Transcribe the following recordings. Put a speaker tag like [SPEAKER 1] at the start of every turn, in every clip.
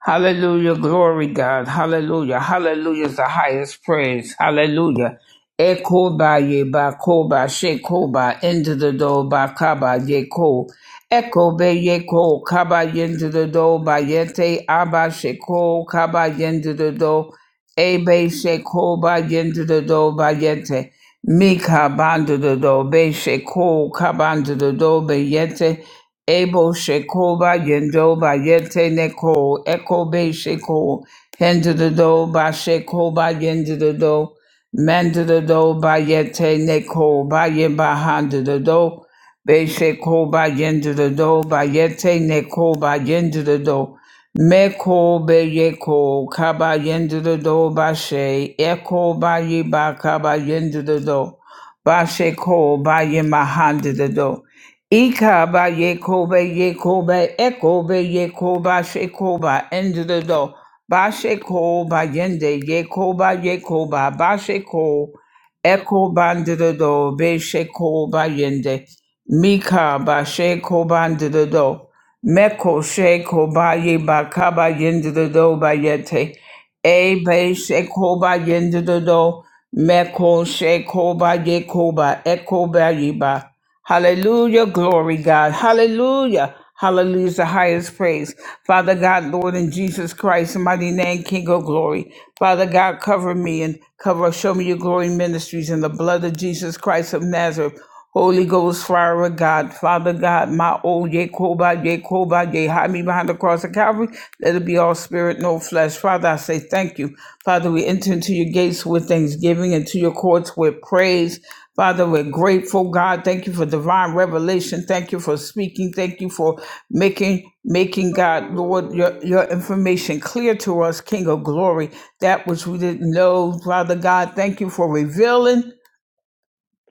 [SPEAKER 1] Hallelujah. Glory, God. Hallelujah. Hallelujah is the highest praise. Hallelujah. Ekoba ye ba koba shekoba into the do ba kaba ye ko. Eko ye ko kaba into the do ba yete aba sheko kaba into the do. Ebe shekoba into the do ba yete. Mika bandu the do be sheko kaba into the do be yete. Abo Shekoba Yendo ba Yente Neko Ekobe Sheko Hendido ba Shekoba Yendido Mandido ba Yete Neko ba Yemba Handido Be Shekoba Yendido ba Yete Neko ba Yendido Meko Be Yeko Kaba Yendido ba She Eko ba Yeba Kaba Yendido ba Sheko ba Yemba Handido Ikaba Yekobe Yekobe Ekobe Yekoba Shekoba Endido Basheko Bayende Yekoba Yekoba Basheko Eko Bandido Besheko Bayende Mika Basheko Bandido Meko Sheko ba ye Bakaba Yendido Bayete E Besheko Bayendido Meko Sheko Bayekoba ekoba Bayiba Hallelujah. Glory, God. Hallelujah. Hallelujah is the highest praise. Father God, Lord, in Jesus Christ's mighty name, King of glory. Father God, cover me and cover, show me your glory ministries in the blood of Jesus Christ of Nazareth. Holy Ghost, fire of God, Father God, my old Yekoba, Yekoba, Ye, hide me behind the cross of Calvary. Let it be all spirit, no flesh. Father, I say thank you. Father, we enter into your gates with thanksgiving, and to your courts with praise. Father, we're grateful, God. Thank you for divine revelation. Thank you for speaking. Thank you for making making God, Lord, your, your information clear to us, King of glory, that which we didn't know. Father God, thank you for revealing.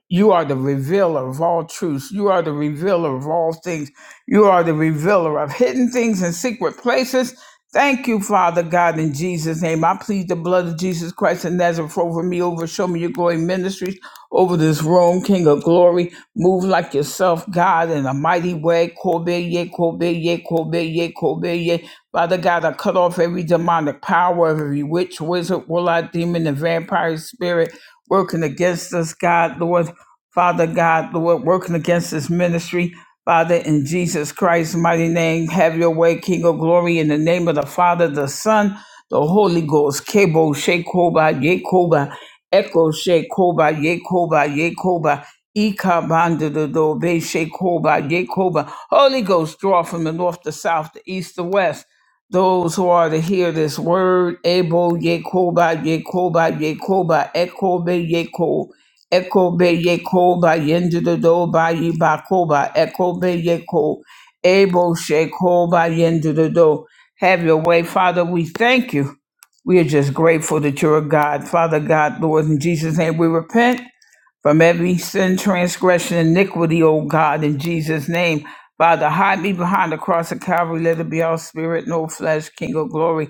[SPEAKER 1] You are the revealer of all truths. You are the revealer of all things. You are the revealer of hidden things in secret places. Thank you, Father God, in Jesus' name. I plead the blood of Jesus Christ and Nazareth over me, over Show Me Your Glory Ministries, over this room, King of Glory. Move like yourself, God, in a mighty way. Kobe, ye, Kobe, ye, Kobe, ye, Kobe, ye. Father God, I cut off every demonic power, every witch, wizard, warlock, demon, and vampire spirit working against us, God, Lord. Father God, Lord, working against this ministry. Father, in Jesus Christ's mighty name, have your way, King of glory, in the name of the Father, the Son, the Holy Ghost. Kebo, Shekoba, Yekoba, Echo, Shekoba, Yekoba, Yekoba, Ikabandadobe, Shekoba, Yekoba. Holy Ghost, draw from the north, the south, the east, the west. Those who are to hear this word, Ebo, Yekoba, Yekoba, Yekoba, Ekobe, Yekoba. Eko be ye ko ba yende do do ba yi ba ko ba. Eko be ye ko. Ebo she ko ba yende do do. Have your way, Father. We thank you. We are just grateful that you're a God, Father God, Lord, in Jesus' name. We repent from every sin, transgression, iniquity, O God, in Jesus' name. Father, hide me behind the cross of Calvary. Let it be all spirit, no flesh, King of glory.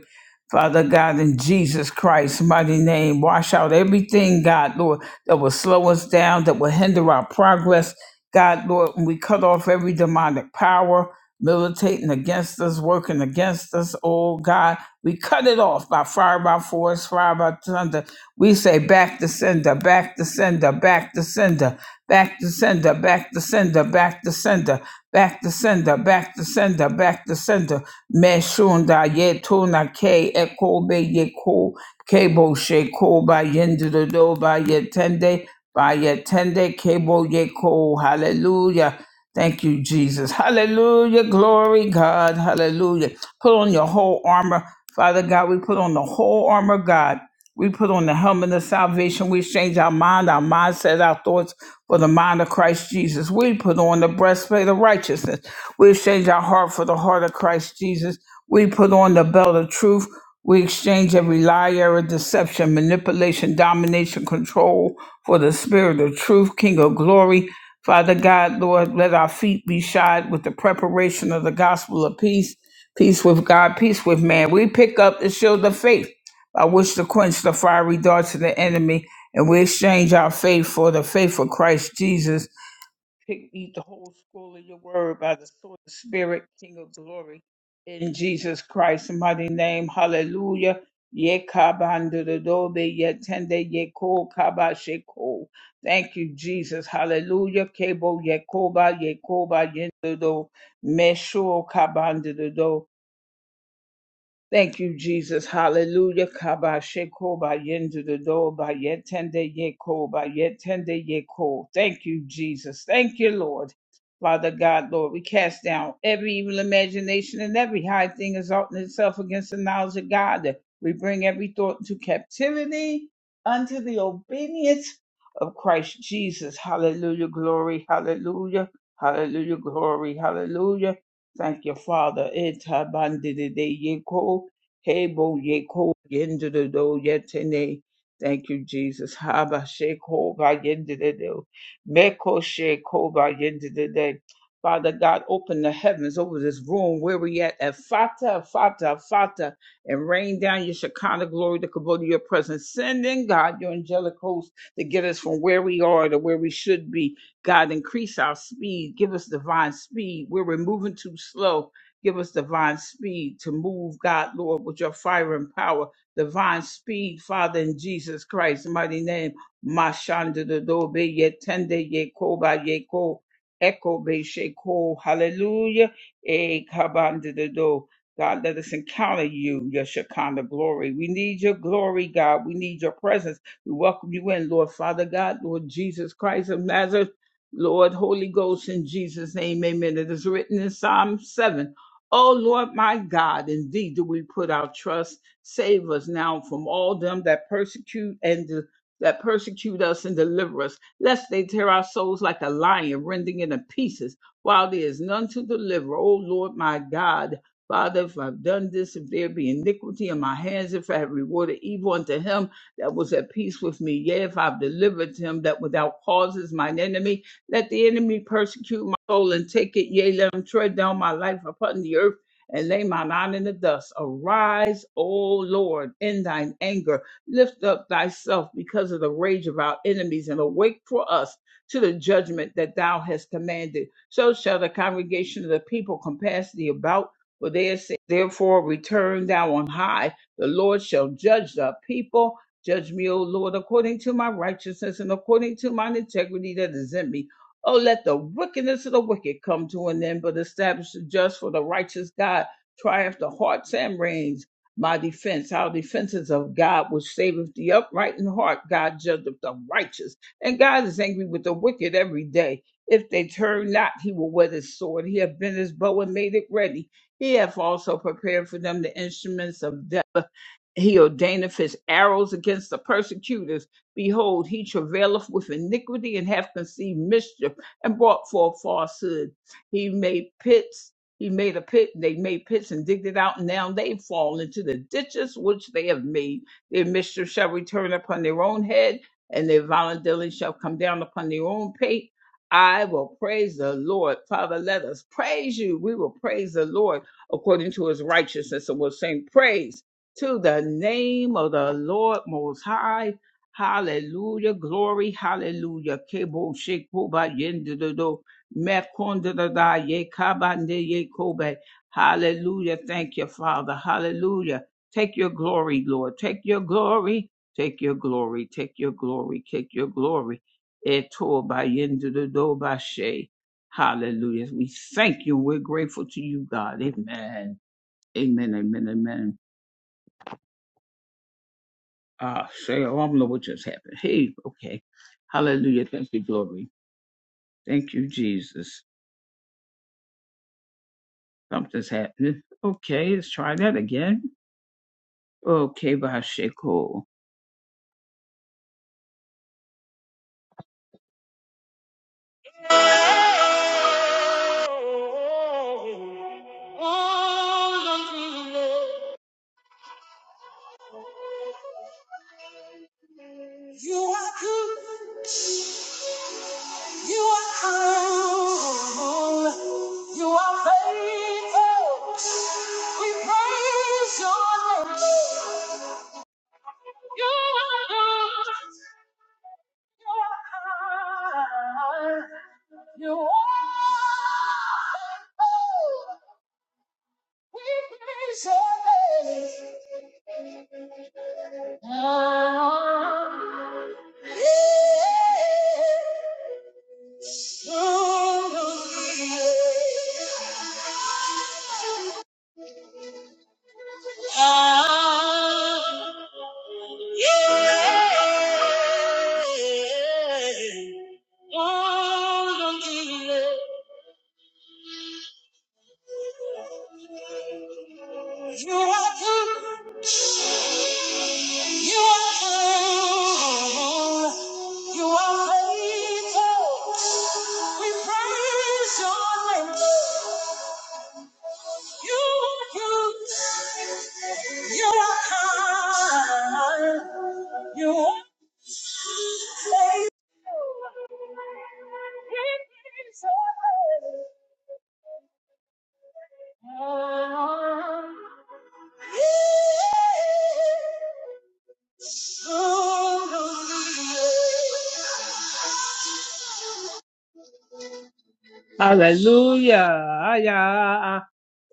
[SPEAKER 1] Father God, in Jesus Christ's mighty name, wash out everything, God, Lord, that will slow us down, that will hinder our progress. God, Lord, and we cut off every demonic power militating against us, working against us, oh God. We cut it off by fire, by force, fire, by thunder. We say back to sender, back to sender, back to sender, back to sender, back to sender, back to sender, back to sender, back to sender, back to sender. Meshunda yetuna ke ekobe yeko kebo sheko ba yendido ba yetende by yetende kebo yeko. Hallelujah. Thank you, Jesus. Hallelujah. Glory, God. Hallelujah. Put on your whole armor. Father God, we put on the whole armor, God we put on the helmet of salvation. We exchange our mind, our mindset, our thoughts for the mind of Christ Jesus. We put on the breastplate of righteousness. We exchange our heart for the heart of Christ Jesus. We put on the belt of truth. We exchange every lie, error, deception, manipulation, domination, control for the spirit of truth, King of glory. Father God, Lord, let our feet be shod with the preparation of the gospel of peace, peace with God, peace with man. We pick up the shield of faith I wish to quench the fiery darts of the enemy, and we exchange our faith for the faith of Christ Jesus. Take- Eat the whole scroll of your word by the sword of the Spirit, King of glory, in Jesus Christ's mighty name. Hallelujah. Ye kabandodobe ye tende ye ko kaba sheko. Thank you, Jesus. Hallelujah. Kebo ye koba ye koba ye dodo. Mesho kabandodo. Thank you, Jesus. Hallelujah. Kaba sheko ba yendo the do ba yetende yeko ba yetende yeko. Thank you, Jesus. Thank you, Lord. Father God, Lord, we cast down every evil imagination and every high thing exalting itself against the knowledge of God. We bring every thought into captivity unto the obedience of Christ Jesus. Hallelujah. Glory. Hallelujah. Hallelujah. Glory. Hallelujah. Thank you, Father. Eta bandede yeko, hebo yeko, yendede do yetene. Thank you, Jesus. Haba sheko ba yendede do. Meko sheko ba yendede de. Father God, open the heavens over this room where we at at Fata, Fata, Fata, and rain down your Shekinah glory to come to your presence. Send in God your angelic host to get us from where we are to where we should be God, increase our speed. Give us divine speed. Where we're moving too slow, give us divine speed to move, God, Lord, with your fire and power. Divine speed, Father, in Jesus Christ's mighty name. Mashanda de dobe ye tende ye koba ye ko. Echo be sheko. Hallelujah. E kabanda de do. God, let us encounter you, your Shekinah glory. We need your glory, God. We need your presence. We welcome you in, Lord Father God, Lord Jesus Christ of Nazareth. Lord, Holy Ghost, in Jesus' name, amen. It is written in Psalm 7. Oh Lord my God, indeed do we put our trust. Save us now from all them that persecute and de- that persecute us and deliver us, lest they tear our souls like a lion, rending it in pieces, while there is none to deliver. Oh Lord my God, Father, if I've done this, if there be iniquity in my hands, if I have rewarded evil unto him that was at peace with me, yea, if I've delivered him that without cause is mine enemy, let the enemy persecute my soul and take it. Yea, let him tread down my life upon the earth and lay mine out in the dust. Arise, O Lord, in thine anger. Lift up thyself because of the rage of our enemies and awake for us to the judgment that thou hast commanded. So shall the congregation of the people compass thee about. For they have Therefore return thou on high. The Lord shall judge the people. Judge me, O Lord, according to my righteousness and according to mine integrity that is in me. Oh, let the wickedness of the wicked come to an end, but establish the just for the righteous God. Triumph the hearts and reins. My defense, our defenses of God, which saveth the upright in heart. God judgeth the righteous. And God is angry with the wicked every day. If they turn not, he will wet his sword. He hath bent his bow and made it ready. He hath also prepared for them the instruments of death. He ordaineth his arrows against the persecutors. Behold, he travaileth with iniquity and hath conceived mischief and brought forth falsehood. He made pits. He made a pit. They made pits and digged it out, and now they fall into the ditches which they have made. Their mischief shall return upon their own head, and their violent dealing shall come down upon their own pate. I will praise the Lord. Father, let us praise you. We will praise the Lord according to his righteousness. And we'll sing praise to the name of the Lord Most High Hallelujah, glory, hallelujah. Kebo shekoba yendodo, mekondada ye kabande ye kobe. Hallelujah, thank you, Father. Hallelujah. Take your glory, Lord. Take your glory, take your glory, take your glory, take your glory. Eto ba yendodo ba she. Hallelujah. We thank you. We're grateful to you, God. Amen. Amen, amen, amen. Ah, say, oh, I don't know what just happened. Hey, okay. Hallelujah. Thank you, glory. Thank you, Jesus. Something's happening. Okay, let's try that again. Okay, Bashiko. You are good. You are kind. You are faithful. We praise your name. You are good. You are kind. You are faithful. Ah, Yeah. You are good. You are good. You are faithful. We praise your name. You are good. You are kind. You are faithful. We praise your name. Hallelujah. Hallelujah. Aya.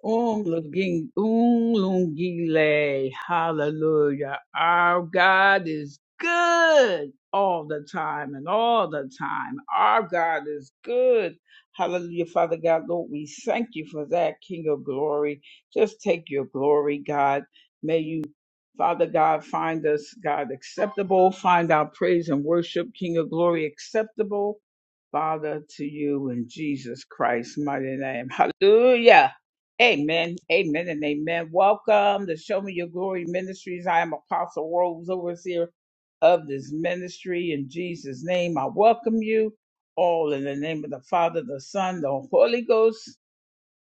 [SPEAKER 1] Unluging- Unlungile. Hallelujah. Our God is good all the time and all the time. Our God is good. Hallelujah, Father God, Lord, we thank you for that, King of glory. Just take your glory, God. May you, Father God, find us, God, acceptable. Find our praise and worship, King of glory, acceptable Father, to you in Jesus Christ's mighty name. Hallelujah. Amen. Amen and amen. Welcome to Show Me Your Glory Ministries. I am Apostle Rose, overseer of this ministry. In Jesus' name, I welcome you all in the name of the Father, the Son, the Holy Ghost.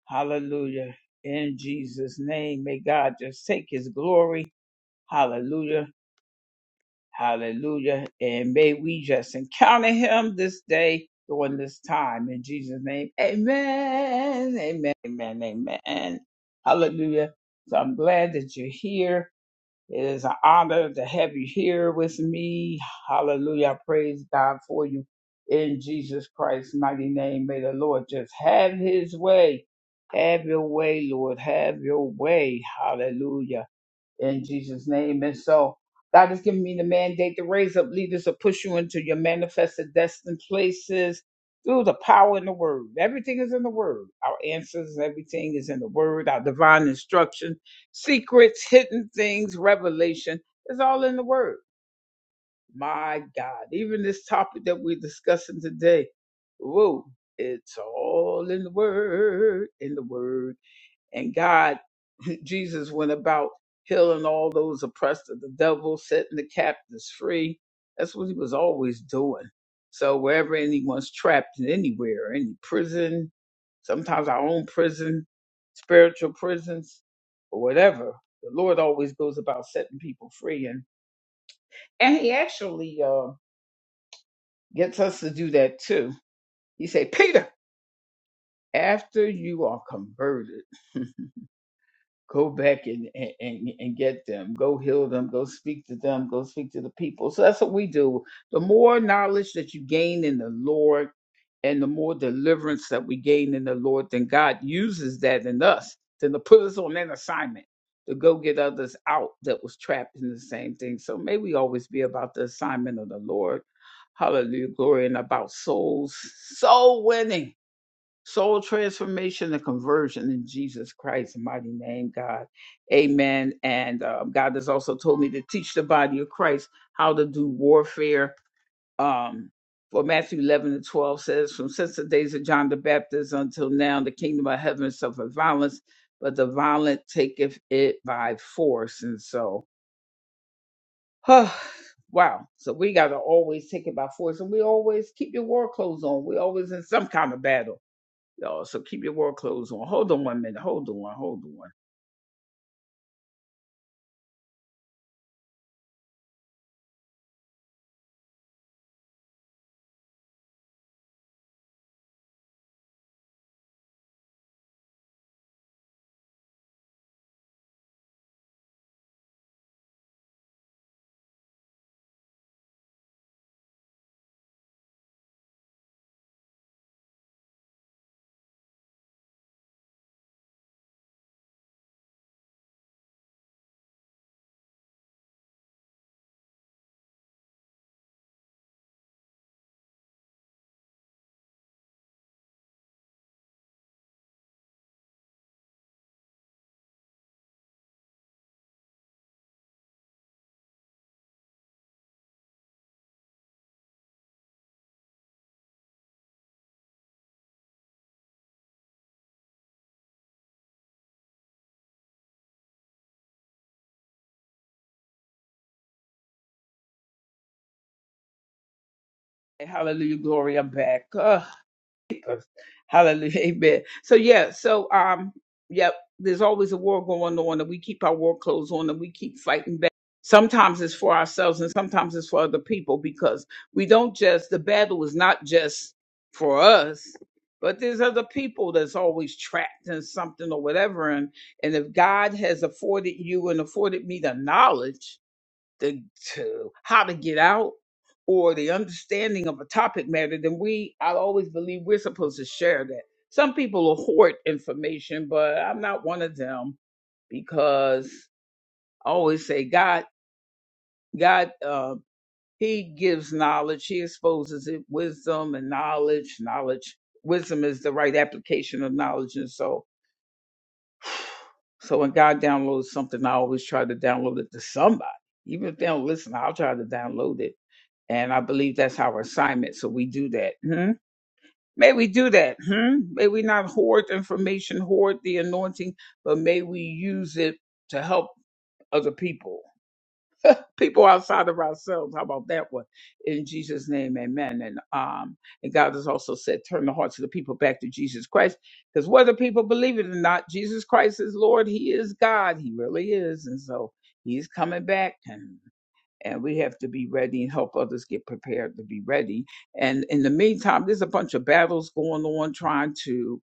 [SPEAKER 1] Hallelujah. In Jesus' name, may God just take his glory. Hallelujah. Hallelujah. And may we just encounter him this day during this time. In Jesus' name, amen. Amen. Amen. Amen. Hallelujah. So I'm glad that you're here. It is an honor to have you here with me. Hallelujah. I praise God for you. In Jesus Christ's mighty name, may the Lord just have his way. Have your way, Lord. Have your way. Hallelujah in Jesus' name. And so God has given me the mandate to raise up leaders to push you into your manifested destined places through the power in the word. Everything is in the word. Our answers, everything is in the word, our divine instruction, secrets, hidden things, revelation is all in the word. My God, even this topic that we're discussing today, whoa, it's all in the word, in the word and God, Jesus went about healing all those oppressed of the devil, setting the captives free. That's what he was always doing. So wherever anyone's trapped in anywhere, any prison, sometimes our own prison, spiritual prisons, or whatever, the Lord always goes about setting people free. And and he actually uh, gets us to do that too. He said, Peter, after you are converted. go back and, and and and get them go heal them go speak to them go speak to the people so that's what we do the more knowledge that you gain in the lord and the more deliverance that we gain in the lord then god uses that in us then to put us on an assignment to go get others out that was trapped in the same thing so may we always be about the assignment of the lord hallelujah glory and about souls soul winning soul transformation and conversion in Jesus Christ's mighty name, God. Amen. And um, God has also told me to teach the body of Christ how to do warfare. Um, for Matthew 11 and 12 says, From since the days of John the Baptist until now, the kingdom of heaven suffered violence, but the violent taketh it by force. And so, huh, wow. So we got to always take it by force. And we always keep your war clothes on. we always in some kind of battle Oh, so keep your world clothes on. Hold on one minute. Hold on. Hold on. Hey, Hallelujah, glory. I'm back. Ugh. hallelujah. Amen. So yeah. So um. Yep. There's always a war going on, and we keep our war clothes on, and we keep fighting back. Sometimes it's for ourselves, and sometimes it's for other people because we don't just. The battle is not just for us, but there's other people that's always trapped in something or whatever. And and if God has afforded you and afforded me the knowledge the to how to get out or the understanding of a topic matter, then we I always believe we're supposed to share that. Some people will hoard information, but I'm not one of them because I always say God God uh, He gives knowledge, He exposes it, wisdom and knowledge, knowledge. Wisdom is the right application of knowledge, and so so when God downloads something, I always try to download it to somebody. Even if they don't listen, I'll try to download it And I believe that's our assignment. So we do that. Hmm? May we do that. Hmm? May we not hoard information, hoard the anointing, but may we use it to help other people, people outside of ourselves. How about that one? In Jesus' name, amen. And um, and God has also said, turn the hearts of the people back to Jesus Christ. Because whether people believe it or not, Jesus Christ is Lord. He is God. He really is. And so he's coming back and we have to be ready and help others get prepared to be ready. And in the meantime, there's a bunch of battles going on trying to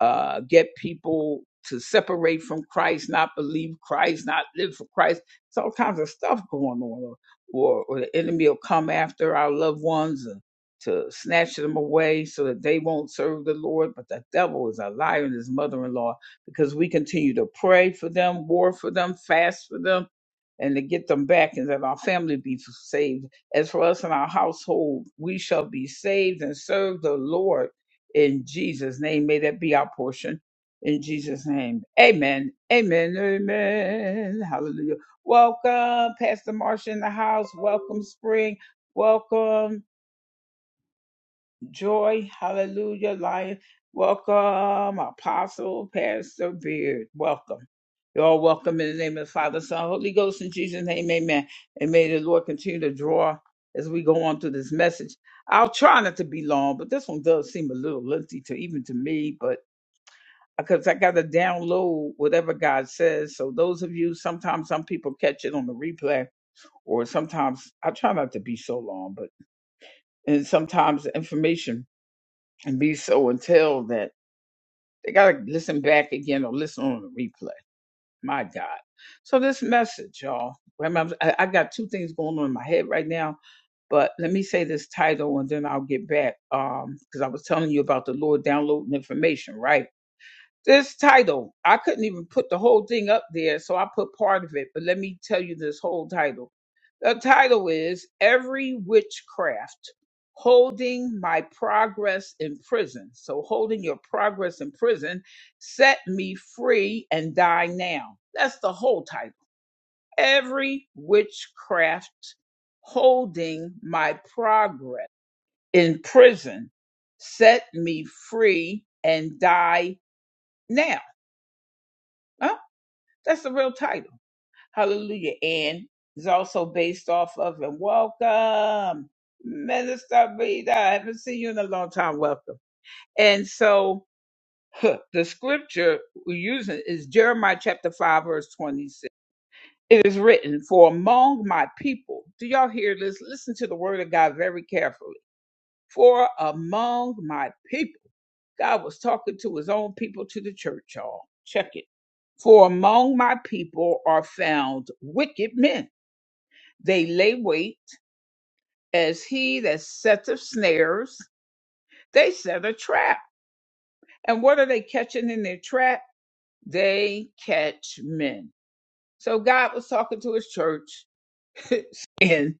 [SPEAKER 1] uh, get people to separate from Christ, not believe Christ, not live for Christ. It's all kinds of stuff going on, or, or the enemy will come after our loved ones. And, to snatch them away so that they won't serve the Lord. But the devil is a liar and his mother in law because we continue to pray for them, war for them, fast for them, and to get them back and that our family be saved. As for us and our household, we shall be saved and serve the Lord in Jesus' name. May that be our portion in Jesus' name. Amen. Amen. Amen. Hallelujah. Welcome, Pastor Marsha in the house. Welcome, Spring. Welcome. Joy, hallelujah, life. Welcome, Apostle Pastor Beard. Welcome. You're all welcome in the name of the Father, Son, Holy Ghost, in Jesus' name, amen. And may the Lord continue to draw as we go on through this message. I'll try not to be long, but this one does seem a little lengthy to even to me, but because I got to download whatever God says. So those of you, sometimes some people catch it on the replay, or sometimes I try not to be so long, but and sometimes the information and be so until that they got to listen back again or listen on the replay. My God. So this message, y'all, remember, I I got two things going on in my head right now, but let me say this title and then I'll get back. Um, cause I was telling you about the Lord downloading information, right? This title, I couldn't even put the whole thing up there, so I put part of it, but let me tell you this whole title. The title is Every Witchcraft Holding My Progress in Prison. So, holding your progress in prison, set me free and die now. That's the whole title. Every Witchcraft Holding My Progress in Prison, set me free and die now. Huh? That's the real title. Hallelujah. And it's also based off of and welcome, Minister Rita. I haven't seen you in a long time. Welcome. And so huh, the scripture we're using is Jeremiah chapter 5, verse 26. It is written, For among my people, do y'all hear this? Listen to the word of God very carefully. For among my people. God was talking to his own people to the church, y'all. Check it. For among my people are found wicked men. They lay wait as he that setteth snares, they set a trap. And what are they catching in their trap? They catch men. So God was talking to his church And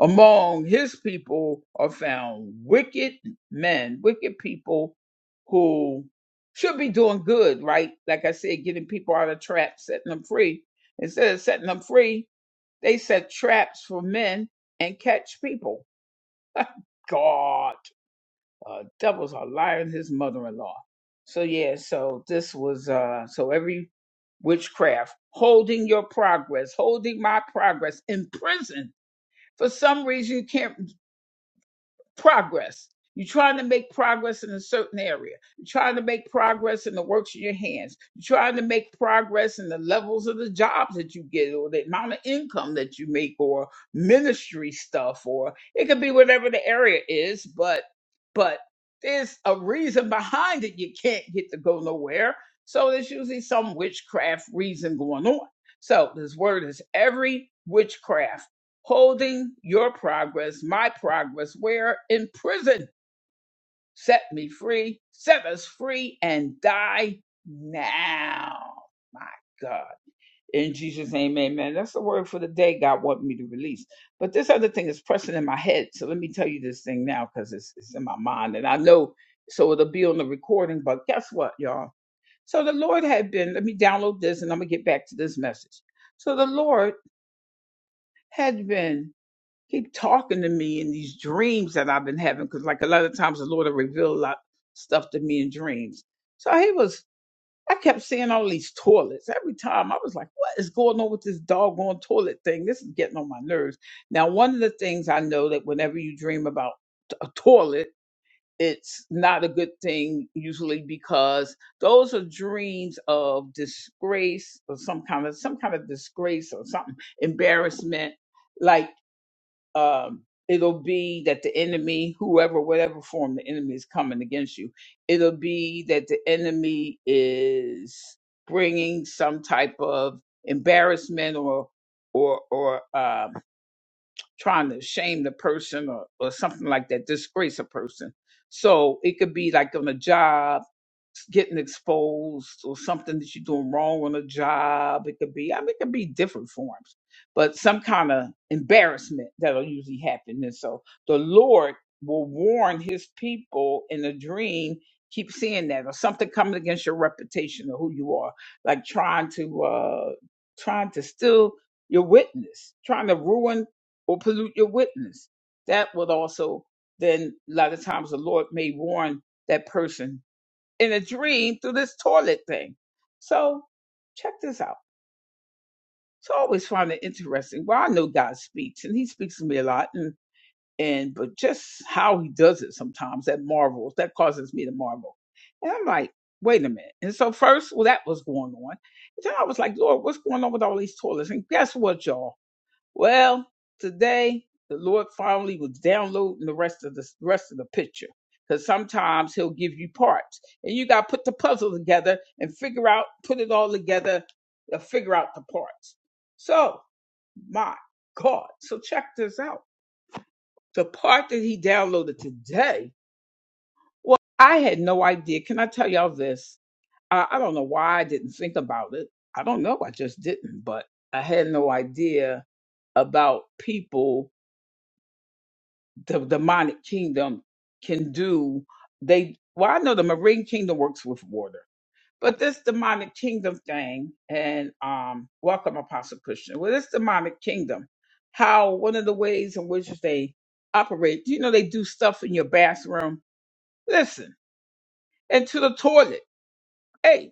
[SPEAKER 1] among his people are found wicked men, wicked people who should be doing good, right? Like I said, getting people out of traps, setting them free. Instead of setting them free, they set traps for men and catch people. God, uh, devil's a liar and his mother-in-law. So yeah, so this was uh, so every witchcraft holding your progress, holding my progress in prison for some reason you can't progress. You're trying to make progress in a certain area. You're trying to make progress in the works in your hands. You're trying to make progress in the levels of the jobs that you get or the amount of income that you make or ministry stuff or it could be whatever the area is, but but there's a reason behind it you can't get to go nowhere. So there's usually some witchcraft reason going on. So this word is every witchcraft holding your progress, my progress, where in prison, set me free, set us free, and die now. My God. In Jesus' name, amen. That's the word for the day God wanted me to release. But this other thing is pressing in my head. So let me tell you this thing now because it's, it's in my mind. And I know, so it'll be on the recording. But guess what, y'all? So the Lord had been, let me download this and I'm going to get back to this message. So the Lord had been keep talking to me in these dreams that I've been having. Because like a lot of times the Lord will reveal a lot stuff to me in dreams. So he was, I kept seeing all these toilets. Every time I was like, what is going on with this doggone toilet thing? This is getting on my nerves. Now, one of the things I know that whenever you dream about t- a toilet, it's not a good thing usually because those are dreams of disgrace or some kind of some kind of disgrace or something embarrassment like um, it'll be that the enemy, whoever, whatever form the enemy is coming against you, it'll be that the enemy is bringing some type of embarrassment or or or um, trying to shame the person or, or something like that, disgrace a person. So it could be like on a job getting exposed or something that you're doing wrong on a job. It could be, I mean, it could be different forms, but some kind of embarrassment that'll usually happen. And so the Lord will warn his people in a dream. Keep seeing that, or something coming against your reputation or who you are, like trying to uh trying to steal your witness, trying to ruin or pollute your witness. That would also then a lot of times the Lord may warn that person in a dream through this toilet thing. So check this out. So I always find it interesting. Well, I know God speaks, and He speaks to me a lot, and and but just how He does it sometimes that marvels that causes me to marvel. And I'm like, wait a minute. And so first, well, that was going on. And then I was like, Lord, what's going on with all these toilets? And guess what, y'all? Well, today the Lord finally was downloading the rest of the rest of the picture. Because sometimes he'll give you parts. And you gotta put the puzzle together and figure out, put it all together, uh, figure out the parts. So, my God. So check this out. The part that he downloaded today, well, I had no idea. Can I tell y'all this? I, I don't know why I didn't think about it. I don't know. I just didn't, but I had no idea about people the demonic kingdom can do they well i know the marine kingdom works with water but this demonic kingdom thing and um welcome apostle christian well this demonic kingdom how one of the ways in which they operate you know they do stuff in your bathroom listen and to the toilet hey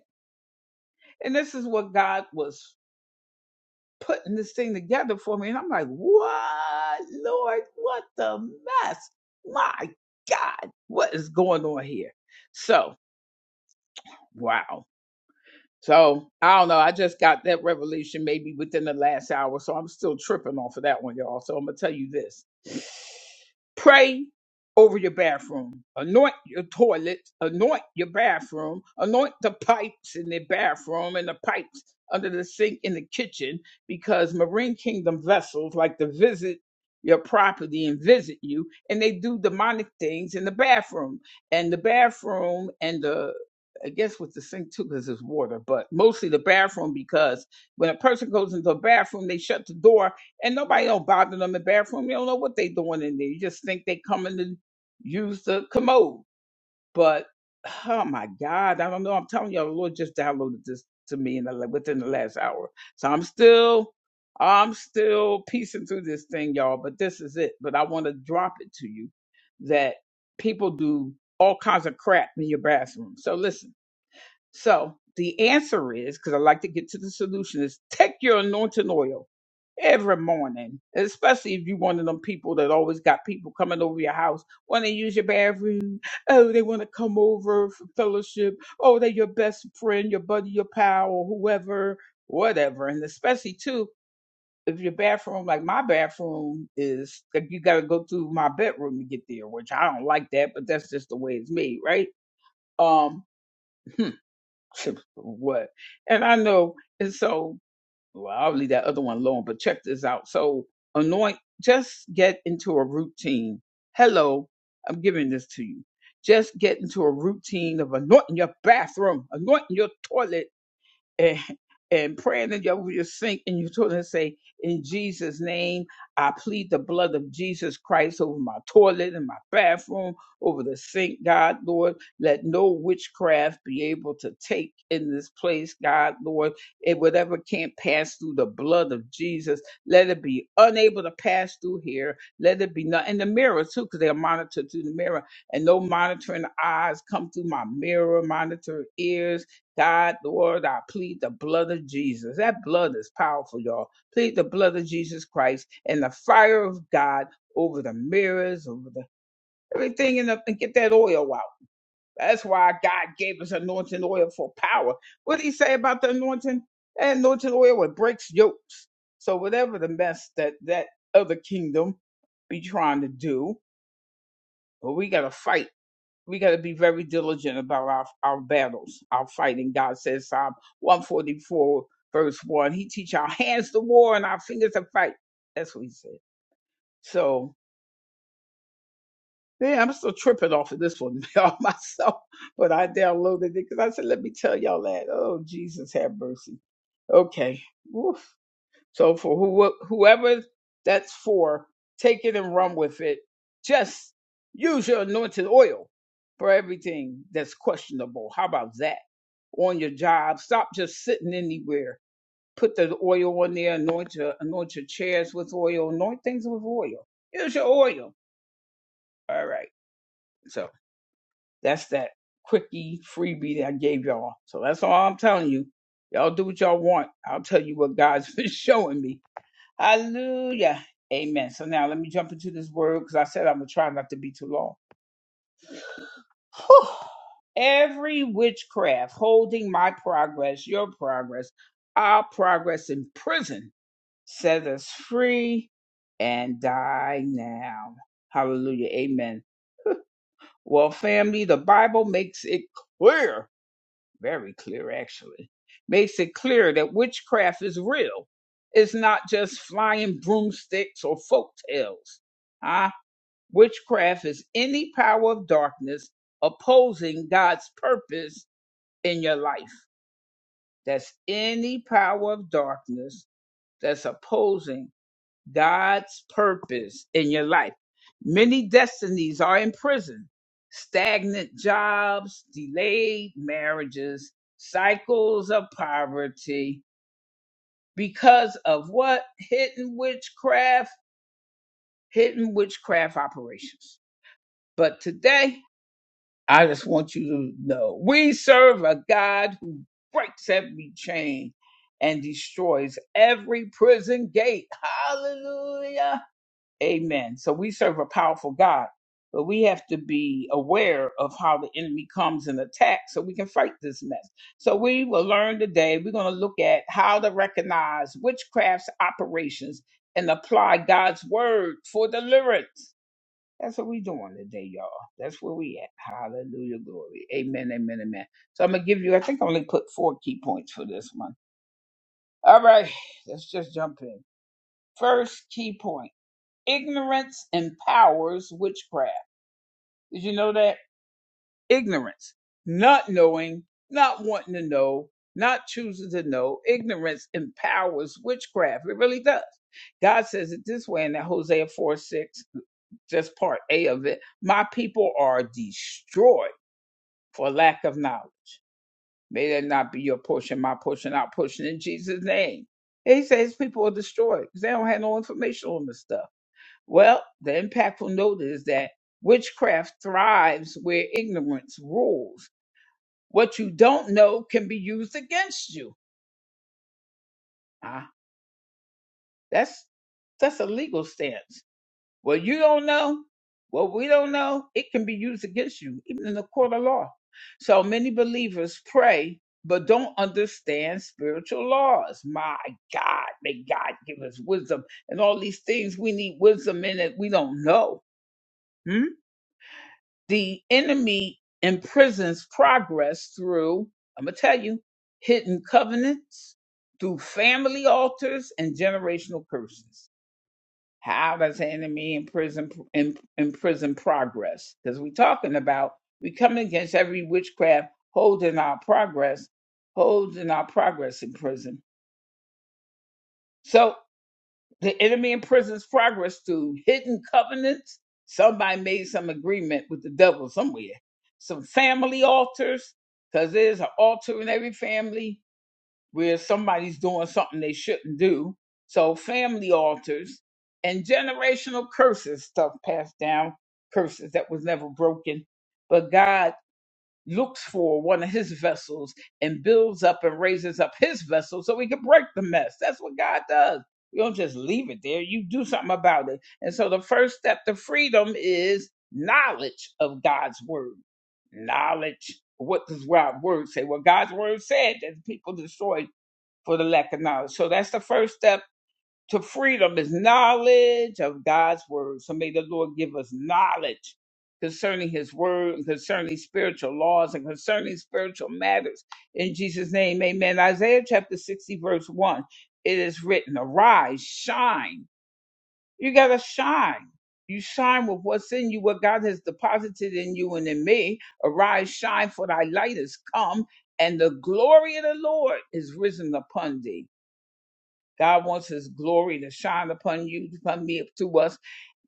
[SPEAKER 1] and this is what god was putting this thing together for me. And I'm like, what, Lord, what the mess? My God, what is going on here? So, wow. So I don't know. I just got that revelation maybe within the last hour. So I'm still tripping off of that one, y'all. So I'm going to tell you this pray over your bathroom, anoint your toilet, anoint your bathroom, anoint the pipes in the bathroom and the pipes under the sink in the kitchen because Marine Kingdom vessels like to visit your property and visit you and they do demonic things in the bathroom and the bathroom and the I guess with the sink too, because it's water, but mostly the bathroom because when a person goes into the bathroom, they shut the door and nobody don't bother them in the bathroom. You don't know what they doing in there. You just think they coming to use the commode. But oh my God, I don't know. I'm telling y'all, the Lord just downloaded this to me in the, la- within the last hour. So I'm still, I'm still piecing through this thing, y'all. But this is it. But I want to drop it to you that people do all kinds of crap in your bathroom. So listen so the answer is because I like to get to the solution is take your anointing oil every morning, especially if you one of them people that always got people coming over your house, want to use your bathroom. Oh, they want to come over for fellowship. Oh, they're your best friend, your buddy, your pal, or whoever, whatever. And especially too. If your bathroom, like my bathroom, is like you got to go through my bedroom to get there, which I don't like that, but that's just the way it's made, right? Um, what? And I know, and so well, I'll leave that other one alone, but check this out. So anoint, just get into a routine. Hello, I'm giving this to you. Just get into a routine of anointing your bathroom, anointing your toilet, and, and praying that you your sink and you told her to say, In Jesus' name, I plead the blood of Jesus Christ over my toilet and my bathroom, over the sink, God, Lord. Let no witchcraft be able to take in this place, God, Lord. And whatever can't pass through the blood of Jesus, let it be unable to pass through here. Let it be not in the mirror, too, because they're monitored through the mirror. And no monitoring eyes come through my mirror, monitor ears God, Lord, I plead the blood of Jesus. That blood is powerful, y'all. Plead the blood of Jesus Christ and the fire of God over the mirrors, over the everything, in the, and get that oil out. That's why God gave us anointing oil for power. What did He say about the anointing? That anointing oil it breaks yokes. So whatever the mess that that other kingdom be trying to do, but we got to fight we got to be very diligent about our, our battles, our fighting. God says Psalm 144, verse 1, He teach our hands to war and our fingers to fight. That's what He said. So, yeah, I'm still tripping off of this one all myself, but I downloaded it because I said, let me tell y'all that. Oh, Jesus, have mercy. Okay. Woof. So for who, whoever that's for, take it and run with it. Just use your anointed oil for everything that's questionable. How about that? On your job, stop just sitting anywhere. Put the oil on there. Anoint your anoint your chairs with oil. Anoint things with oil. Use your oil. All right. So that's that quickie freebie that I gave y'all. So that's all I'm telling you. Y'all do what y'all want. I'll tell you what God's been showing me Hallelujah. Amen. So now let me jump into this word because I said I'm going to try not to be too long. Whew. Every witchcraft holding my progress, your progress, our progress in prison, set us free and die now. Hallelujah. Amen. Well, family, the Bible makes it clear very clear actually, makes it clear that witchcraft is real. It's not just flying broomsticks or folk tales. Huh? Witchcraft is any power of darkness opposing God's purpose in your life. That's any power of darkness that's opposing God's purpose in your life. Many destinies are in prison. Stagnant jobs, delayed marriages, cycles of poverty because of what? Hidden witchcraft, hidden witchcraft operations. But today, I just want you to know we serve a God who breaks every chain and destroys every prison gate. Hallelujah Amen. So we serve a powerful God, but we have to be aware of how the enemy comes and attacks so we can fight this mess. So we will learn today, we're going to look at how to recognize witchcraft's operations and apply God's word for deliverance. That's what we're doing today, y'all. That's where we at. Hallelujah, glory. Amen, amen, amen. So I'm going to give you, I think I only put four key points for this one. All right, let's just jump in. First key point. Ignorance empowers witchcraft. Did you know that? Ignorance. Not knowing, not wanting to know, not choosing to know. Ignorance empowers witchcraft. It really does. God says it this way in that Hosea 4 6 just part A of it. My people are destroyed for lack of knowledge. May that not be your portion, my portion, our portion in Jesus' name. And he says people are destroyed because they don't have no information on this stuff. Well, the impactful note is that witchcraft thrives where ignorance rules. What you don't know can be used against you. Ah, that's that's a legal stance. What you don't know, what we don't know, it can be used against you, even in the court of law. So many believers pray but don't understand spiritual laws. My God, may God give us wisdom and all these things we need wisdom in that we don't know. Hmm. the enemy imprisons progress through, I'm going to tell you, hidden covenants, through family altars, and generational curses. How does the enemy imprison, im- imprison progress? Because we're talking about, we come against every witchcraft holding our progress, holding our progress in prison. So. The enemy imprisons progress through hidden covenants. Somebody made some agreement with the devil somewhere. Some family altars, because there's an altar in every family where somebody's doing something they shouldn't do. So, family altars and generational curses, stuff passed down, curses that was never broken. But God looks for one of his vessels and builds up and raises up his vessel so he can break the mess. That's what God does. You don't just leave it there, you do something about it. And so the first step to freedom is knowledge of God's word. Knowledge. What does God's word say? Well, God's word said that people destroyed for the lack of knowledge. So that's the first step to freedom is knowledge of God's word. So may the Lord give us knowledge concerning his word and concerning spiritual laws and concerning spiritual matters. In Jesus' name, amen. Isaiah chapter 60, verse 1, it is written, Arise, shine. You got to shine. You shine with what's in you, what God has deposited in you and in me. Arise, shine, for thy light is come, and the glory of the Lord is risen upon thee. God wants his glory to shine upon you, upon me, to us,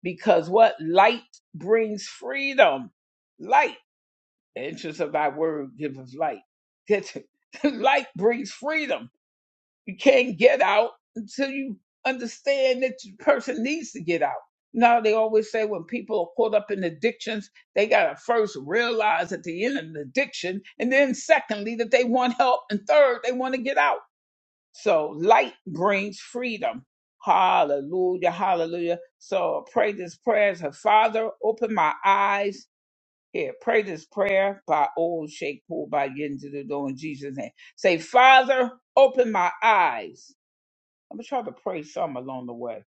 [SPEAKER 1] because what? Light brings freedom. Light, the entrance of thy word giveth light. Get it? light brings freedom. You can't get out until you understand that the person needs to get out. Now they always say when people are caught up in addictions, they gotta first realize at the end of the addiction, and then secondly that they want help, and third they want to get out. So light brings freedom. Hallelujah, hallelujah. So pray this prayer. Her Father, open my eyes. Here, pray this prayer by old Sheikh Paul by getting to the door in Jesus' name. Say, Father, open my eyes. I'm gonna try to pray some along the way.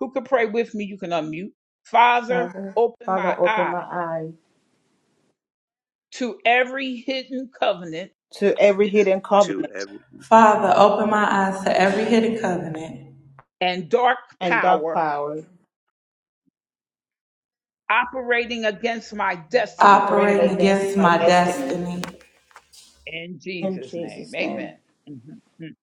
[SPEAKER 1] Who could pray with me? You can unmute. Father,
[SPEAKER 2] Father,
[SPEAKER 1] open my
[SPEAKER 2] Father, open
[SPEAKER 1] eyes
[SPEAKER 2] my eyes
[SPEAKER 1] to every hidden covenant
[SPEAKER 2] to every hidden
[SPEAKER 3] to
[SPEAKER 2] covenant
[SPEAKER 3] every
[SPEAKER 4] Father, open my eyes to every hidden covenant
[SPEAKER 1] and dark
[SPEAKER 2] and dark
[SPEAKER 1] power
[SPEAKER 2] power
[SPEAKER 1] operating against my destiny.
[SPEAKER 2] created
[SPEAKER 4] operating
[SPEAKER 2] against
[SPEAKER 4] against
[SPEAKER 2] my
[SPEAKER 4] my
[SPEAKER 2] destiny.
[SPEAKER 4] destiny.
[SPEAKER 1] In
[SPEAKER 2] In
[SPEAKER 1] Jesus' name,
[SPEAKER 2] Jesus' name.
[SPEAKER 1] amen. Mhm. Mm.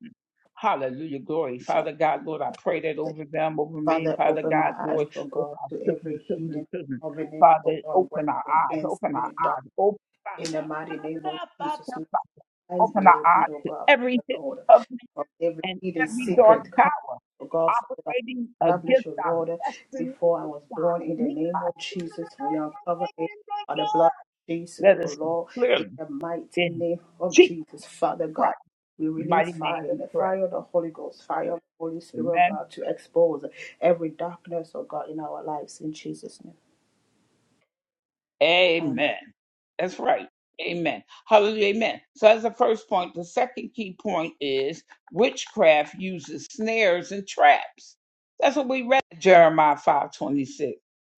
[SPEAKER 1] Hallelujah, glory.
[SPEAKER 2] Shabbat.
[SPEAKER 1] Father God, Lord, I pray that over them, over me,
[SPEAKER 2] Father,
[SPEAKER 1] Father
[SPEAKER 2] open my
[SPEAKER 1] God,
[SPEAKER 2] eyes,
[SPEAKER 1] Lord,
[SPEAKER 2] oh
[SPEAKER 1] over
[SPEAKER 2] God,
[SPEAKER 1] our
[SPEAKER 2] to
[SPEAKER 1] children,
[SPEAKER 2] every
[SPEAKER 1] children,
[SPEAKER 2] hidden
[SPEAKER 1] children.
[SPEAKER 2] covenant, oh
[SPEAKER 1] Father,
[SPEAKER 2] God,
[SPEAKER 1] open our
[SPEAKER 2] working
[SPEAKER 1] eyes,
[SPEAKER 2] against
[SPEAKER 1] open
[SPEAKER 2] me
[SPEAKER 1] our
[SPEAKER 2] in the dark.
[SPEAKER 1] eyes, open,
[SPEAKER 2] In
[SPEAKER 1] Father,
[SPEAKER 2] the mighty name of
[SPEAKER 1] Father,
[SPEAKER 2] Jesus,
[SPEAKER 1] Father, Father,
[SPEAKER 2] eyes be
[SPEAKER 1] open our
[SPEAKER 2] opened,
[SPEAKER 1] eyes
[SPEAKER 2] O
[SPEAKER 1] to
[SPEAKER 2] God,
[SPEAKER 1] every
[SPEAKER 2] Father,
[SPEAKER 1] hidden
[SPEAKER 2] Lord,
[SPEAKER 1] covenant
[SPEAKER 2] of every
[SPEAKER 1] and
[SPEAKER 2] hidden
[SPEAKER 1] every dark
[SPEAKER 2] secret come,
[SPEAKER 1] power
[SPEAKER 2] O God, Father, that
[SPEAKER 1] operating
[SPEAKER 2] I established,
[SPEAKER 1] against
[SPEAKER 2] O
[SPEAKER 1] our
[SPEAKER 2] Lord,
[SPEAKER 1] destiny.
[SPEAKER 2] before I was born
[SPEAKER 1] God.
[SPEAKER 2] in the
[SPEAKER 1] We
[SPEAKER 2] name
[SPEAKER 1] are
[SPEAKER 2] of Jesus.
[SPEAKER 1] sinners
[SPEAKER 2] We uncover it by the blood
[SPEAKER 1] again.
[SPEAKER 2] of Jesus,
[SPEAKER 1] Let
[SPEAKER 2] O
[SPEAKER 1] us see
[SPEAKER 2] Lord, in
[SPEAKER 1] clearly
[SPEAKER 2] the mighty
[SPEAKER 1] in
[SPEAKER 2] name of
[SPEAKER 1] Jesus
[SPEAKER 2] Jesus, Father God.
[SPEAKER 1] Christ's
[SPEAKER 2] We release
[SPEAKER 1] mighty name
[SPEAKER 2] fire,
[SPEAKER 1] we
[SPEAKER 2] the
[SPEAKER 1] pray.
[SPEAKER 2] fire of the Holy Ghost, fire of the Holy Spirit, O
[SPEAKER 1] Amen.
[SPEAKER 2] God, to expose every darkness, O God, in our lives in Jesus' name. Amen.
[SPEAKER 1] Amen. That's right. Amen. Hallelujah. Amen. So that's the first point. The second key point is witchcraft uses snares and traps. That's what we read in Jeremiah five twenty six.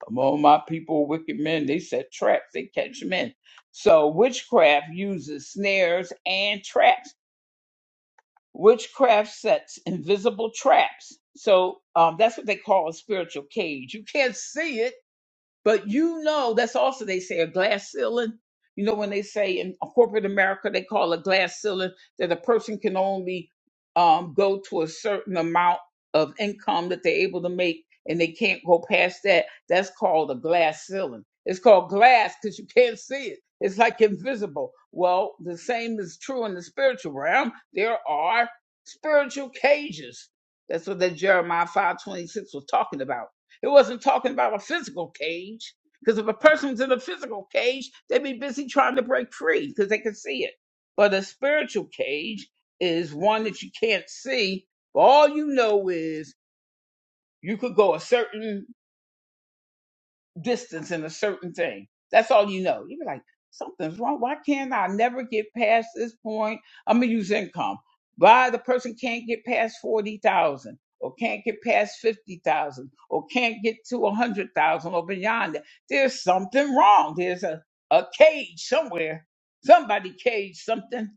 [SPEAKER 1] Among my people, wicked men, they set traps, they catch men. So witchcraft uses snares and traps. Witchcraft sets invisible traps. So um, that's what they call a spiritual cage. You can't see it But you know, that's also they say a glass ceiling. You know, when they say in corporate America, they call a glass ceiling that a person can only um, go to a certain amount of income that they're able to make, and they can't go past that. That's called a glass ceiling. It's called glass because you can't see it. It's like invisible. Well, the same is true in the spiritual realm. There are spiritual cages. That's what that Jeremiah five twenty six was talking about it wasn't talking about a physical cage. Because if a person's in a physical cage, they'd be busy trying to break free because they can see it. But a spiritual cage is one that you can't see. But all you know is you could go a certain distance in a certain thing. That's all you know. You're like, something's wrong. Why can't I never get past this point? I'm gonna use income. Why the person can't get past forty thousand, or can't get past fifty thousand, or can't get to a hundred thousand or beyond that? There's something wrong. There's a a cage somewhere. Somebody caged something,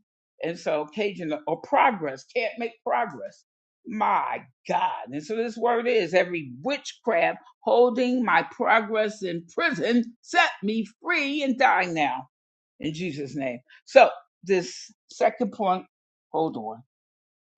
[SPEAKER 1] and so caging or progress can't make progress. My God! And so this word is every witchcraft holding my progress in prison, set me free and die now in Jesus' name. So, this second point, hold on.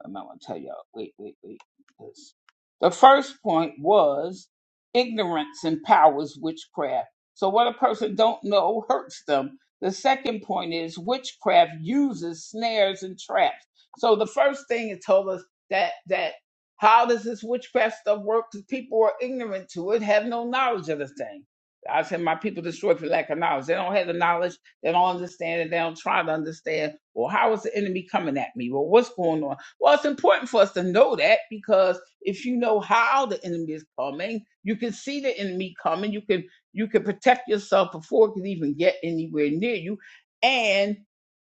[SPEAKER 1] I'm not gonna tell y'all. Wait, wait, wait. Because the first point was ignorance empowers witchcraft. So what a person don't know hurts them. The second point is witchcraft uses snares and traps. So the first thing it told us that that how does this witchcraft stuff work? Because people are ignorant to it, have no knowledge of the thing. I said my people destroyed for lack of knowledge. They don't have the knowledge. They don't understand it. They don't try to understand. Well, how is the enemy coming at me? Well, what's going on? Well, it's important for us to know that because if you know how the enemy is coming, you can see the enemy coming. You can you can protect yourself before it can even get anywhere near you, and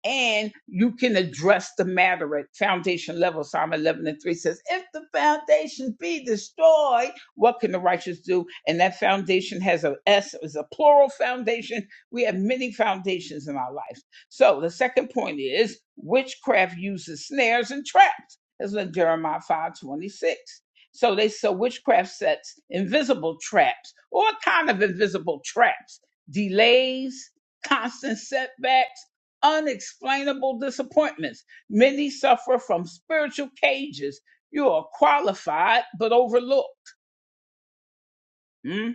[SPEAKER 1] and you can address the matter at foundation level. Psalm 11 and 3 says, If the foundation be destroyed, what can the righteous do? And that foundation has a S, it's a plural foundation. We have many foundations in our life. So the second point is witchcraft uses snares and traps. That's in Jeremiah 5:26. So they so witchcraft sets invisible traps, all kind of invisible traps, delays, constant setbacks, unexplainable disappointments. Many suffer from spiritual cages. You are qualified but overlooked. Mm-hmm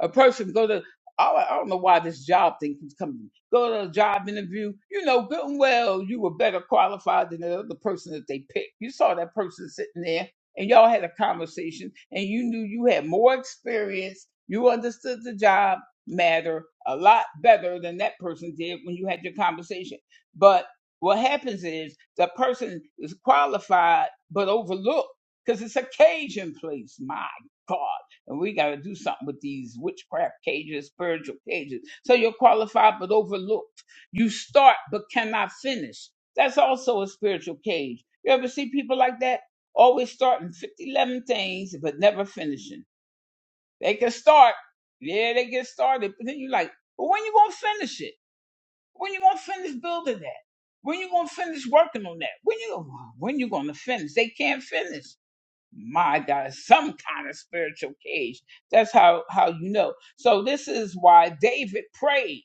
[SPEAKER 1] a person go to I don't I don't know why this job thing keeps coming. Go to a job interview, you know good and well you were better qualified than the other person that they picked. You saw that person sitting there and y'all had a conversation and you knew you had more experience, you understood the job matter a lot better than that person did when you had your conversation. But what happens is the person is qualified but overlooked because it's occasion place. My God. And we got to do something with these witchcraft cages, spiritual cages. So you're qualified but overlooked. You start but cannot finish. That's also a spiritual cage. You ever see people like that? Always starting 50, 11 things, but never finishing. They can start. Yeah, they get started. But then you're like, well, when you going to finish it? When you going to finish building that? When you going to finish working on that? When you, when you going to finish? They can't finish my God, some kind of spiritual cage. That's how how you know. So this is why David prayed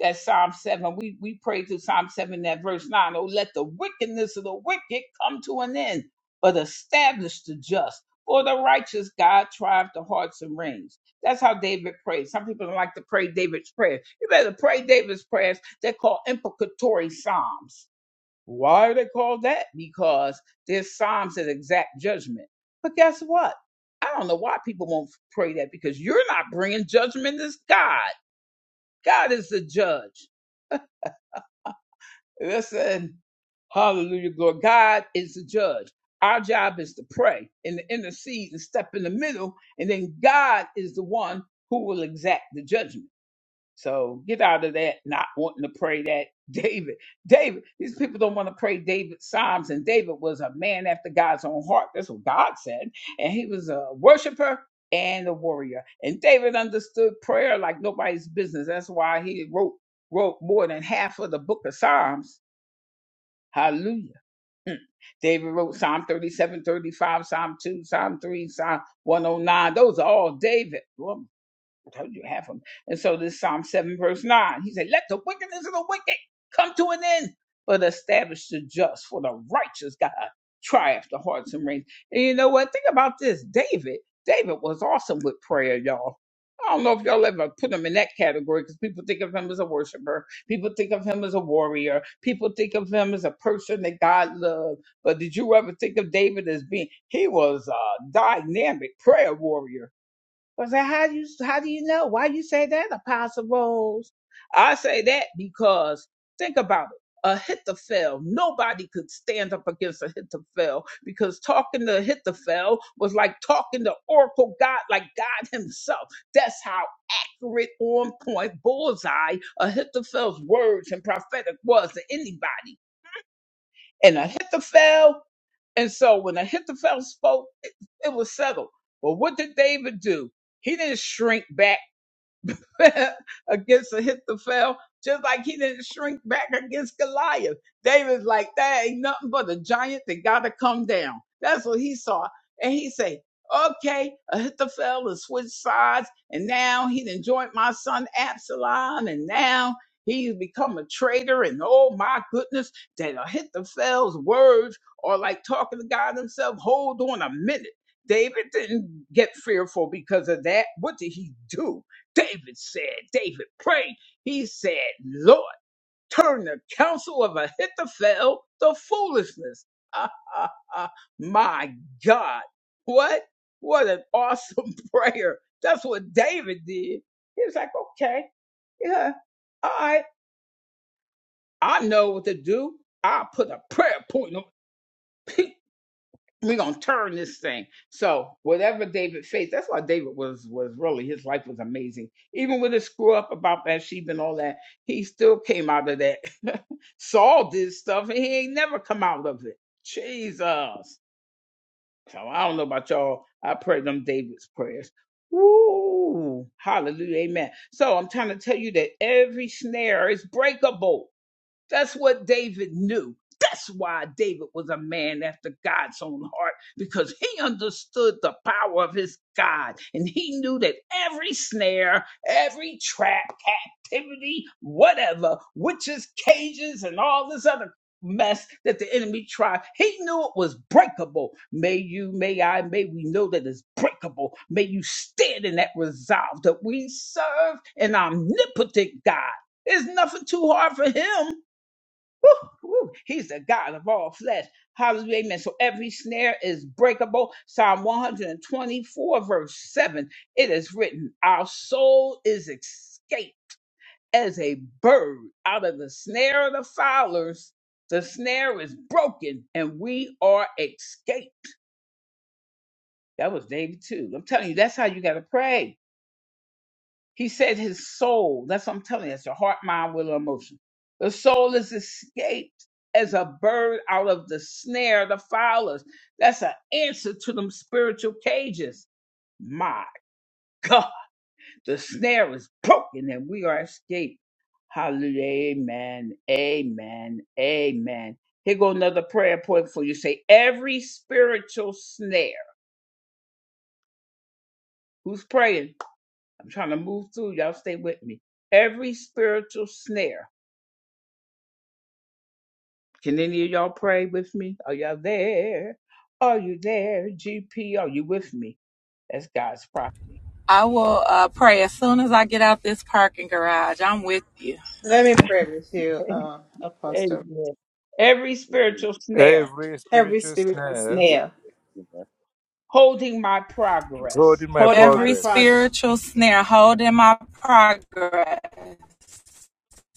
[SPEAKER 1] that Psalm seven. We we prayed through Psalm seven that verse nine. Oh, let the wickedness of the wicked come to an end, but establish the just. For the righteous God tried the hearts and reins. That's how David prayed. Some people don't like to pray David's prayers. You better pray David's prayers. They're called implicatory psalms why are they called that? Because this psalm says exact judgment. But guess what? I don't know why people won't pray that because you're not bringing judgment. It's God. God is the judge. Listen, hallelujah, Lord. God is the judge. Our job is to pray and to intercede and step in the middle, and then God is the one who will exact the judgment. So get out of that not wanting to pray that David. David, these people don't want to pray David's Psalms. And David was a man after God's own heart. That's what God said. And he was a worshiper and a warrior. And David understood prayer like nobody's business. That's why he wrote wrote more than half of the book of Psalms. Hallelujah. David wrote Psalm 37, 35, Psalm 2, Psalm 3, Psalm 109. Those are all David. I told you half of them. And so this Psalm 7, verse 9, he said, Let the wickedness of the wicked come to an end, but establish the just, for the righteous God triumph the hearts and reins. And you know what? Think about this. David, David was awesome with prayer, y'all. I don't know if y'all ever put him in that category because people think of him as a worshiper. People think of him as a warrior. People think of him as a person that God loved. But did you ever think of David as being, he was a dynamic prayer warrior I said, how do you how do you know? Why you say that, Apostle Rose? I say that because think about it. Ahithophel, nobody could stand up against Ahithophel because talking to Ahithophel was like talking to Oracle God, like God Himself. That's how accurate, on point, bullseye Ahithophel's words and prophetic was to anybody. And Ahithophel and so when Ahithophel spoke, it, it was settled. But what did David do? He didn't shrink back against Ahithophel, just like he didn't shrink back against Goliath. David's like, that ain't nothing but a giant that gotta come down. That's what he saw. And he say, okay, Ahithophel has switched sides, and now he done joined my son Absalom, and now he's become a traitor, and oh my goodness, that Ahithophel's words are like talking to God himself. Hold on a minute. David didn't get fearful because of that. What did he do? David said, David prayed. He said, Lord, turn the counsel of Ahithophel to foolishness. My God. What? What an awesome prayer. That's what David did. He was like, okay, yeah, all right. I know what to do. I'll put a prayer point on. we're gonna turn this thing. So whatever David faced, that's why David was was really his life was amazing. Even with his screw up about Bathsheba and all that, he still came out of that. Saul did stuff and he ain't never come out of it. Jesus. So I don't know about y'all. I pray them David's prayers. Woo! Hallelujah. Amen. So I'm trying to tell you that every snare is breakable that's what David knew. That's why David was a man after God's own heart, because he understood the power of his God. And he knew that every snare, every trap, captivity, whatever, witches, cages, and all this other mess that the enemy tried, he knew it was breakable. May you, may I, may we know that it's breakable. May you stand in that resolve that we serve an omnipotent God. There's nothing too hard for him Woo, woo. he's the God of all flesh. Hallelujah. Amen. So every snare is breakable. Psalm 124, verse 7. It is written, Our soul is escaped as a bird out of the snare of the fowlers. The snare is broken and we are escaped. That was David too. I'm telling you, that's how you got to pray. He said his soul, that's what I'm telling you, it's your heart, mind, will, or emotion. The soul is escaped as a bird out of the snare of the fowlers. That's an answer to them spiritual cages. My God, the snare is broken and we are escaped. Hallelujah. Amen. Amen. Amen. Here go another prayer point for you. Say every spiritual snare. Who's praying? I'm trying to move through. Y'all stay with me. Every spiritual snare Can any of y'all pray with me? Are y'all there? Are you there, GP? Are you with me? That's God's property.
[SPEAKER 4] I will uh, pray as soon as I get out this parking garage. I'm with you.
[SPEAKER 2] Let me pray with you, uh, Apostle.
[SPEAKER 1] Amen. Every
[SPEAKER 3] continue.
[SPEAKER 1] spiritual snare
[SPEAKER 5] Every
[SPEAKER 2] Every
[SPEAKER 5] spiritual
[SPEAKER 2] spiritual
[SPEAKER 5] snare
[SPEAKER 2] snare.
[SPEAKER 1] holding my progress,
[SPEAKER 5] holding my
[SPEAKER 2] holding my
[SPEAKER 4] Every
[SPEAKER 2] progress.
[SPEAKER 5] progress.
[SPEAKER 4] spiritual snare holding my progress,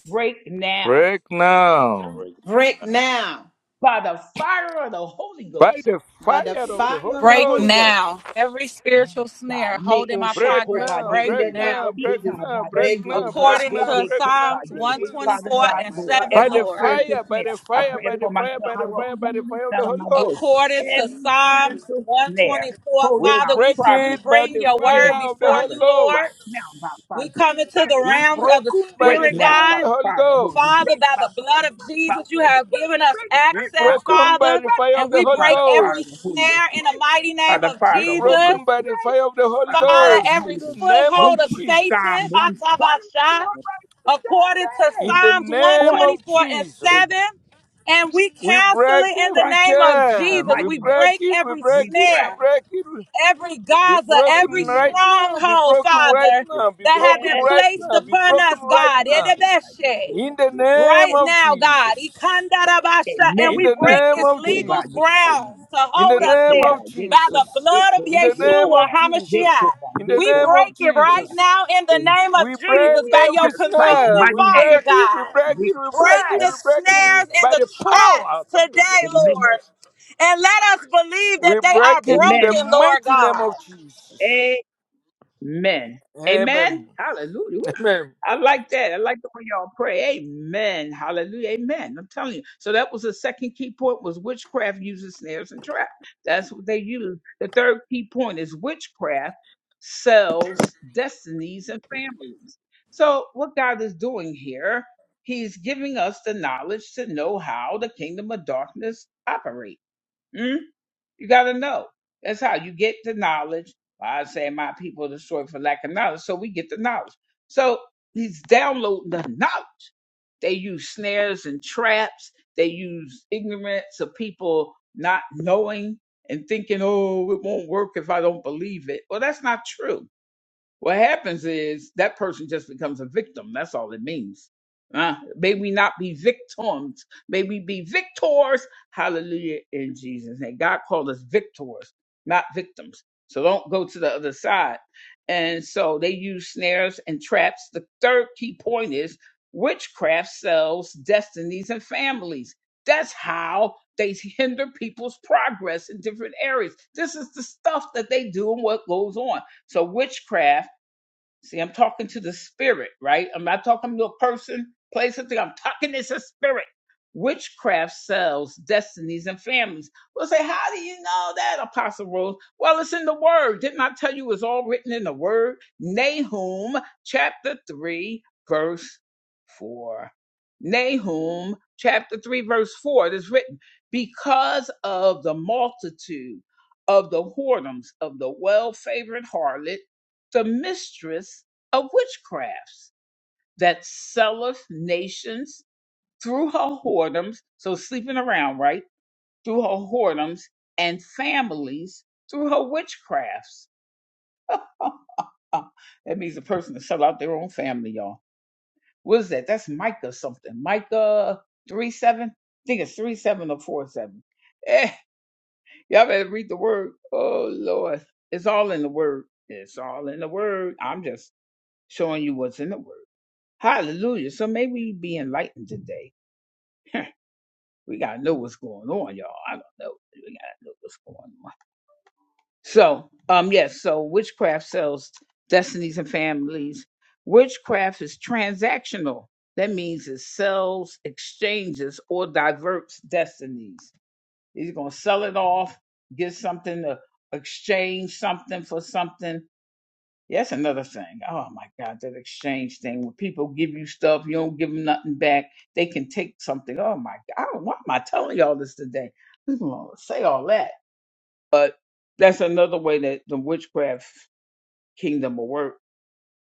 [SPEAKER 1] break now
[SPEAKER 5] Break now
[SPEAKER 2] Break now
[SPEAKER 1] by the fire of the Holy
[SPEAKER 5] by
[SPEAKER 1] Ghost.
[SPEAKER 5] the
[SPEAKER 2] by the
[SPEAKER 5] fire of the
[SPEAKER 2] fire
[SPEAKER 5] Holy
[SPEAKER 2] of the
[SPEAKER 4] break
[SPEAKER 2] Holy Ghost.
[SPEAKER 5] Ghost.
[SPEAKER 4] now. Every
[SPEAKER 1] Yes,
[SPEAKER 4] spiritual
[SPEAKER 1] God.
[SPEAKER 4] snare
[SPEAKER 1] Me
[SPEAKER 4] holding
[SPEAKER 1] o
[SPEAKER 4] my
[SPEAKER 1] shake
[SPEAKER 5] Break
[SPEAKER 4] progress,
[SPEAKER 1] hoba
[SPEAKER 5] now,
[SPEAKER 1] ye
[SPEAKER 4] break
[SPEAKER 2] In
[SPEAKER 5] break
[SPEAKER 2] the
[SPEAKER 1] koba.
[SPEAKER 2] name
[SPEAKER 4] now.
[SPEAKER 5] now,
[SPEAKER 2] of
[SPEAKER 5] break
[SPEAKER 2] Jesus,
[SPEAKER 1] Ika
[SPEAKER 2] we
[SPEAKER 5] now,
[SPEAKER 1] ba
[SPEAKER 5] break
[SPEAKER 2] break,
[SPEAKER 1] yende
[SPEAKER 2] oh
[SPEAKER 1] de
[SPEAKER 5] now,
[SPEAKER 1] do.
[SPEAKER 5] break
[SPEAKER 2] God,
[SPEAKER 4] According
[SPEAKER 1] Ve
[SPEAKER 5] now,
[SPEAKER 2] every
[SPEAKER 4] to
[SPEAKER 1] ye
[SPEAKER 5] break
[SPEAKER 2] snare,
[SPEAKER 5] now,
[SPEAKER 1] koba
[SPEAKER 4] Psalms
[SPEAKER 2] every
[SPEAKER 5] break
[SPEAKER 1] ye.
[SPEAKER 5] now.
[SPEAKER 2] spiritual
[SPEAKER 1] Father
[SPEAKER 4] 124
[SPEAKER 2] snail,
[SPEAKER 1] God,
[SPEAKER 4] and
[SPEAKER 2] my
[SPEAKER 1] Lord,
[SPEAKER 2] God, in
[SPEAKER 4] 7,
[SPEAKER 5] By
[SPEAKER 1] every
[SPEAKER 5] the
[SPEAKER 2] our
[SPEAKER 4] Lord.
[SPEAKER 2] lives.
[SPEAKER 1] spiritual
[SPEAKER 5] fire, by
[SPEAKER 1] snare,
[SPEAKER 5] the
[SPEAKER 1] I
[SPEAKER 5] fire,
[SPEAKER 1] pray
[SPEAKER 2] Break
[SPEAKER 1] it
[SPEAKER 5] by the
[SPEAKER 1] for
[SPEAKER 2] it by
[SPEAKER 5] fire,
[SPEAKER 2] the
[SPEAKER 5] by
[SPEAKER 1] myself,
[SPEAKER 5] the
[SPEAKER 1] for
[SPEAKER 2] power of
[SPEAKER 5] fire,
[SPEAKER 1] those
[SPEAKER 5] by the
[SPEAKER 1] under the
[SPEAKER 5] fire of the
[SPEAKER 1] sound of
[SPEAKER 5] Holy
[SPEAKER 1] my voice,
[SPEAKER 4] According
[SPEAKER 2] in the
[SPEAKER 5] Ghost.
[SPEAKER 4] to
[SPEAKER 1] every
[SPEAKER 4] Psalms
[SPEAKER 1] spiritual snare
[SPEAKER 4] 124,
[SPEAKER 1] holding
[SPEAKER 5] We
[SPEAKER 1] our
[SPEAKER 4] Father, we,
[SPEAKER 5] break it
[SPEAKER 1] progress,
[SPEAKER 4] we
[SPEAKER 5] by
[SPEAKER 4] bring
[SPEAKER 5] the
[SPEAKER 4] your
[SPEAKER 1] holding
[SPEAKER 4] word
[SPEAKER 1] my
[SPEAKER 5] fire of the
[SPEAKER 4] before
[SPEAKER 5] Holy
[SPEAKER 1] progress,
[SPEAKER 4] you, Lord.
[SPEAKER 5] Ghost.
[SPEAKER 1] break now by fire,
[SPEAKER 4] We
[SPEAKER 1] break,
[SPEAKER 4] come into
[SPEAKER 1] break,
[SPEAKER 4] the
[SPEAKER 5] Be
[SPEAKER 4] realms of
[SPEAKER 1] break,
[SPEAKER 4] the
[SPEAKER 5] broken by
[SPEAKER 1] break
[SPEAKER 3] We
[SPEAKER 5] the
[SPEAKER 4] Spirit,
[SPEAKER 3] just
[SPEAKER 1] now
[SPEAKER 3] ask
[SPEAKER 5] fire of
[SPEAKER 1] by
[SPEAKER 4] God.
[SPEAKER 5] the
[SPEAKER 1] the
[SPEAKER 5] Holy
[SPEAKER 3] that
[SPEAKER 1] fire of the Holy
[SPEAKER 5] Ghost.
[SPEAKER 1] Ghost,
[SPEAKER 4] Father,
[SPEAKER 1] break
[SPEAKER 4] by
[SPEAKER 1] by
[SPEAKER 4] the
[SPEAKER 1] fire,
[SPEAKER 4] blood of
[SPEAKER 1] break by
[SPEAKER 4] Jesus, you
[SPEAKER 1] force,
[SPEAKER 4] have
[SPEAKER 1] break,
[SPEAKER 4] given us
[SPEAKER 1] break,
[SPEAKER 3] you
[SPEAKER 5] Be
[SPEAKER 1] break by
[SPEAKER 4] access,
[SPEAKER 1] the,
[SPEAKER 5] broken by
[SPEAKER 4] Father,
[SPEAKER 5] the
[SPEAKER 1] break
[SPEAKER 5] fire of
[SPEAKER 4] and
[SPEAKER 5] the
[SPEAKER 4] we
[SPEAKER 5] Holy
[SPEAKER 1] by
[SPEAKER 4] break
[SPEAKER 1] the fire
[SPEAKER 4] every
[SPEAKER 1] of the Holy
[SPEAKER 5] Ghost.
[SPEAKER 1] Ghost,
[SPEAKER 4] snare in the
[SPEAKER 1] break
[SPEAKER 4] mighty
[SPEAKER 1] by
[SPEAKER 4] name
[SPEAKER 1] the
[SPEAKER 4] of
[SPEAKER 1] fire
[SPEAKER 5] Be
[SPEAKER 1] of the Holy
[SPEAKER 4] Jesus.
[SPEAKER 1] Ghost,
[SPEAKER 5] broken by the
[SPEAKER 1] right,
[SPEAKER 5] fire of the
[SPEAKER 1] by
[SPEAKER 5] Holy
[SPEAKER 1] the
[SPEAKER 4] Father,
[SPEAKER 1] fire of the
[SPEAKER 5] Ghost. In
[SPEAKER 4] every
[SPEAKER 1] Holy
[SPEAKER 5] the
[SPEAKER 1] Ghost.
[SPEAKER 5] name
[SPEAKER 1] We
[SPEAKER 4] foothold
[SPEAKER 5] of
[SPEAKER 4] of
[SPEAKER 1] put
[SPEAKER 4] Satan,
[SPEAKER 1] Psalm
[SPEAKER 5] Jesus.
[SPEAKER 1] 124
[SPEAKER 4] Atabasha,
[SPEAKER 1] by
[SPEAKER 4] according to
[SPEAKER 5] In
[SPEAKER 1] 7
[SPEAKER 5] the
[SPEAKER 4] Psalms
[SPEAKER 1] on
[SPEAKER 5] name of
[SPEAKER 1] it
[SPEAKER 4] 124 and
[SPEAKER 5] Jesus.
[SPEAKER 1] in
[SPEAKER 4] 7. And we
[SPEAKER 1] Jesus
[SPEAKER 5] We
[SPEAKER 4] cancel
[SPEAKER 5] break
[SPEAKER 4] it in the
[SPEAKER 5] every
[SPEAKER 1] Christ,
[SPEAKER 4] name of
[SPEAKER 5] chain.
[SPEAKER 4] Jesus.
[SPEAKER 5] We
[SPEAKER 1] mighty
[SPEAKER 4] We
[SPEAKER 1] name.
[SPEAKER 5] break
[SPEAKER 4] break
[SPEAKER 5] it. We
[SPEAKER 4] every
[SPEAKER 5] break
[SPEAKER 1] We
[SPEAKER 5] it. We
[SPEAKER 1] pray.
[SPEAKER 4] snare
[SPEAKER 5] break it.
[SPEAKER 4] every
[SPEAKER 5] Be
[SPEAKER 4] Gaza,
[SPEAKER 5] broken
[SPEAKER 4] every
[SPEAKER 5] right
[SPEAKER 1] Amen.
[SPEAKER 5] now. Be
[SPEAKER 4] stronghold,
[SPEAKER 5] broken right
[SPEAKER 4] Father,
[SPEAKER 5] now. Be
[SPEAKER 4] that have
[SPEAKER 5] broken
[SPEAKER 4] been
[SPEAKER 1] Yes.
[SPEAKER 5] right
[SPEAKER 4] placed
[SPEAKER 5] now. Be
[SPEAKER 4] upon
[SPEAKER 5] broken
[SPEAKER 4] us,
[SPEAKER 5] right
[SPEAKER 4] God.
[SPEAKER 5] now.
[SPEAKER 4] Edebeshe
[SPEAKER 5] In the name
[SPEAKER 4] right
[SPEAKER 5] of
[SPEAKER 4] now, God.
[SPEAKER 5] Jesus.
[SPEAKER 4] Ikandarabasha, And
[SPEAKER 5] In
[SPEAKER 1] Amen.
[SPEAKER 4] we
[SPEAKER 5] the
[SPEAKER 1] Cool,
[SPEAKER 4] break
[SPEAKER 5] name
[SPEAKER 1] sick,
[SPEAKER 4] its
[SPEAKER 5] of
[SPEAKER 1] cool, by
[SPEAKER 4] legal
[SPEAKER 1] you, cool,
[SPEAKER 5] Jesus.
[SPEAKER 4] grounds
[SPEAKER 1] man.
[SPEAKER 4] to
[SPEAKER 5] In the
[SPEAKER 4] hold
[SPEAKER 1] Get
[SPEAKER 4] us
[SPEAKER 5] name
[SPEAKER 1] cool, by
[SPEAKER 4] there
[SPEAKER 5] of
[SPEAKER 1] you,
[SPEAKER 4] by
[SPEAKER 1] cool,
[SPEAKER 4] the
[SPEAKER 1] by
[SPEAKER 5] Jesus.
[SPEAKER 1] you,
[SPEAKER 4] blood of
[SPEAKER 1] cool,
[SPEAKER 5] In
[SPEAKER 1] by
[SPEAKER 5] the
[SPEAKER 1] you,
[SPEAKER 5] name
[SPEAKER 1] cool,
[SPEAKER 4] Yeshua
[SPEAKER 1] by
[SPEAKER 5] of
[SPEAKER 1] you,
[SPEAKER 5] Jesus.
[SPEAKER 1] cool,
[SPEAKER 4] HaMashiach.
[SPEAKER 1] by
[SPEAKER 5] In the
[SPEAKER 1] you,
[SPEAKER 4] We
[SPEAKER 1] cool,
[SPEAKER 5] name
[SPEAKER 1] by you,
[SPEAKER 5] of
[SPEAKER 4] break it
[SPEAKER 1] cool,
[SPEAKER 4] right
[SPEAKER 1] by
[SPEAKER 5] Jesus.
[SPEAKER 4] now in the
[SPEAKER 1] In
[SPEAKER 4] name of
[SPEAKER 5] We break
[SPEAKER 4] Jesus by your
[SPEAKER 5] every
[SPEAKER 1] Jesus Christ's
[SPEAKER 5] snare.
[SPEAKER 4] consuming
[SPEAKER 5] We
[SPEAKER 1] mighty name,
[SPEAKER 4] fire,
[SPEAKER 5] break it. We
[SPEAKER 4] God.
[SPEAKER 5] break
[SPEAKER 1] we
[SPEAKER 5] it. We break
[SPEAKER 4] Break
[SPEAKER 5] it.
[SPEAKER 3] have
[SPEAKER 5] We
[SPEAKER 1] pray.
[SPEAKER 4] the
[SPEAKER 5] break it
[SPEAKER 3] family,
[SPEAKER 4] snares
[SPEAKER 3] have
[SPEAKER 4] and
[SPEAKER 5] by
[SPEAKER 4] the
[SPEAKER 5] the
[SPEAKER 3] a good time,
[SPEAKER 4] traps
[SPEAKER 5] power authority
[SPEAKER 3] have
[SPEAKER 5] of
[SPEAKER 4] today,
[SPEAKER 5] Jesus
[SPEAKER 1] Amen.
[SPEAKER 4] Lord.
[SPEAKER 5] Christ.
[SPEAKER 4] And let us believe
[SPEAKER 5] We
[SPEAKER 4] that they are
[SPEAKER 5] break it in the
[SPEAKER 1] Amen.
[SPEAKER 4] broken, Lord
[SPEAKER 5] mighty name
[SPEAKER 4] God.
[SPEAKER 5] of Jesus.
[SPEAKER 1] Amen.
[SPEAKER 5] Amen.
[SPEAKER 1] Amen. Hallelujah. Woo.
[SPEAKER 5] Amen.
[SPEAKER 1] I like that. I like the way y'all pray. Amen. Hallelujah. Amen. I'm telling you. So that was the second key point was witchcraft uses snares and traps. That's what they use. The third key point is witchcraft sells destinies and families. So what God is doing here, he's giving us the knowledge to know how the kingdom of darkness operates. You got to know. That's how you get the knowledge. Well, I say my people are destroyed for lack of knowledge. So we get the knowledge. So he's downloading the knowledge. They use snares and traps. They use ignorance of people not knowing and thinking, oh, it won't work if I don't believe it. Well, that's not true. What happens is that person just becomes a victim. That's all it means. Uh, may we not be victims. May we be victors. Hallelujah in Jesus' name. God called us victors, not victims. So don't go to the other side. And so they use snares and traps. The third key point is witchcraft sells destinies and families. That's how they hinder people's progress in different areas. This is the stuff that they do and what goes on. So witchcraft See, I'm talking to the spirit, right? I'm not talking to a person, place, or thing. I'm talking it's a spirit. Witchcraft sells destinies and families. We'll say, how do you know that, Apostle Rose? Well, it's in the Word. Didn't I tell you it's all written in the Word? Nahum chapter 3, verse 4. Nahum chapter 3, verse 4. It is written, because of the multitude of the whoredoms of the well favored harlot the mistress of witchcrafts that selleth nations through her whoredoms, so sleeping around, right? Through her whoredoms and families through her witchcrafts. that means a person to sell out their own family, y'all. What is that? That's Micah something. Micah 3 7. I think it's 3 7 or 4 7. Eh, y'all better read the word. Oh, Lord. It's all in the word. It's all in the word. I'm just showing you what's in the word. Hallelujah. So maybe we be enlightened today. we gotta know what's going on, y'all. I don't know. We gotta know what's going on. So, um, yes, so witchcraft sells destinies and families. Witchcraft is transactional. That means it sells, exchanges, or diverts destinies. He's gonna sell it off, get something to exchange something for something Yes, another thing. Oh my God, that exchange thing where people give you stuff, you don't give them nothing back. They can take something. Oh my God, why am I telling y'all this today? Who's gonna say all that? But that's another way that the witchcraft kingdom will work.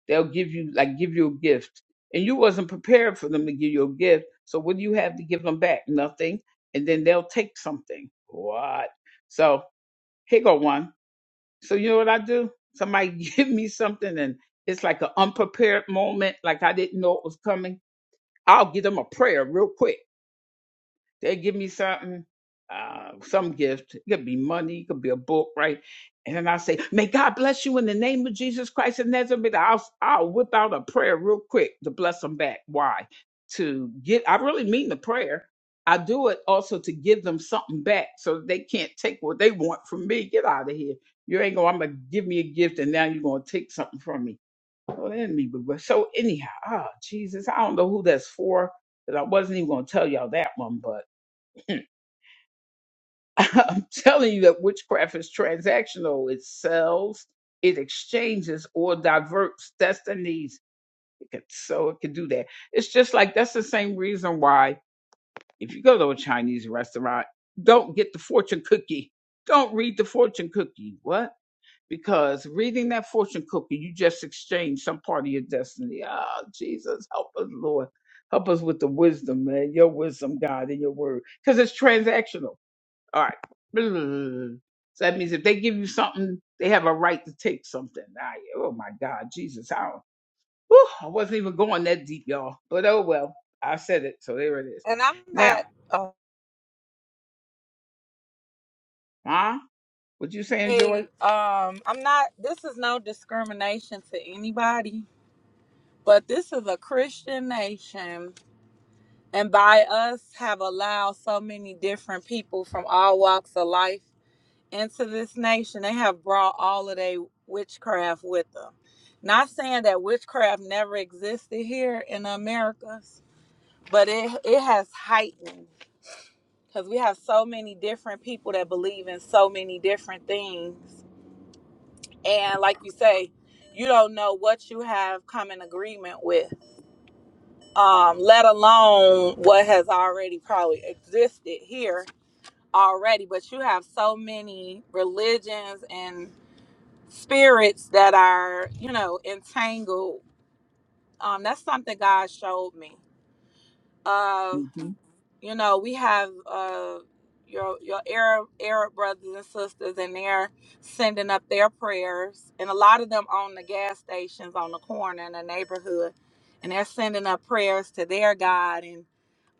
[SPEAKER 1] They'll give you like give you a gift, and you wasn't prepared for them to give you a gift. So what do you have to give them back? Nothing, and then they'll take something. What? So here go one. So you know what I do? Somebody give me something and it's like an unprepared moment, like I didn't know it was coming. I'll give them a prayer real quick. They give me something, uh, some gift. It could be money, it could be a book, right? And then I say, May God bless you in the name of Jesus Christ of Nazareth. I'll, I'll whip out a prayer real quick to bless them back. Why? To get, I really mean the prayer. I do it also to give them something back so that they can't take what they want from me. Get out of here. You ain't going, I'm going to give me a gift and now you're going to take something from me. Well, the enemy, but but- so anyhow, ah, Jesus, I don't know who that's for, because I wasn't even going to tell y'all that one, but. I'm telling you that witchcraft is transactional. It sells, it exchanges, or diverts destinies. It can, so it can do that. It's just like that's the same reason why if you go to a Chinese restaurant, don't get the fortune cookie. Don't read the fortune cookie. What? Because reading that fortune cookie, you just exchange some part of your destiny. Ah, Jesus, help us, Lord. Help us with the wisdom, man. Your wisdom, God, in your word. Because it's transactional all right. So that means if they give you something, they have a right to take something. I, oh my God, Jesus, how? Whew, I wasn't even going that deep, y'all. But oh well, I said it, so there it is.
[SPEAKER 4] And I'm
[SPEAKER 1] Now,
[SPEAKER 4] not
[SPEAKER 1] huh? What you saying, Joy?
[SPEAKER 4] okay. Um, I'm not. This is no discrimination to anybody But this is a Christian nation, and by us have allowed so many different people from all walks of life into this nation. They have brought all of their witchcraft with them. Not saying that witchcraft never existed here in the Americas, but it it has heightened because we have so many different people that believe in so many different things, and like you say, you don't know what you have come in agreement with. um, let alone what has already probably existed here already. But you have so many religions and spirits that are, you know, entangled. Um, that's something God showed me. Uh,
[SPEAKER 1] hmm
[SPEAKER 4] you know, we have uh, your your Arab Arab brothers and sisters, and they're sending up their prayers, and a lot of them on the gas stations on the corner in the neighborhood, and they're sending up prayers to their God and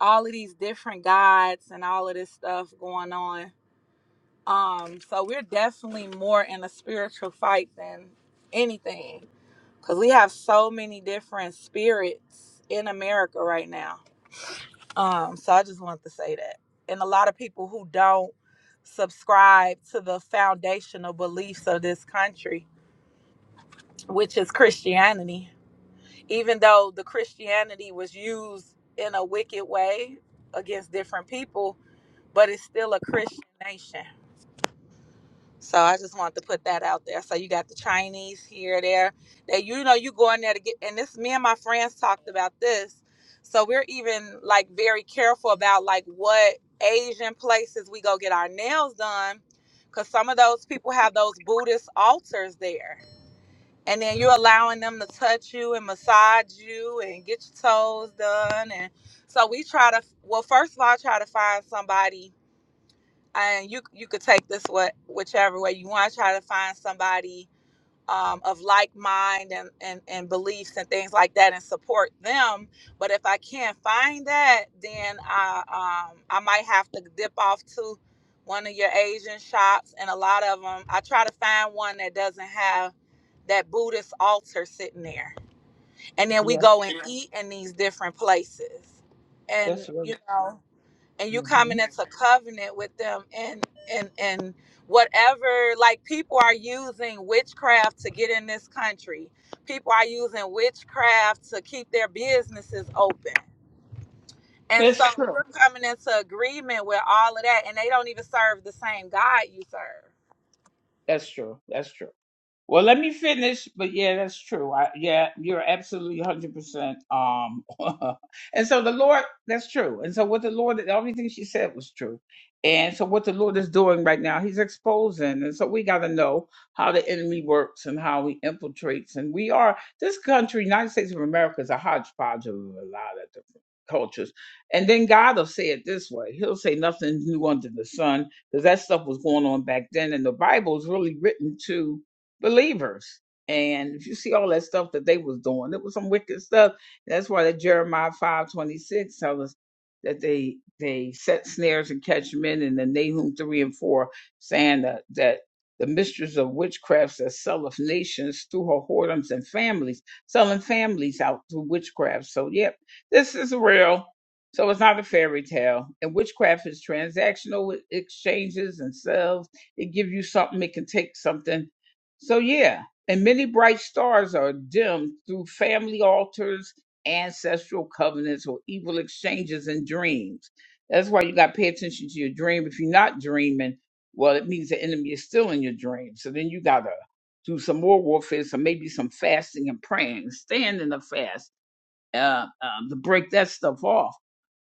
[SPEAKER 4] all of these different gods and all of this stuff going on. Um, so we're definitely more in a spiritual fight than anything because we have so many different spirits in America right now. Um, so I just wanted to say that. And a lot of people who don't subscribe to the foundational beliefs of this country, which is Christianity, even though the Christianity was used in a wicked way against different people but it's still a Christian nation. So I just wanted to put that out there. So you got the Chinese here, there. That you know you go in there to get and this me and my friends talked about this. So we're even like very careful about like what Asian places we go get our nails done. Cause some of those people have those Buddhist altars there. And then you're allowing them to touch you and massage you and get your toes done. And so we try to well, first of all, I try to find somebody and you you could take this what whichever way you want. Try to find somebody um, of like mind and, and and beliefs and things like that, and support them. But if I can't find that, then I um, I might have to dip off to one of your Asian shops, and a lot of them I try to find one that doesn't have that Buddhist altar sitting there, and then we
[SPEAKER 1] Yeah,
[SPEAKER 4] go and Yeah. eat in these different places, and
[SPEAKER 1] that's right.
[SPEAKER 4] you know and you come
[SPEAKER 1] hmm
[SPEAKER 4] into covenant with them and and and whatever like people are using witchcraft to get in this country people are using witchcraft to keep their businesses open and so
[SPEAKER 1] That's true.
[SPEAKER 4] you're coming into agreement with all of that and they don't even serve the same god you serve
[SPEAKER 1] That's true. That's true. Well, let me finish, but yeah, that's true. I, yeah, you're absolutely 100%. Um, and so the Lord, that's true. And so what the Lord, everything she said was true. And so what the Lord is doing right now, he's exposing. And so we got to know how the enemy works and how he infiltrates. And we are, this country, United States of America, is a hodgepodge of a lot of different cultures. And then God will say it this way. He'll say nothing new under the sun because that stuff was going on back then. And the Bible is really written to believers. And if you see all that stuff that they was doing, it was some wicked stuff. That's why that Jeremiah five twenty six tells us that they they set snares and catch men, and the Nahum three and four saying that that the mistress of witchcrafts that selleth nations through her whoredoms and families, selling families out through witchcraft. So yep, this is real. So it's not a fairy tale. And witchcraft is transactional. It exchanges and sells. It gives you something. It can take something so yeah, and many bright stars are dimmed through family altars, ancestral covenants, or evil exchanges in dreams. That's why you got to pay attention to your dream. If you're not dreaming, well, it means the enemy is still in your dream. So then you gotta do some more warfare, so maybe some fasting and praying, stand in the fast, uh, um, to break that stuff off.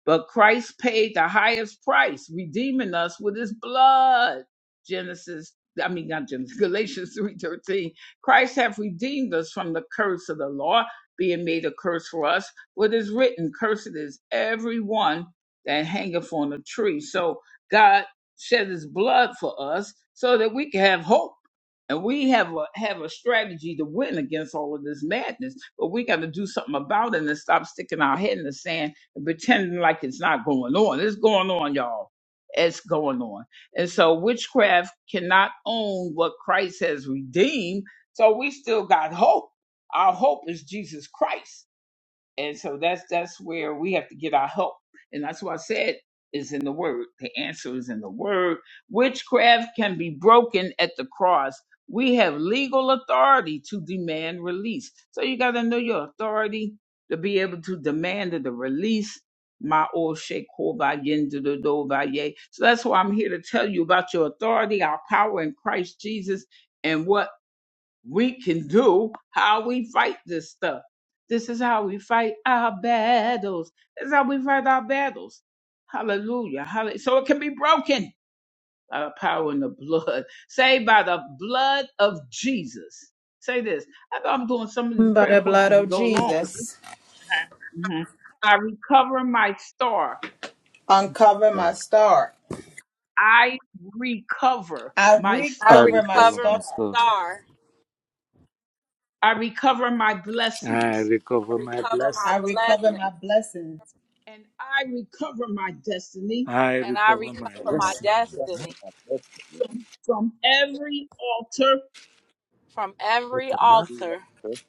[SPEAKER 1] But Christ paid the highest price, redeeming us with his blood. Genesis, I mean not Genesis, Galatians 3:13. Christ hath redeemed us from the curse of the law, being made a curse for us. What is written, cursed is every one that hangeth on a tree. So God shed his blood for us so that we can have hope. And we have a have a strategy to win against all of this madness, but we got to do something about it and stop sticking our head in the sand and pretending like it's not going on. It's going on, y'all. It's going on. And so witchcraft cannot own what Christ has redeemed. So we still got hope. Our hope is Jesus Christ and so that's that's where we have to get our help and that's why i said is in the word the answer is in the word witchcraft can be broken at the cross we have legal authority to demand release so you got to know your authority to be able to demand the release my old sheikh so that's why i'm here to tell you about your authority our power in christ jesus and what we can do how we fight this stuff. This is how we fight our battles. This is how we fight our battles. Hallelujah. Hallelujah. So it can be broken by the power in the blood. Say by the blood of Jesus. Say this. I know I'm doing some of
[SPEAKER 2] name.
[SPEAKER 1] these
[SPEAKER 2] By
[SPEAKER 1] prayer
[SPEAKER 2] the
[SPEAKER 1] points
[SPEAKER 2] blood
[SPEAKER 1] as we
[SPEAKER 2] of
[SPEAKER 1] go along. 'cause this-
[SPEAKER 2] Jesus,
[SPEAKER 1] Mhm. I recover my star.
[SPEAKER 2] uncover my
[SPEAKER 5] Oh,
[SPEAKER 2] star.
[SPEAKER 1] I recover
[SPEAKER 2] I
[SPEAKER 1] my
[SPEAKER 4] i
[SPEAKER 5] I
[SPEAKER 1] star.
[SPEAKER 2] recover my
[SPEAKER 5] recover
[SPEAKER 4] recover
[SPEAKER 5] my
[SPEAKER 2] star.
[SPEAKER 4] my
[SPEAKER 5] stuff.
[SPEAKER 4] star
[SPEAKER 1] I recover my
[SPEAKER 5] I
[SPEAKER 1] blessings.
[SPEAKER 4] i
[SPEAKER 5] recover my
[SPEAKER 4] recover my
[SPEAKER 2] I
[SPEAKER 5] blessing.
[SPEAKER 3] a
[SPEAKER 2] recover
[SPEAKER 4] blessing
[SPEAKER 3] good time.
[SPEAKER 2] my blessings.
[SPEAKER 1] And I recover my destiny
[SPEAKER 5] I
[SPEAKER 4] and i
[SPEAKER 5] recover my
[SPEAKER 3] And
[SPEAKER 4] recover
[SPEAKER 3] I
[SPEAKER 4] my
[SPEAKER 3] want
[SPEAKER 5] blessing.
[SPEAKER 3] to thank you
[SPEAKER 4] destiny
[SPEAKER 3] for my
[SPEAKER 1] from every altar
[SPEAKER 4] from every
[SPEAKER 3] To be a
[SPEAKER 4] altar
[SPEAKER 3] person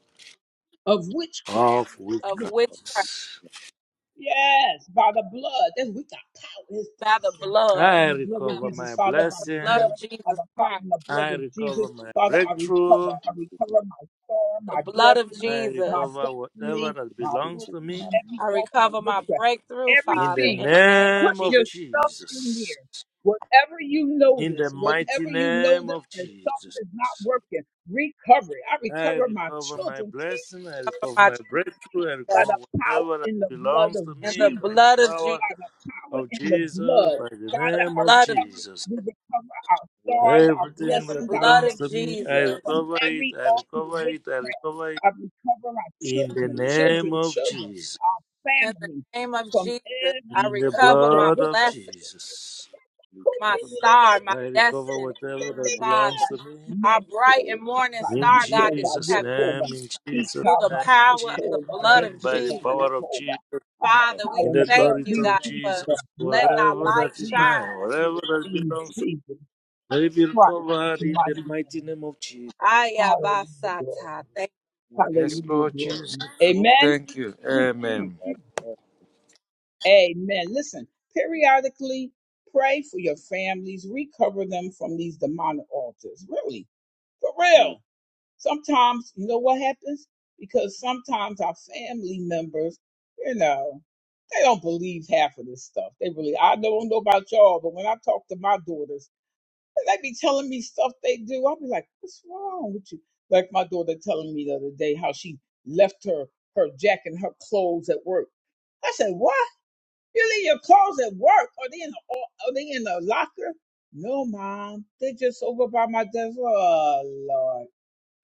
[SPEAKER 1] of witchcraft.
[SPEAKER 5] of
[SPEAKER 4] of
[SPEAKER 5] witchcraft.
[SPEAKER 1] Look,
[SPEAKER 4] witchcraft
[SPEAKER 1] Yes, by the blood. That's we got power. There's
[SPEAKER 4] by the
[SPEAKER 1] power
[SPEAKER 4] blood
[SPEAKER 5] I
[SPEAKER 1] in the blood of
[SPEAKER 5] recover
[SPEAKER 1] Jesus,
[SPEAKER 5] my
[SPEAKER 1] Father. By the
[SPEAKER 4] blood
[SPEAKER 5] blessing.
[SPEAKER 1] blood,
[SPEAKER 4] of
[SPEAKER 1] by
[SPEAKER 4] Jesus
[SPEAKER 1] the power
[SPEAKER 4] Christ,
[SPEAKER 1] in the blood
[SPEAKER 5] I
[SPEAKER 1] of
[SPEAKER 5] recover
[SPEAKER 1] Jesus,
[SPEAKER 5] my
[SPEAKER 1] Father, I recover.
[SPEAKER 5] breakthrough.
[SPEAKER 3] to
[SPEAKER 1] I
[SPEAKER 3] be
[SPEAKER 1] recover my power,
[SPEAKER 4] the
[SPEAKER 1] my
[SPEAKER 4] blood of
[SPEAKER 1] blessing,
[SPEAKER 5] I
[SPEAKER 1] my
[SPEAKER 4] Jesus.
[SPEAKER 5] recover whatever
[SPEAKER 1] destiny,
[SPEAKER 5] that
[SPEAKER 1] my
[SPEAKER 5] belongs
[SPEAKER 1] book
[SPEAKER 3] people,
[SPEAKER 5] to
[SPEAKER 1] from
[SPEAKER 5] me.
[SPEAKER 3] not
[SPEAKER 1] every
[SPEAKER 4] I
[SPEAKER 1] altar of
[SPEAKER 4] recover
[SPEAKER 3] to
[SPEAKER 4] my
[SPEAKER 1] witchcraft.
[SPEAKER 4] breakthrough,
[SPEAKER 5] In
[SPEAKER 4] Father,
[SPEAKER 5] the
[SPEAKER 1] Everything,
[SPEAKER 4] in the name of
[SPEAKER 1] put
[SPEAKER 5] name of
[SPEAKER 4] Jesus.
[SPEAKER 1] yourself in
[SPEAKER 5] Jesus.
[SPEAKER 1] there. Whatever
[SPEAKER 3] be
[SPEAKER 1] you
[SPEAKER 5] In the
[SPEAKER 1] notice,
[SPEAKER 5] mighty
[SPEAKER 1] whatever you
[SPEAKER 5] name
[SPEAKER 1] notice
[SPEAKER 5] of
[SPEAKER 1] that something
[SPEAKER 5] Jesus.
[SPEAKER 1] is not working, recover it. I
[SPEAKER 5] I
[SPEAKER 1] recover my
[SPEAKER 5] recover my
[SPEAKER 1] children.
[SPEAKER 5] blessing. I
[SPEAKER 4] Cover
[SPEAKER 5] recover
[SPEAKER 4] my
[SPEAKER 5] my breakthrough. I
[SPEAKER 1] by
[SPEAKER 4] Jesus
[SPEAKER 5] recover
[SPEAKER 1] the power
[SPEAKER 5] whatever that
[SPEAKER 1] in the blood
[SPEAKER 5] belongs
[SPEAKER 1] of
[SPEAKER 5] to
[SPEAKER 4] in the
[SPEAKER 5] me by
[SPEAKER 1] Jesus,
[SPEAKER 5] the
[SPEAKER 4] blood of
[SPEAKER 5] power
[SPEAKER 1] by
[SPEAKER 4] Jesus,
[SPEAKER 1] the power
[SPEAKER 5] of
[SPEAKER 1] in the
[SPEAKER 5] Jesus,
[SPEAKER 1] blood.
[SPEAKER 3] other
[SPEAKER 5] by the
[SPEAKER 4] in the
[SPEAKER 3] people,
[SPEAKER 1] Father,
[SPEAKER 5] name
[SPEAKER 1] I
[SPEAKER 5] of
[SPEAKER 4] blood of
[SPEAKER 1] recover,
[SPEAKER 5] Jesus.
[SPEAKER 1] we recover our
[SPEAKER 3] walk
[SPEAKER 1] stars, our
[SPEAKER 4] in
[SPEAKER 5] Everything
[SPEAKER 4] the
[SPEAKER 3] that
[SPEAKER 5] that
[SPEAKER 1] blessings, our
[SPEAKER 4] blood
[SPEAKER 5] belongs
[SPEAKER 4] of
[SPEAKER 5] to me,
[SPEAKER 1] destiny
[SPEAKER 5] I
[SPEAKER 3] people,
[SPEAKER 4] Jesus,
[SPEAKER 1] from
[SPEAKER 5] recover it,
[SPEAKER 1] every
[SPEAKER 5] I
[SPEAKER 1] altar of
[SPEAKER 5] recover it, I
[SPEAKER 1] witchcraft.
[SPEAKER 5] recover it.
[SPEAKER 1] I recover our
[SPEAKER 5] In the
[SPEAKER 1] children,
[SPEAKER 5] name
[SPEAKER 1] children,
[SPEAKER 5] of
[SPEAKER 1] children,
[SPEAKER 5] Jesus,
[SPEAKER 1] our
[SPEAKER 4] in the
[SPEAKER 1] family
[SPEAKER 4] name of
[SPEAKER 1] from
[SPEAKER 4] Jesus. I
[SPEAKER 1] every
[SPEAKER 5] in the
[SPEAKER 4] recover
[SPEAKER 1] altar
[SPEAKER 4] my
[SPEAKER 1] of
[SPEAKER 5] blood of
[SPEAKER 1] witchcraft.
[SPEAKER 4] blessing,
[SPEAKER 5] Jesus,
[SPEAKER 3] we cover
[SPEAKER 4] my star, my
[SPEAKER 5] I recover
[SPEAKER 4] destiny,
[SPEAKER 5] whatever that
[SPEAKER 4] Father.
[SPEAKER 5] belongs to me.
[SPEAKER 4] Our bright
[SPEAKER 1] Meso,
[SPEAKER 4] and morning
[SPEAKER 1] Kaba,
[SPEAKER 5] In
[SPEAKER 4] star, God, that you
[SPEAKER 1] Yekova,
[SPEAKER 5] Jesus'
[SPEAKER 4] have
[SPEAKER 5] name,
[SPEAKER 1] Yekova,
[SPEAKER 5] in Jesus'
[SPEAKER 4] through the
[SPEAKER 1] Ikaba,
[SPEAKER 5] name, in
[SPEAKER 4] power of the
[SPEAKER 1] Shekova,
[SPEAKER 5] Jesus'
[SPEAKER 4] blood
[SPEAKER 5] name,
[SPEAKER 4] of
[SPEAKER 5] by the
[SPEAKER 1] Yekova,
[SPEAKER 4] Jesus.
[SPEAKER 5] power of
[SPEAKER 1] Yekova.
[SPEAKER 5] Jesus,
[SPEAKER 1] By the
[SPEAKER 3] what
[SPEAKER 4] Father, we
[SPEAKER 1] power
[SPEAKER 5] in
[SPEAKER 1] in
[SPEAKER 5] the
[SPEAKER 1] the blood,
[SPEAKER 4] thank
[SPEAKER 5] authority
[SPEAKER 4] you,
[SPEAKER 1] we
[SPEAKER 5] of
[SPEAKER 4] God,
[SPEAKER 1] plead
[SPEAKER 4] for
[SPEAKER 5] Jesus,
[SPEAKER 1] the
[SPEAKER 4] letting
[SPEAKER 1] blood
[SPEAKER 4] our
[SPEAKER 1] of
[SPEAKER 5] whatever
[SPEAKER 4] light
[SPEAKER 5] that is
[SPEAKER 1] Jesus
[SPEAKER 5] mine,
[SPEAKER 4] shine.
[SPEAKER 5] whatever that
[SPEAKER 1] in
[SPEAKER 3] you
[SPEAKER 5] belongs to me,
[SPEAKER 1] Jesus
[SPEAKER 5] let it be
[SPEAKER 1] Christ's
[SPEAKER 5] recovered in the
[SPEAKER 1] mighty
[SPEAKER 5] mighty
[SPEAKER 1] name.
[SPEAKER 5] name of Jesus.
[SPEAKER 1] Hallelujah, glory.
[SPEAKER 4] Ayabasata. Thank
[SPEAKER 3] have your
[SPEAKER 5] Yes,
[SPEAKER 1] Hallelujah,
[SPEAKER 5] Lord
[SPEAKER 1] glory.
[SPEAKER 5] Jesus,
[SPEAKER 3] hand
[SPEAKER 1] Amen.
[SPEAKER 5] thank you.
[SPEAKER 1] Mm, mm,
[SPEAKER 5] Amen.
[SPEAKER 1] mm.
[SPEAKER 3] at
[SPEAKER 1] Amen. Listen, periodically pray for your families, recover them from these demonic altars. Really, for real. Sometimes, you know what happens? Because sometimes our family members, you know, they don't believe half of this stuff. They really, I don't know about y'all, but when I talk to my daughters, they be telling me stuff they do. I'll be like, what's wrong with you? Like my daughter telling me the other day how she left her, her jacket and her clothes at work. I said, what? You leave your clothes at work? Are they in the, are they in the locker? No, mom. They're just over by my desk. Oh, Lord.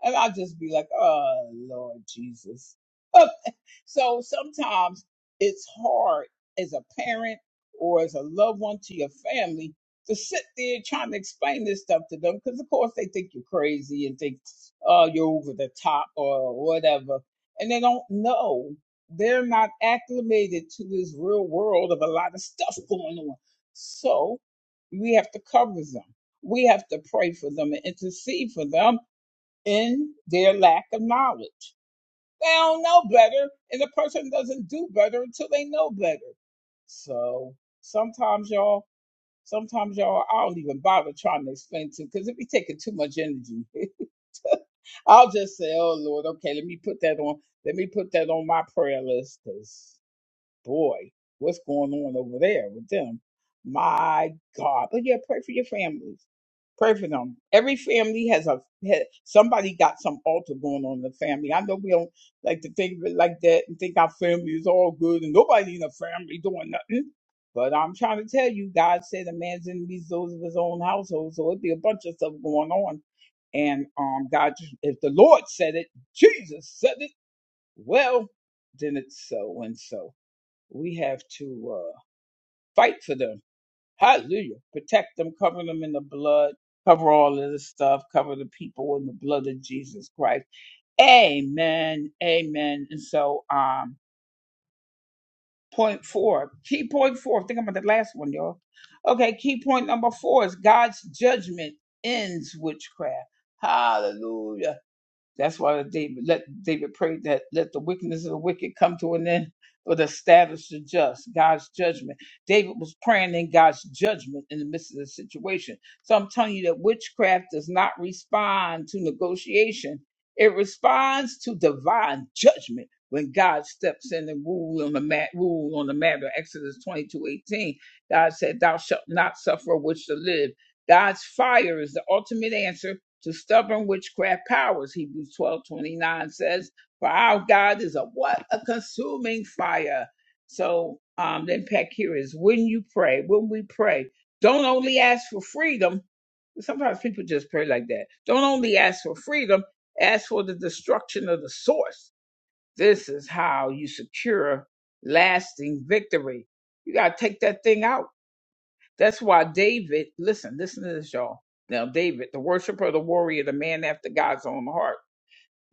[SPEAKER 1] And I'll just be like, oh, Lord Jesus. Up. So sometimes it's hard as a parent or as a loved one to your family to sit there trying to explain this stuff to them because, of course, they think you're crazy and think, oh, you're over the top or whatever. And they don't know. They're not acclimated to this real world of a lot of stuff going on. So we have to cover them. We have to pray for them and intercede for them in their lack of knowledge. They don't know better, and a person doesn't do better until they know better. So sometimes y'all, sometimes y'all, I don't even bother trying to explain to because it be taking too much energy. I'll just say, "Oh Lord, okay, let me put that on. Let me put that on my prayer list." Because boy, what's going on over there with them? My God. But yeah, pray for your families. Pray for them. Every family has a ha- somebody got some altar going on in the family. I know we don't like to think of it like that and think our family is all good and nobody in the family doing nothing. But I'm trying to tell you, God said a man's enemies those of his own household. So it'd be a bunch of stuff going on. And um, God, if the Lord said it, Jesus said it. Well, then it's so and so we have to uh, fight for them. Hallelujah. Protect them, cover them in the blood, cover all of this stuff, cover the people in the blood of Jesus Christ. Amen. Amen. And so, um, point four, key point four, think about the last one, y'all. Okay, key point number four is God's judgment ends witchcraft. Hallelujah. That's why David let David prayed that let the wickedness of the wicked come to an end, but establish the just, God's judgment. David was praying in God's judgment in the midst of the situation. So I'm telling you that witchcraft does not respond to negotiation. It responds to divine judgment when God steps in and rule on the mat, rule on the matter. Exodus 22:18. God said, "Thou shalt not suffer a witch to live." God's fire is the ultimate answer to stubborn witchcraft powers, Hebrews twelve twenty nine says, For our God is a what? A consuming fire. So um, the impact here is when you pray, when we pray, don't only ask for freedom. Sometimes people just pray like that. Don't only ask for freedom, ask for the destruction of the source. This is how you secure lasting victory. You got to take that thing out. That's why David, listen, listen to this, y'all. Now, David, the worshiper, the warrior, the man after God's own heart.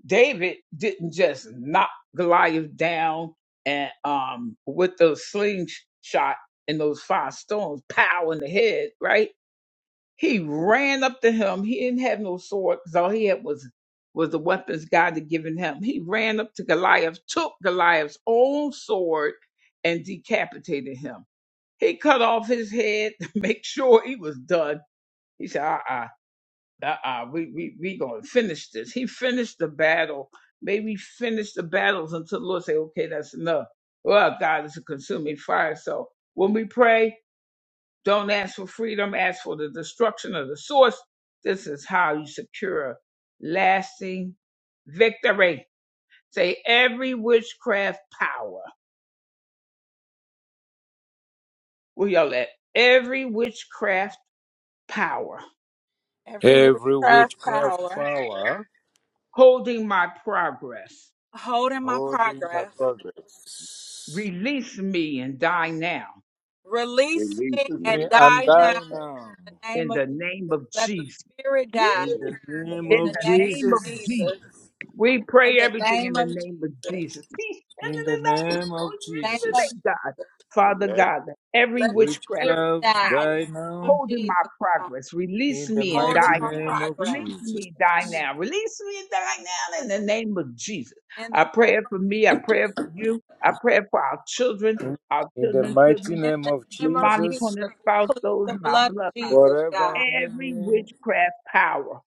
[SPEAKER 1] David didn't just knock Goliath down and um with those slingshot and those five stones, pow in the head, right? He ran up to him. He didn't have no sword because all he had was was the weapons God had given him. He ran up to Goliath, took Goliath's own sword, and decapitated him. He cut off his head to make sure he was done. He said, uh-uh, uh-uh, we, we, we going to finish this. He finished the battle. May we finish the battles until the Lord say, okay, that's enough. Well, God is a consuming fire. So when we pray, don't ask for freedom. Ask for the destruction of the source. This is how you secure lasting victory. Say every witchcraft power. Where y'all at? Every witchcraft power
[SPEAKER 4] every
[SPEAKER 5] Every
[SPEAKER 4] witchcraft
[SPEAKER 5] witchcraft
[SPEAKER 4] power
[SPEAKER 5] power
[SPEAKER 1] holding my progress.
[SPEAKER 4] holding my
[SPEAKER 5] holding my
[SPEAKER 4] progress.
[SPEAKER 5] progress
[SPEAKER 1] Release me and die now
[SPEAKER 4] Release
[SPEAKER 3] Release
[SPEAKER 4] me
[SPEAKER 5] is
[SPEAKER 4] and
[SPEAKER 5] me
[SPEAKER 3] me.
[SPEAKER 5] and
[SPEAKER 4] die
[SPEAKER 3] And I
[SPEAKER 5] die
[SPEAKER 4] now
[SPEAKER 3] thank
[SPEAKER 4] in
[SPEAKER 5] now.
[SPEAKER 4] the name
[SPEAKER 1] in
[SPEAKER 4] of
[SPEAKER 1] the name
[SPEAKER 4] Jesus.
[SPEAKER 1] of
[SPEAKER 4] Let the
[SPEAKER 1] Jesus.
[SPEAKER 4] spirit
[SPEAKER 1] Woo!
[SPEAKER 4] die
[SPEAKER 5] In
[SPEAKER 3] you
[SPEAKER 5] the
[SPEAKER 3] in the
[SPEAKER 5] name
[SPEAKER 1] In
[SPEAKER 4] in
[SPEAKER 3] name
[SPEAKER 5] of
[SPEAKER 4] the
[SPEAKER 3] of
[SPEAKER 1] the
[SPEAKER 4] name
[SPEAKER 1] name of
[SPEAKER 4] of
[SPEAKER 5] Jesus,
[SPEAKER 1] Jesus.
[SPEAKER 4] Jesus.
[SPEAKER 1] We
[SPEAKER 4] In
[SPEAKER 1] pray
[SPEAKER 4] the
[SPEAKER 1] everything in
[SPEAKER 4] name
[SPEAKER 1] the
[SPEAKER 4] of
[SPEAKER 1] name of
[SPEAKER 4] Jesus.
[SPEAKER 1] Jesus.
[SPEAKER 5] in the name of
[SPEAKER 4] In the name of
[SPEAKER 5] Jesus,
[SPEAKER 1] God.
[SPEAKER 4] Jesus.
[SPEAKER 1] Father
[SPEAKER 3] the
[SPEAKER 1] God, that every
[SPEAKER 4] Let the
[SPEAKER 1] witchcraft
[SPEAKER 4] spirit
[SPEAKER 5] witchcraft
[SPEAKER 4] die in
[SPEAKER 1] power
[SPEAKER 5] die
[SPEAKER 4] the name of
[SPEAKER 5] now.
[SPEAKER 1] holding my
[SPEAKER 4] Jesus. God.
[SPEAKER 1] progress, release
[SPEAKER 5] In the
[SPEAKER 1] me and
[SPEAKER 4] Holding
[SPEAKER 5] mighty
[SPEAKER 1] die
[SPEAKER 4] my
[SPEAKER 1] now.
[SPEAKER 5] name of
[SPEAKER 1] Release
[SPEAKER 4] progress.
[SPEAKER 5] Jesus,
[SPEAKER 1] me and die now. Release me and die now in the name of Jesus.
[SPEAKER 4] In the
[SPEAKER 1] I pray
[SPEAKER 4] name
[SPEAKER 1] it
[SPEAKER 4] of
[SPEAKER 1] for me. I
[SPEAKER 4] Jesus.
[SPEAKER 1] pray it for you. I pray it for our children, our
[SPEAKER 5] in the
[SPEAKER 1] children's
[SPEAKER 5] mighty
[SPEAKER 1] children.
[SPEAKER 4] In
[SPEAKER 5] name
[SPEAKER 4] the
[SPEAKER 5] of
[SPEAKER 4] name of
[SPEAKER 1] divinely
[SPEAKER 4] Jesus.
[SPEAKER 5] Jesus,
[SPEAKER 1] appointed
[SPEAKER 4] We
[SPEAKER 1] spouse,
[SPEAKER 4] plead
[SPEAKER 1] those
[SPEAKER 4] the
[SPEAKER 1] in our
[SPEAKER 4] blood of
[SPEAKER 1] bloodline,
[SPEAKER 4] Jesus,
[SPEAKER 5] forever
[SPEAKER 4] God.
[SPEAKER 1] every
[SPEAKER 5] enemy,
[SPEAKER 1] witchcraft power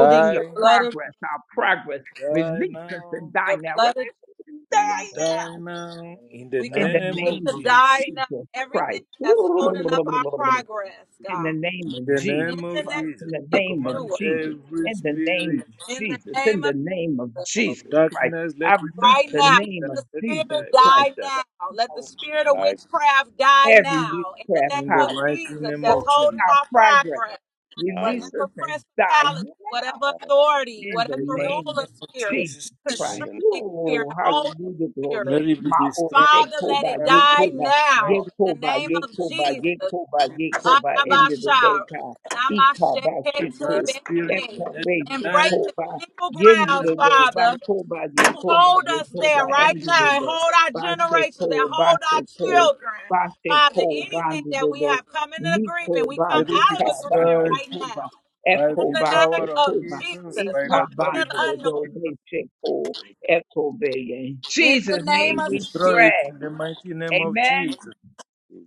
[SPEAKER 4] Plead
[SPEAKER 1] your
[SPEAKER 4] the blood of
[SPEAKER 1] progress, our progress, release
[SPEAKER 5] die
[SPEAKER 1] us
[SPEAKER 5] now,
[SPEAKER 1] and die
[SPEAKER 4] The
[SPEAKER 1] now.
[SPEAKER 4] blood of Jesus.
[SPEAKER 1] Release us and
[SPEAKER 3] In the name
[SPEAKER 1] die
[SPEAKER 5] die
[SPEAKER 1] now.
[SPEAKER 5] now.
[SPEAKER 3] of
[SPEAKER 5] In the
[SPEAKER 4] we
[SPEAKER 3] God,
[SPEAKER 1] In the
[SPEAKER 4] command
[SPEAKER 5] name
[SPEAKER 4] it
[SPEAKER 5] of
[SPEAKER 1] name
[SPEAKER 4] to
[SPEAKER 1] of
[SPEAKER 5] Jesus.
[SPEAKER 4] die now.
[SPEAKER 1] Jesus
[SPEAKER 4] Everything
[SPEAKER 1] Christ.
[SPEAKER 4] that's
[SPEAKER 3] I
[SPEAKER 4] holding up our progress,
[SPEAKER 1] In
[SPEAKER 4] God.
[SPEAKER 1] the name of
[SPEAKER 5] In the
[SPEAKER 1] Jesus
[SPEAKER 4] In
[SPEAKER 5] name of
[SPEAKER 4] the name
[SPEAKER 1] Christ. In
[SPEAKER 5] Jesus,
[SPEAKER 1] the
[SPEAKER 5] we
[SPEAKER 4] of
[SPEAKER 1] name of
[SPEAKER 5] command
[SPEAKER 4] Yeshua.
[SPEAKER 1] Jesus.
[SPEAKER 5] every
[SPEAKER 1] In the name
[SPEAKER 5] spirit
[SPEAKER 1] of
[SPEAKER 4] In the
[SPEAKER 1] Jesus. In
[SPEAKER 4] name
[SPEAKER 1] the
[SPEAKER 4] of
[SPEAKER 1] name of
[SPEAKER 4] Jesus.
[SPEAKER 5] of
[SPEAKER 1] Jesus Christ.
[SPEAKER 5] darkness, let
[SPEAKER 1] I
[SPEAKER 5] it die,
[SPEAKER 1] release
[SPEAKER 4] Right
[SPEAKER 1] the
[SPEAKER 5] let
[SPEAKER 4] now.
[SPEAKER 5] it die,
[SPEAKER 1] name
[SPEAKER 4] Let
[SPEAKER 1] of
[SPEAKER 4] the
[SPEAKER 5] let it
[SPEAKER 4] spirit
[SPEAKER 1] Jesus
[SPEAKER 5] die, let
[SPEAKER 1] Christ.
[SPEAKER 5] it
[SPEAKER 4] die
[SPEAKER 5] die.
[SPEAKER 4] now.
[SPEAKER 1] I
[SPEAKER 4] Let the spirit of
[SPEAKER 1] release
[SPEAKER 3] I
[SPEAKER 4] witchcraft die
[SPEAKER 1] Every
[SPEAKER 4] now. In the
[SPEAKER 1] witchcraft
[SPEAKER 4] name
[SPEAKER 5] In the
[SPEAKER 4] of
[SPEAKER 1] power
[SPEAKER 5] mighty
[SPEAKER 4] Jesus
[SPEAKER 5] name
[SPEAKER 4] that's
[SPEAKER 5] of
[SPEAKER 1] holding
[SPEAKER 4] holding
[SPEAKER 5] Jesus,
[SPEAKER 1] our
[SPEAKER 4] our
[SPEAKER 1] progress.
[SPEAKER 4] progress.
[SPEAKER 1] Release
[SPEAKER 3] in
[SPEAKER 1] us
[SPEAKER 4] Whatever
[SPEAKER 1] and die.
[SPEAKER 4] principality,
[SPEAKER 1] Yeah
[SPEAKER 4] whatever authority,
[SPEAKER 1] in the
[SPEAKER 5] in the
[SPEAKER 4] whatever
[SPEAKER 5] mighty
[SPEAKER 1] name
[SPEAKER 5] name
[SPEAKER 4] ruler
[SPEAKER 1] of
[SPEAKER 5] of
[SPEAKER 4] spirit,
[SPEAKER 1] Jesus
[SPEAKER 3] the
[SPEAKER 5] Jesus,
[SPEAKER 1] Christ.
[SPEAKER 3] name of
[SPEAKER 4] constricting
[SPEAKER 3] God,
[SPEAKER 4] spirit,
[SPEAKER 1] Oh,
[SPEAKER 4] holding
[SPEAKER 3] I
[SPEAKER 1] hallelujah, glory.
[SPEAKER 5] let
[SPEAKER 4] spirit.
[SPEAKER 5] it be
[SPEAKER 1] My old
[SPEAKER 5] destroyed.
[SPEAKER 1] check,
[SPEAKER 4] Father, let
[SPEAKER 1] Koba,
[SPEAKER 4] it
[SPEAKER 5] In the
[SPEAKER 1] get
[SPEAKER 4] die
[SPEAKER 1] Koba,
[SPEAKER 5] mighty
[SPEAKER 1] get
[SPEAKER 4] now. In the
[SPEAKER 1] Koba,
[SPEAKER 4] name
[SPEAKER 5] name of
[SPEAKER 1] get
[SPEAKER 4] of
[SPEAKER 1] Koba,
[SPEAKER 3] thank
[SPEAKER 1] get
[SPEAKER 4] Jesus.
[SPEAKER 1] Koba, get Koba,
[SPEAKER 3] I thank
[SPEAKER 1] end of the day,
[SPEAKER 4] Adabashar,
[SPEAKER 1] God. Ekoba, shake
[SPEAKER 5] Jesus, our
[SPEAKER 1] Koba,
[SPEAKER 5] spirit,
[SPEAKER 4] namasheketebeshe.
[SPEAKER 5] let
[SPEAKER 3] you.
[SPEAKER 1] Ekobe,
[SPEAKER 5] them
[SPEAKER 4] And
[SPEAKER 3] I
[SPEAKER 1] shake
[SPEAKER 5] die,
[SPEAKER 4] break the
[SPEAKER 1] Koba,
[SPEAKER 4] legal
[SPEAKER 1] end of
[SPEAKER 5] let
[SPEAKER 1] the
[SPEAKER 4] grounds,
[SPEAKER 5] them be
[SPEAKER 1] day, ba
[SPEAKER 4] Father,
[SPEAKER 5] destroyed.
[SPEAKER 1] Koba,
[SPEAKER 4] to
[SPEAKER 1] get Koba,
[SPEAKER 4] hold
[SPEAKER 1] get
[SPEAKER 4] us
[SPEAKER 5] In the
[SPEAKER 1] Koba,
[SPEAKER 4] there
[SPEAKER 3] thank
[SPEAKER 4] right
[SPEAKER 5] mighty
[SPEAKER 1] end of
[SPEAKER 5] name
[SPEAKER 1] the
[SPEAKER 4] now. and
[SPEAKER 5] of
[SPEAKER 1] day.
[SPEAKER 5] Jesus,
[SPEAKER 4] Hold our
[SPEAKER 1] Basse
[SPEAKER 4] generations and
[SPEAKER 1] ko,
[SPEAKER 4] hold our
[SPEAKER 1] basse ko,
[SPEAKER 4] children.
[SPEAKER 1] koba,
[SPEAKER 4] Father,
[SPEAKER 1] ko,
[SPEAKER 4] anything
[SPEAKER 1] bande
[SPEAKER 4] that
[SPEAKER 1] de
[SPEAKER 4] we
[SPEAKER 1] do,
[SPEAKER 4] have come into
[SPEAKER 1] miko
[SPEAKER 4] agreement, we
[SPEAKER 1] ba
[SPEAKER 4] come
[SPEAKER 5] let
[SPEAKER 1] ye
[SPEAKER 5] it be
[SPEAKER 4] out
[SPEAKER 1] ka,
[SPEAKER 4] of agreement
[SPEAKER 1] basse
[SPEAKER 5] destroyed
[SPEAKER 4] right
[SPEAKER 1] ko ba,
[SPEAKER 4] now.
[SPEAKER 1] shek
[SPEAKER 5] by
[SPEAKER 1] koba,
[SPEAKER 4] In
[SPEAKER 5] the
[SPEAKER 1] eko
[SPEAKER 4] the name
[SPEAKER 5] power
[SPEAKER 1] basse
[SPEAKER 5] of
[SPEAKER 4] of
[SPEAKER 1] ko koba.
[SPEAKER 5] Jesus,
[SPEAKER 4] Jesus,
[SPEAKER 5] by the
[SPEAKER 4] knowingly and
[SPEAKER 5] authority of Jesus.
[SPEAKER 4] unknowingly.
[SPEAKER 1] Ikabandobeshiko, Ekobe. In
[SPEAKER 4] In the
[SPEAKER 1] Jesus'
[SPEAKER 5] I
[SPEAKER 4] name
[SPEAKER 1] name
[SPEAKER 4] of
[SPEAKER 1] we
[SPEAKER 5] destroy
[SPEAKER 4] Jesus.
[SPEAKER 5] it
[SPEAKER 1] pray.
[SPEAKER 5] in the mighty name of
[SPEAKER 3] you.
[SPEAKER 1] Amen.
[SPEAKER 5] Jesus.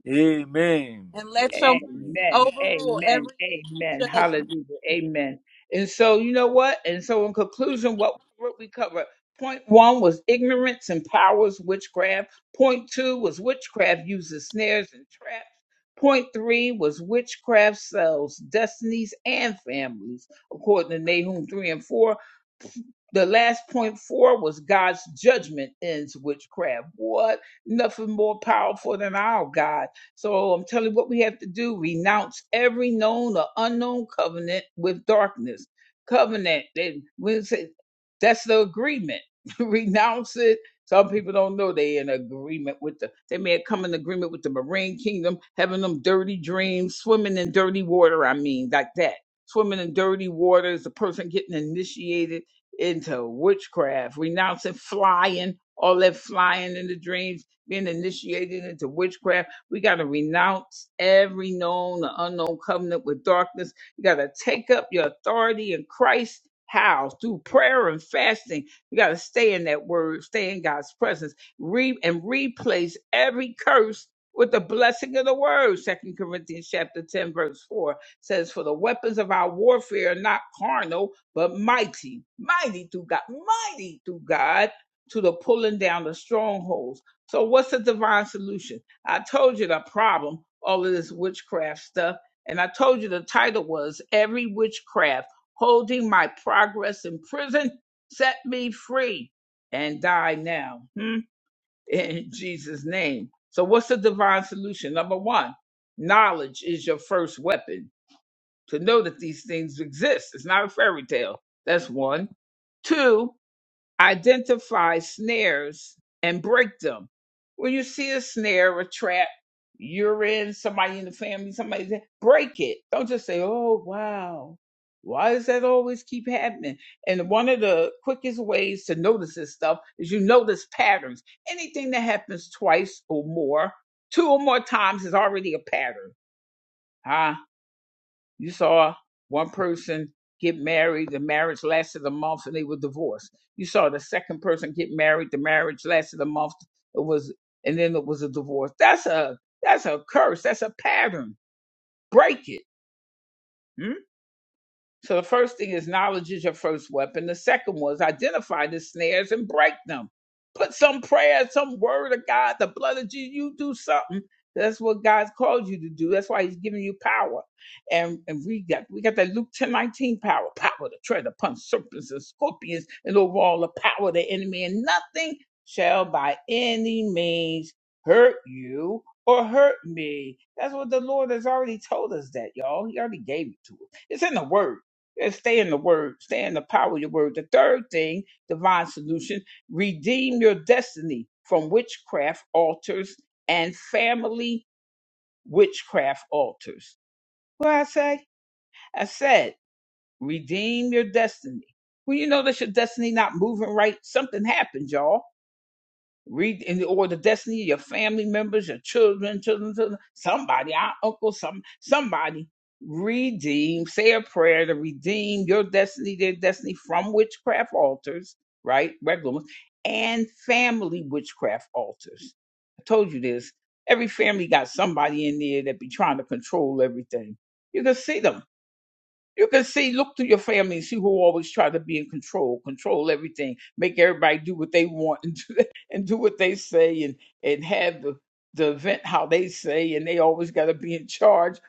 [SPEAKER 5] Amen.
[SPEAKER 4] and let
[SPEAKER 3] Amen.
[SPEAKER 4] your mercy
[SPEAKER 1] Amen.
[SPEAKER 4] overrule every
[SPEAKER 1] Amen. Amen.
[SPEAKER 4] evil judgment.
[SPEAKER 1] Hallelujah. Amen. And so, you know what? And so, in conclusion, what, what we covered point one was ignorance empowers witchcraft, point two was witchcraft uses snares and traps. Point three was witchcraft sells destinies and families, according to Nahum 3 and 4. The last point four was God's judgment ends witchcraft. What? Nothing more powerful than our God. So I'm telling you what we have to do renounce every known or unknown covenant with darkness. Covenant, they, we say, that's the agreement. renounce it. Some people don't know they in agreement with the, they may have come in agreement with the marine kingdom, having them dirty dreams, swimming in dirty water, I mean, like that. Swimming in dirty water is a person getting initiated into witchcraft, renouncing flying, all that flying in the dreams, being initiated into witchcraft. We got to renounce every known and unknown covenant with darkness. You got to take up your authority in Christ. How? Through prayer and fasting. You got to stay in that word, stay in God's presence, re- and replace every curse with the blessing of the word. Second Corinthians chapter 10, verse 4 says, For the weapons of our warfare are not carnal but mighty, mighty through God, mighty through God to the pulling down the strongholds. So, what's the divine solution? I told you the problem, all of this witchcraft stuff, and I told you the title was Every Witchcraft Holding My Progress in Prison, Set Me Free and Die Now. Hmm? In Jesus' name. So, what's the divine solution? Number one, knowledge is your first weapon to know that these things exist. It's not a fairy tale. That's one. Two, identify snares and break them. When you see a snare, a trap, you're in, somebody in the family, somebody's in, break it. Don't just say, oh, wow. Why does that always keep happening? And one of the quickest ways to notice this stuff is you notice patterns. Anything that happens twice or more, two or more times is already a pattern. Ha you saw one person get married, the marriage lasted a month and they were divorced. You saw the second person get married, the marriage lasted a month, it was and then it was a divorce. That's a that's a curse. That's a pattern. Break it. Hmm? So the first thing is knowledge is your first weapon. The second was identify the snares and break them. Put some prayer, some word of God, the blood of Jesus. You do something. That's what God's called you to do. That's why He's giving you power. And and we got we got that Luke ten nineteen power, power to tread upon serpents and scorpions, and over all the power of the enemy, and nothing shall by any means hurt you or hurt me. That's what the Lord has already told us that, y'all. He already gave it to us. It's in the word. And stay in the word, stay in the power of your word. The third thing, divine solution, redeem your destiny from witchcraft altars and family witchcraft altars. What I say? I said, redeem your destiny. When you know that your destiny not moving right, something happens, y'all Read in the order of destiny, your family members, your children, children, children, somebody, our uncle, some somebody. Redeem, say a prayer to redeem your destiny, their destiny from witchcraft altars, right? Regular ones, and family witchcraft altars. I told you this. Every family got somebody in there that be trying to control everything. You can see them you can see, look to your family and see who always try to be in control, control everything, make everybody do what they want and do, and do what they say and, and have the, the event how they say, and they always got to be in charge.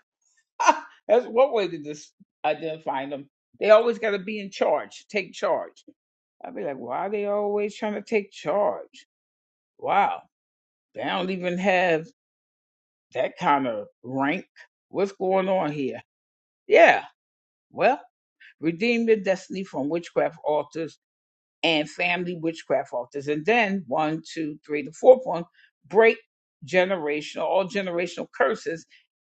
[SPEAKER 1] That's one way to dis- identify them. They always got to be in charge, take charge. I'd be like, why are they always trying to take charge? Wow, they don't even have that kind of rank. What's going on here? Yeah, well, redeem your destiny from witchcraft altars and family witchcraft altars. And then one, two, three, the fourth one, break generational, all generational curses.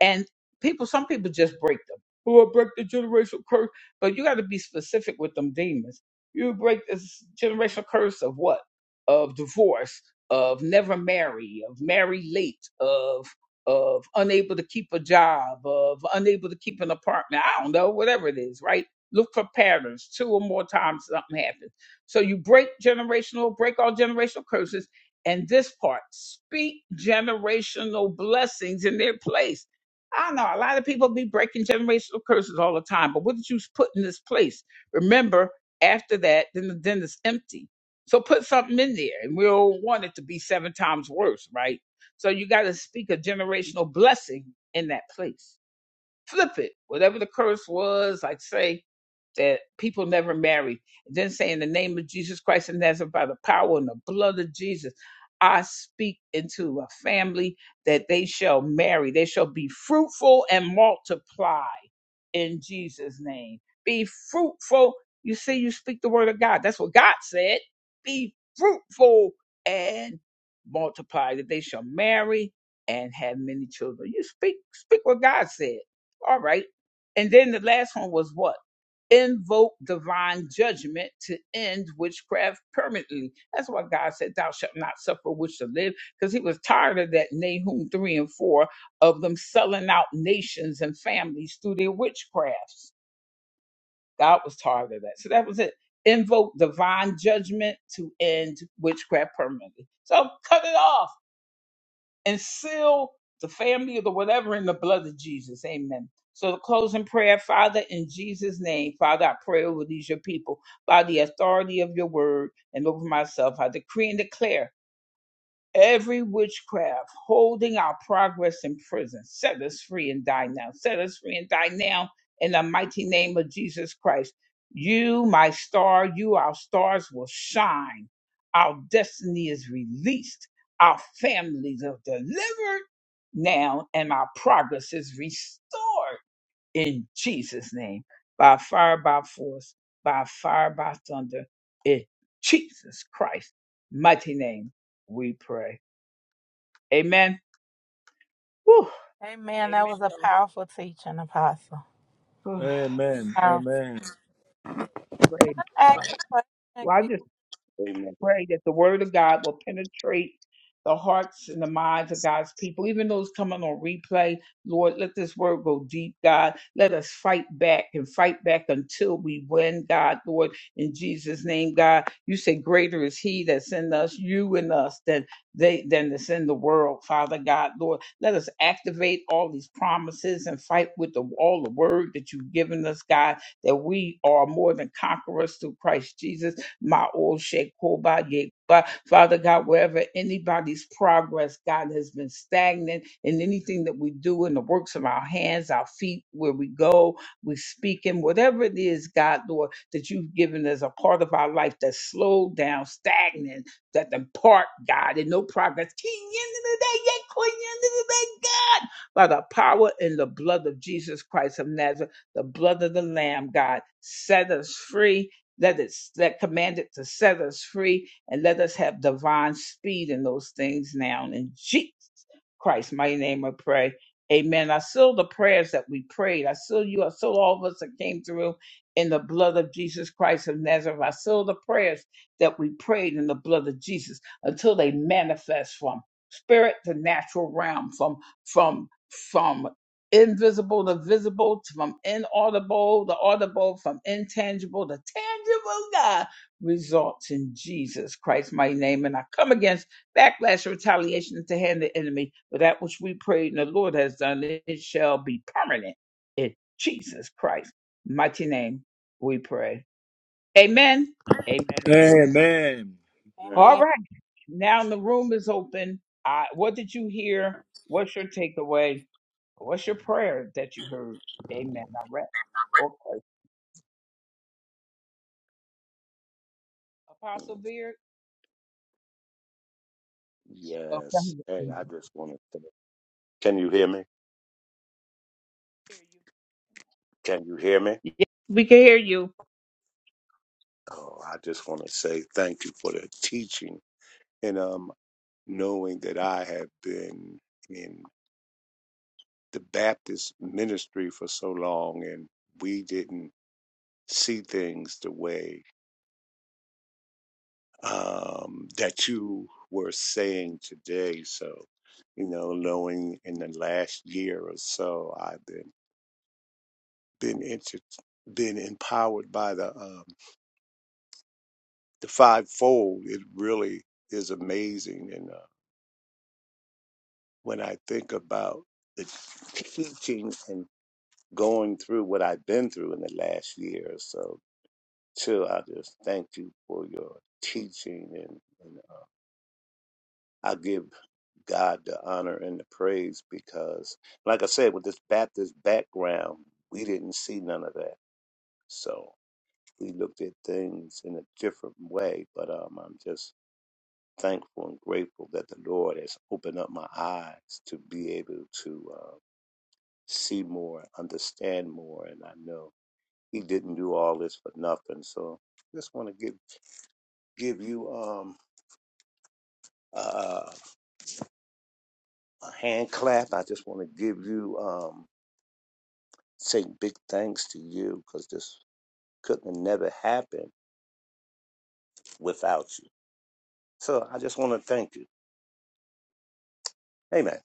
[SPEAKER 1] And people, some people just break them. Oh, I break the generational curse. But you got to be specific with them demons. You break this generational curse of what? Of divorce, of never marry, of marry late, of of unable to keep a job, of unable to keep an apartment. I don't know, whatever it is, right? Look for patterns. Two or more times something happens so you break generational, break all generational curses. And this part, speak generational blessings in their place. I know a lot of people be breaking generational curses all the time, but what did you put in this place? Remember, after that, then the den is empty. So put something in there, and we don't want it to be seven times worse, right? So you got to speak a generational blessing in that place. Flip it, whatever the curse was, like say that people never marry. Then say, in the name of Jesus Christ and Nazareth, by the power and the blood of Jesus, I speak into a family that they shall marry. They shall be fruitful and multiply in Jesus' name. Be fruitful. You see, you speak the word of God. That's what God said. Be fruitful and multiply, that they shall marry and have many children. You speak, speak what God said. All right. And then the last one was what? invoke divine judgment to end witchcraft permanently. That's why God said, Thou shalt not suffer witch to live, because he was tired of that Nahum 3 and 4 of them selling out nations and families through their witchcrafts. God was tired of that. So that was it. Invoke divine judgment to end witchcraft permanently. So cut it off and seal the family or the whatever in the blood of Jesus. Amen. So the closing prayer, Father, in Jesus' name, Father, I pray over these your people by the authority of your word and over myself. I decree and declare every witchcraft holding our progress in prison. Set us free and die now. Set us free and die now in the mighty name of Jesus Christ. You, my star, you, our stars will shine. Our destiny is released. Our families are delivered now, and our progress is restored in Jesus' name. By fire, by force, by fire, by thunder, in Jesus Christ' mighty name, we pray. Amen. Whew.
[SPEAKER 4] Amen.
[SPEAKER 1] Amen.
[SPEAKER 4] That was a powerful teaching, Apostle.
[SPEAKER 1] Oh,
[SPEAKER 5] Amen.
[SPEAKER 4] Powerful.
[SPEAKER 5] Amen.
[SPEAKER 1] praise
[SPEAKER 4] Ask
[SPEAKER 1] God.
[SPEAKER 4] a question.
[SPEAKER 1] Well, I
[SPEAKER 4] be-
[SPEAKER 1] just
[SPEAKER 3] Amen.
[SPEAKER 1] pray that the word of God will penetrate the hearts and the minds of God's people, even those coming on replay. Lord, let this word go deep, God. Let us fight back and fight back until we win, God, Lord, in Jesus' name, God. You say, Greater is He that's in us, you in us, than they than that's in the world, Father God, Lord. Let us activate all these promises and fight with the, all the word that you've given us, God, that we are more than conquerors through Christ Jesus Ma'o Shekoba Yekba. Father God, wherever anybody's progress, God, has been stagnant in anything that we do in the works of our hands, our feet, where we go, we speak in, whatever it is, God, Lord, that you've given as a part of our life that's slowed down, stagnant, that the part, God, and no progress. King end of the day, yeah, queen end of the day, God. By the power and the blood of Jesus Christ of Nazareth, the blood of the Lamb, God, set us free let it, let command it to set us free and let us have divine speed in those things now in Jesus. Christ's mighty name I pray. Amen. I seal the prayers that we prayed. I seal you. I seal all of us that came through in the blood of Jesus Christ of Nazareth. I seal the prayers that we prayed in the blood of Jesus until they manifest from spirit to natural realm, from from from invisible to visible, to from inaudible to audible, from intangible to tangible. God results in Jesus Christ, my name, and I come against Backlash or retaliation is the hand the enemy, but that which we pray and the Lord has done, it shall be permanent. In Jesus Christ, mighty name, we pray. Amen. Amen.
[SPEAKER 5] Amen.
[SPEAKER 3] Amen.
[SPEAKER 1] All
[SPEAKER 4] Amen.
[SPEAKER 1] right. Now the room is open. I, what did you hear? What's your takeaway? What's your prayer that you heard? Amen. I read. Okay. Apostle Beard. Okay.
[SPEAKER 3] Yes.
[SPEAKER 1] We
[SPEAKER 3] Hey,
[SPEAKER 1] can
[SPEAKER 3] I just want to say, can you hear me?
[SPEAKER 1] hear
[SPEAKER 3] Can you hear me?
[SPEAKER 1] you. Yes, we can hear you.
[SPEAKER 3] Oh, I just want to say thank you for the teaching and um knowing that I have been in. the Baptist ministry for so long, and we didn't see things the way um, that you were saying today. So, you know, knowing in the last year or so, I've been been inter- been empowered by the um, the fivefold. It really is amazing, and uh, when I think about the teaching and going through what I've been through in the last year or so, So I just thank you for your teaching and, and uh, I give God the honor and the praise because, like I said, with this Baptist background, we didn't see none of that. So we looked at things in a different way. But um, I'm just thankful and grateful that the Lord has opened up my eyes to be able to uh, see more, understand more, and I know He didn't do all this for nothing. So just want to give give you um. a, a hand clap. I just want to give you, um, say big thanks to you because this couldn't have never happened without you. So I just want to thank you. Amen.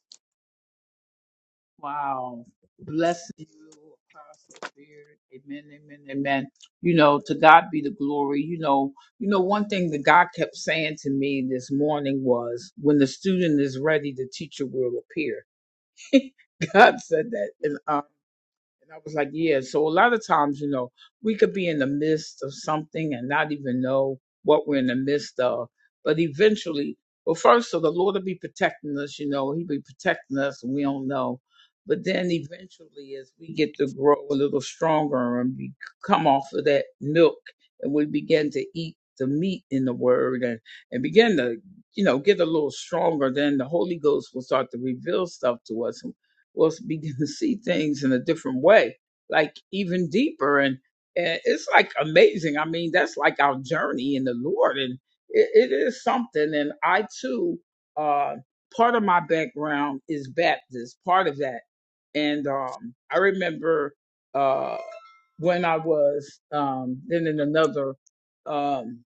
[SPEAKER 1] Wow. Bless you, Apostle Beard. Amen, amen, amen. You know, to God be the glory. You know, you know, one thing that God kept saying to me this morning was when the student is ready, the teacher will appear. God said that. And I was like, yeah. So a lot of times, you know, we could be in the midst of something and not even know what we're in the midst of. But eventually, well, first, so the Lord will be protecting us, you know, He'll be protecting us and we don't know. But then eventually, as we get to grow a little stronger and we come off of that milk and we begin to eat the meat in the word and, and begin to, you know, get a little stronger, then the Holy Ghost will start to reveal stuff to us we will begin to see things in a different way, like even deeper. And, and it's like amazing. I mean, that's like our journey in the Lord. And it, it is something. And I too, uh, part of my background is Baptist, part of that. And um, I remember uh, when I was um then in another um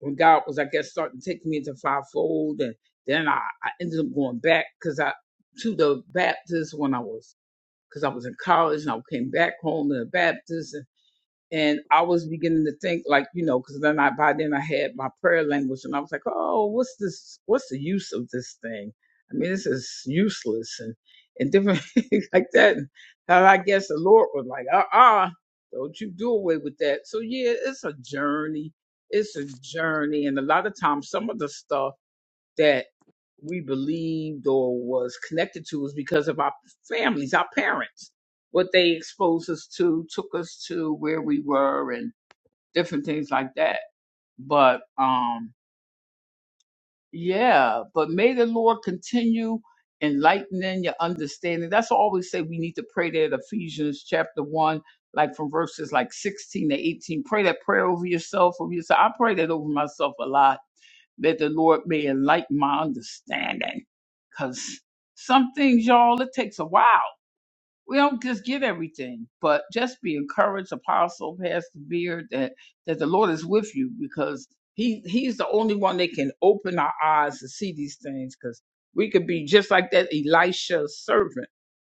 [SPEAKER 1] when God was I guess starting to take me into fivefold and then I, I ended up going back because I to the Baptist when I was because I was in college and I came back home to the Baptist and I was beginning to think, like, you know, because then I by then I had my prayer language, and I was like, oh, what's this? What's the use of this thing? I mean, this is useless and and different things like that. And I guess the Lord was like, uh uh-uh, uh, do not you do away with that. So yeah, it's a journey. It's a journey, and a lot of times, some of the stuff that we believed or was connected to was because of our families, our parents. What they exposed us to took us to where we were and different things like that. But um yeah, but may the Lord continue enlightening your understanding. That's why I always say we need to pray that Ephesians chapter one, like from verses like sixteen to eighteen. Pray that prayer over yourself, over yourself. I pray that over myself a lot that the Lord may enlighten my understanding. Because some things, y'all, it takes a while. We don't just get everything, but just be encouraged, Apostle, Pastor Beard, that, that the Lord is with you because he, He's the only one that can open our eyes to see these things because we could be just like that Elisha servant.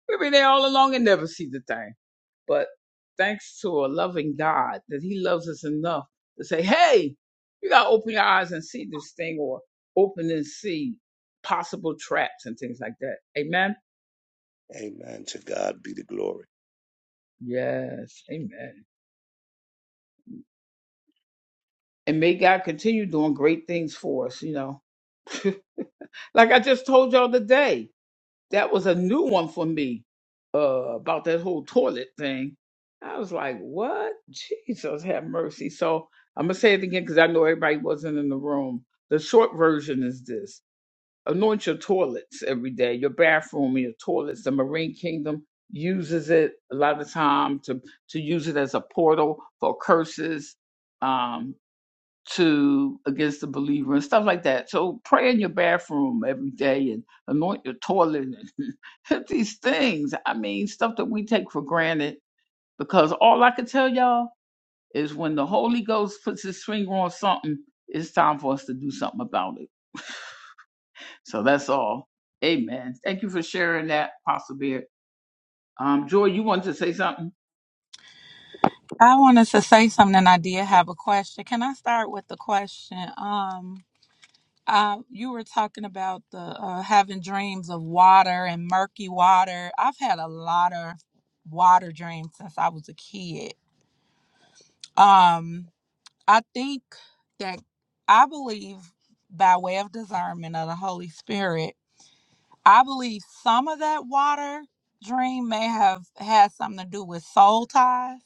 [SPEAKER 1] We were there all along and never see the thing. But thanks to a loving God that He loves us enough to say, hey, you got to open your eyes and see this thing or open and see possible traps and things like that. Amen.
[SPEAKER 3] Amen. To God be the glory.
[SPEAKER 1] Yes. Amen. And may God continue doing great things for us, you know. Like I just told y'all today. That was a new one for me uh, about that whole toilet thing. I was like, what? Jesus have mercy. So I'm going to say it again because I know everybody wasn't in the room. The short version is this anoint your toilets every day, your bathroom, and your toilets. The Marine Kingdom uses it a lot of time to, to use it as a portal for curses. Um, to against the believer and stuff like that. So pray in your bathroom every day and anoint your toilet and hit these things. I mean, stuff that we take for granted. Because all I can tell y'all is when the Holy Ghost puts his finger on something, it's time for us to do something about it. So that's all. Amen. Thank you for sharing that, Pastor Beard. Um, Joy, you wanted to say something?
[SPEAKER 4] I wanted to say something. and I did have a question. Can I start with the question? Um, uh, you were talking about the uh, having dreams of water and murky water. I've had a lot of water dreams since I was a kid. Um, I think that I believe by way of discernment of the Holy Spirit, I believe some of that water dream may have had something to do with soul ties.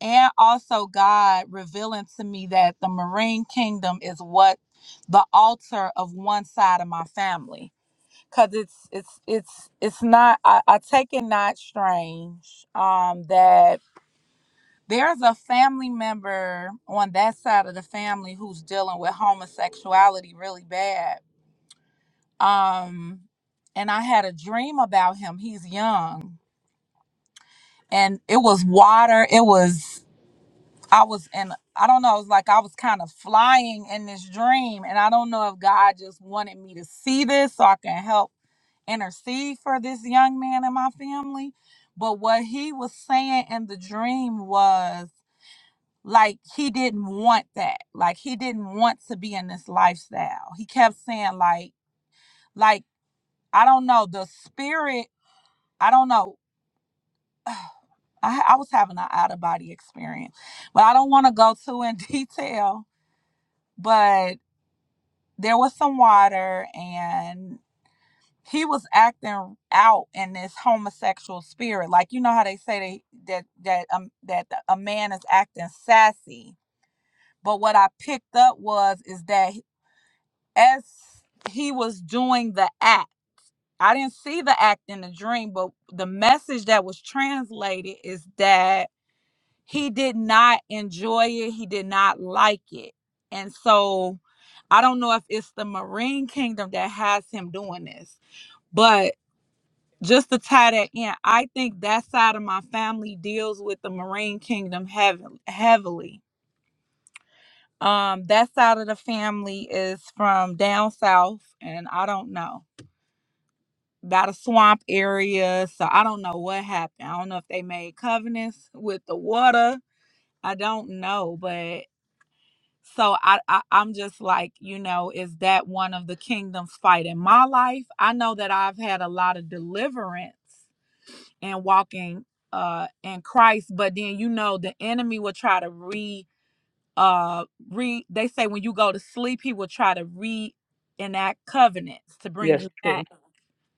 [SPEAKER 4] And also, God revealing to me that the Marine Kingdom is what the altar of one side of my family, because it's it's it's it's not. I, I take it not strange um, that There's a family member on that side of the family who's dealing with homosexuality really bad. Um, and I had a dream about him. He's young, and it was water. It was I was in I don't know. It was like I was kind of flying in this dream, and I don't know if God just wanted me to see this so I can help intercede for this young man in my family. But what he was saying in the dream was. like he didn't want that like he didn't want to be in this lifestyle he kept saying like like i don't know the spirit i don't know i, I was having an out of body experience but i don't want to go too in detail but there was some water and he was acting out in this homosexual spirit like you know how they say they, that that um that a man is acting sassy but what i picked up was is that as he was doing the act. I didn't see the act in the dream, but the message that was translated is that he did not enjoy it, he did not like it. And so I don't know if it's the Marine Kingdom that has him doing this, but just to tie that in, I think that side of my family deals with the Marine Kingdom heav- heavily. Um, that side of the family is from down south, and I don't know by the swamp area. So I don't know what happened. I don't know if they made covenants with the water. I don't know, but so I, I I'm just like, you know, is that one of the kingdom's fight in my life? I know that I've had a lot of deliverance and walking uh in Christ, but then you know the enemy will try to re uh re they say when you go to sleep, he will try to reenact covenants to bring
[SPEAKER 1] Yes,
[SPEAKER 4] you
[SPEAKER 1] true.
[SPEAKER 4] back.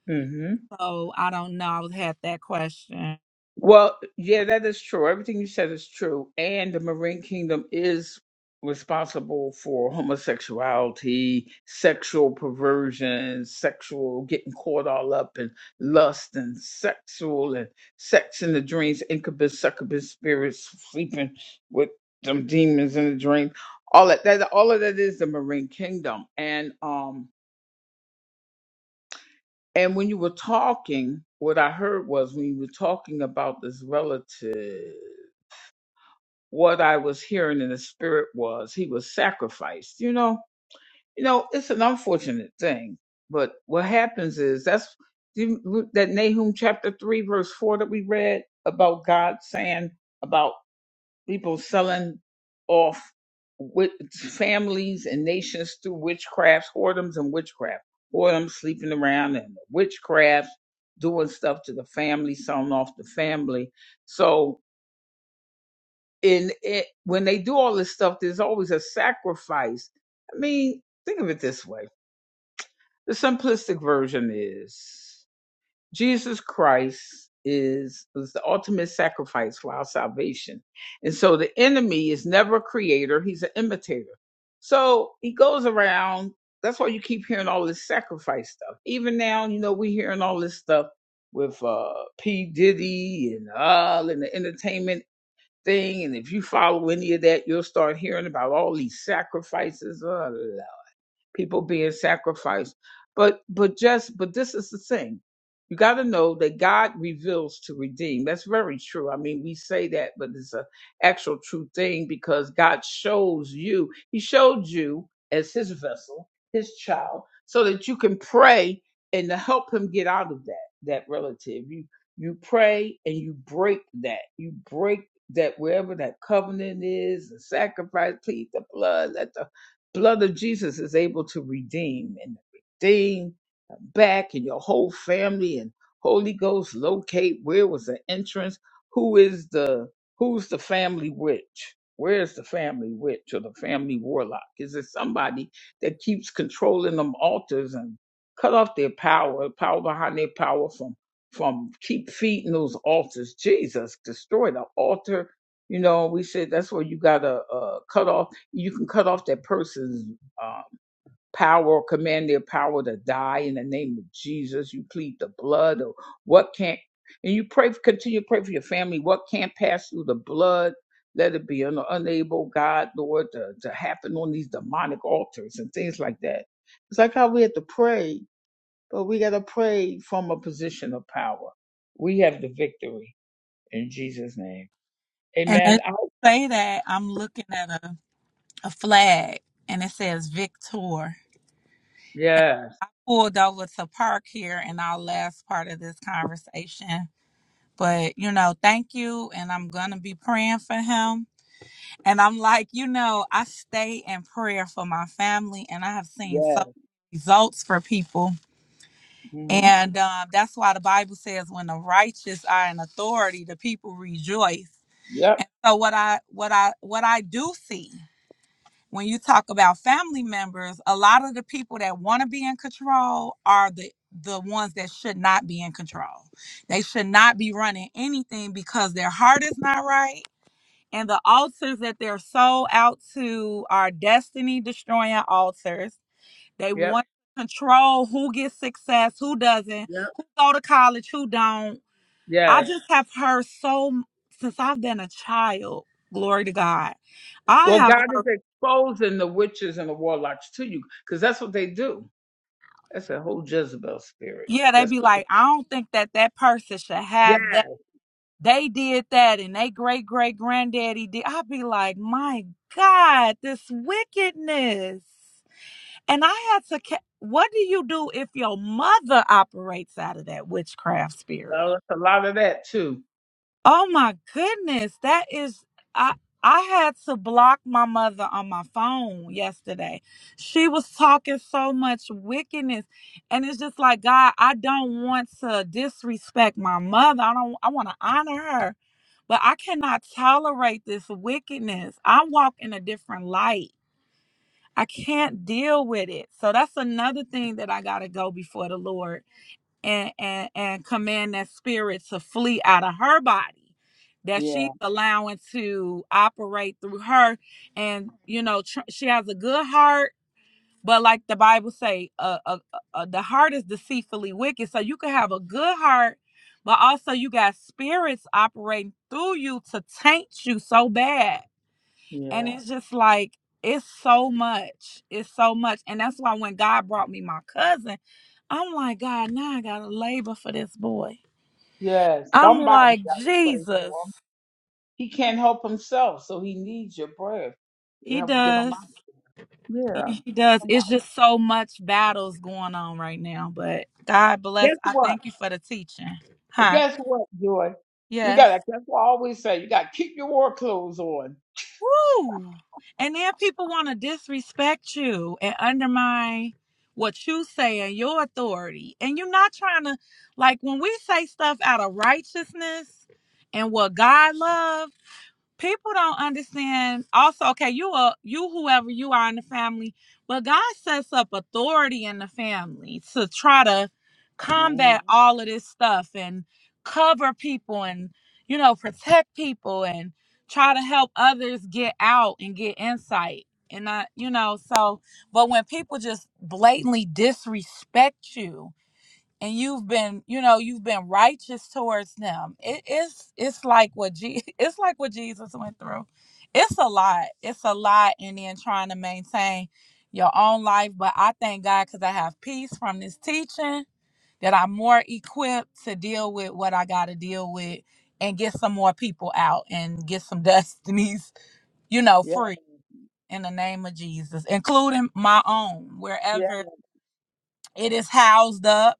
[SPEAKER 1] hmm
[SPEAKER 4] Oh, I don't know. I was had that question.
[SPEAKER 1] Well, yeah, that is true. Everything you said is true. And the Marine Kingdom is responsible for homosexuality, sexual perversion, sexual getting caught all up in lust and sexual and sex in the dreams, incubus, succubus spirits sleeping with some demons in the dream. All that, that all of that is the Marine Kingdom. And um and when you were talking, what I heard was when you were talking about this relative what I was hearing in the spirit was he was sacrificed. You know, you know, it's an unfortunate thing, but what happens is that's that Nahum chapter three verse four that we read about God saying about people selling off with families and nations through witchcrafts, whoredoms and witchcraft, whoredoms sleeping around and witchcraft doing stuff to the family, selling off the family. So and it, when they do all this stuff, there's always a sacrifice. I mean, think of it this way: the simplistic version is Jesus Christ is was the ultimate sacrifice for our salvation, and so the enemy is never a creator; he's an imitator. So he goes around. That's why you keep hearing all this sacrifice stuff. Even now, you know, we're hearing all this stuff with uh P. Diddy and all in the entertainment thing. And if you follow any of that, you'll start hearing about all these sacrifices, uh, people being sacrificed. But but just but this is the thing. You got to know that God reveals to redeem. That's very true. I mean, we say that, but it's a actual true thing because God shows you. He showed you as his vessel, his child, so that you can pray and to help him get out of that that relative. You you pray and you break that. You break that wherever that covenant is, the sacrifice, plead the blood, that the blood of Jesus is able to redeem and redeem back and your whole family and Holy Ghost locate where was the entrance? Who is the who's the family witch? Where is the family witch or the family warlock? Is it somebody that keeps controlling them altars and cut off their power, power behind their power from from keep feeding those altars? Jesus, destroy the altar. You know, we said that's where you gotta uh, cut off. You can cut off that person's uh, power, command their power to die in the name of Jesus. You plead the blood of what can't, and you pray, continue to pray for your family. What can't pass through the blood, let it be un- unable, God, Lord, to, to happen on these demonic altars and things like that. It's like how we have to pray, but we got to pray from a position of power. We have the victory in Jesus' name.
[SPEAKER 4] And as
[SPEAKER 1] Amen. I-
[SPEAKER 4] you say that, I'm looking at a, a flag and it says Victor.
[SPEAKER 1] yes,
[SPEAKER 4] Pulled over to park here in our last part of this conversation. But, you know, thank you. And I'm going to be praying for him. And I'm like, you know, I stay in prayer for my family and I have seen
[SPEAKER 1] yes.
[SPEAKER 4] so many results for people.
[SPEAKER 1] hmm
[SPEAKER 4] And uh, that's why the Bible says when the righteous are in authority, the people rejoice.
[SPEAKER 1] Yep,
[SPEAKER 4] And so what I what I what I do see when you talk about family members, a lot of the people that want to be in control are the the ones that should not be in control. They should not be running anything because their heart is not right. And the altars that they're sold out to are destiny destroying altars. They
[SPEAKER 1] yep,
[SPEAKER 4] want to control who gets success, who doesn't,
[SPEAKER 1] yep,
[SPEAKER 4] who go to college, who don't I
[SPEAKER 1] yes.
[SPEAKER 4] just have heard so since I've been a child. Glory to God. I
[SPEAKER 1] Well,
[SPEAKER 4] have
[SPEAKER 1] God is
[SPEAKER 4] heard.
[SPEAKER 1] exposing the witches and the warlocks to you because that's what they do. That's a whole Jezebel spirit.
[SPEAKER 4] Yeah, they
[SPEAKER 1] That's
[SPEAKER 4] be
[SPEAKER 1] what
[SPEAKER 4] like, I don't think that that person should
[SPEAKER 1] yeah.
[SPEAKER 4] have that. They did that, and they great great granddaddy did. I'd be like, my God, this wickedness. And I had to. ca- What do you do if your mother operates out of that witchcraft spirit?
[SPEAKER 1] Oh, that's a lot of that too.
[SPEAKER 4] Oh my goodness, that is I I had to block my mother on my phone yesterday. She was talking so much wickedness and it's just like God, I don't want to disrespect my mother. I don't I want to honor her, but I cannot tolerate this wickedness. I walk in a different light. I can't deal with it. So that's another thing that I got to go before the Lord and and and command that spirit to flee out of her body that
[SPEAKER 1] Yeah,
[SPEAKER 4] she's allowing to operate through her and you know tr- she has a good heart but like the bible say uh, uh, uh, uh, the heart is deceitfully wicked so you can have a good heart but also you got spirits operating through you to taint you so bad and
[SPEAKER 1] yeah,
[SPEAKER 4] it's just like, it's so much. It's so much. And that's why when God brought me my cousin, I'm like, God, now I got to labor for this boy.
[SPEAKER 1] yes.
[SPEAKER 4] I'm
[SPEAKER 1] Somebody
[SPEAKER 4] like,
[SPEAKER 1] got to pray
[SPEAKER 4] Jesus.
[SPEAKER 1] for him. He can't help himself, so he needs your prayer. You
[SPEAKER 4] He
[SPEAKER 1] help get him
[SPEAKER 4] does.
[SPEAKER 1] out. Yeah.
[SPEAKER 4] He does. It's just so much battles going on right now. But God bless.
[SPEAKER 1] Guess
[SPEAKER 4] I
[SPEAKER 1] what?
[SPEAKER 4] thank you for the teaching. Huh?
[SPEAKER 1] Guess what, Joy? We
[SPEAKER 4] Yes.
[SPEAKER 1] got. to That's what I always say. You got to keep your war clothes on.
[SPEAKER 4] Woo! And then people want to disrespect you and undermine what you say and your authority. And you're not trying to, like, when we say stuff out of righteousness and what God loves people don't understand also okay you are you whoever you are in the family but god sets up authority in the family to try to
[SPEAKER 1] Mhm.
[SPEAKER 4] combat all of this stuff and cover people and you know protect people and try to help others get out and get insight and I, you know so but when people just blatantly disrespect you and you've been you know you've been righteous towards them it is it's like what Je- it's like what jesus went through it's a lot it's a lot and then trying to maintain your own life but i thank god because i have peace from this teaching that i'm more equipped to deal with what i got to deal with and get some more people out and get some destinies you know
[SPEAKER 1] Yeah,
[SPEAKER 4] free in the name of jesus including my own
[SPEAKER 1] yeah.
[SPEAKER 4] wherever it is housed up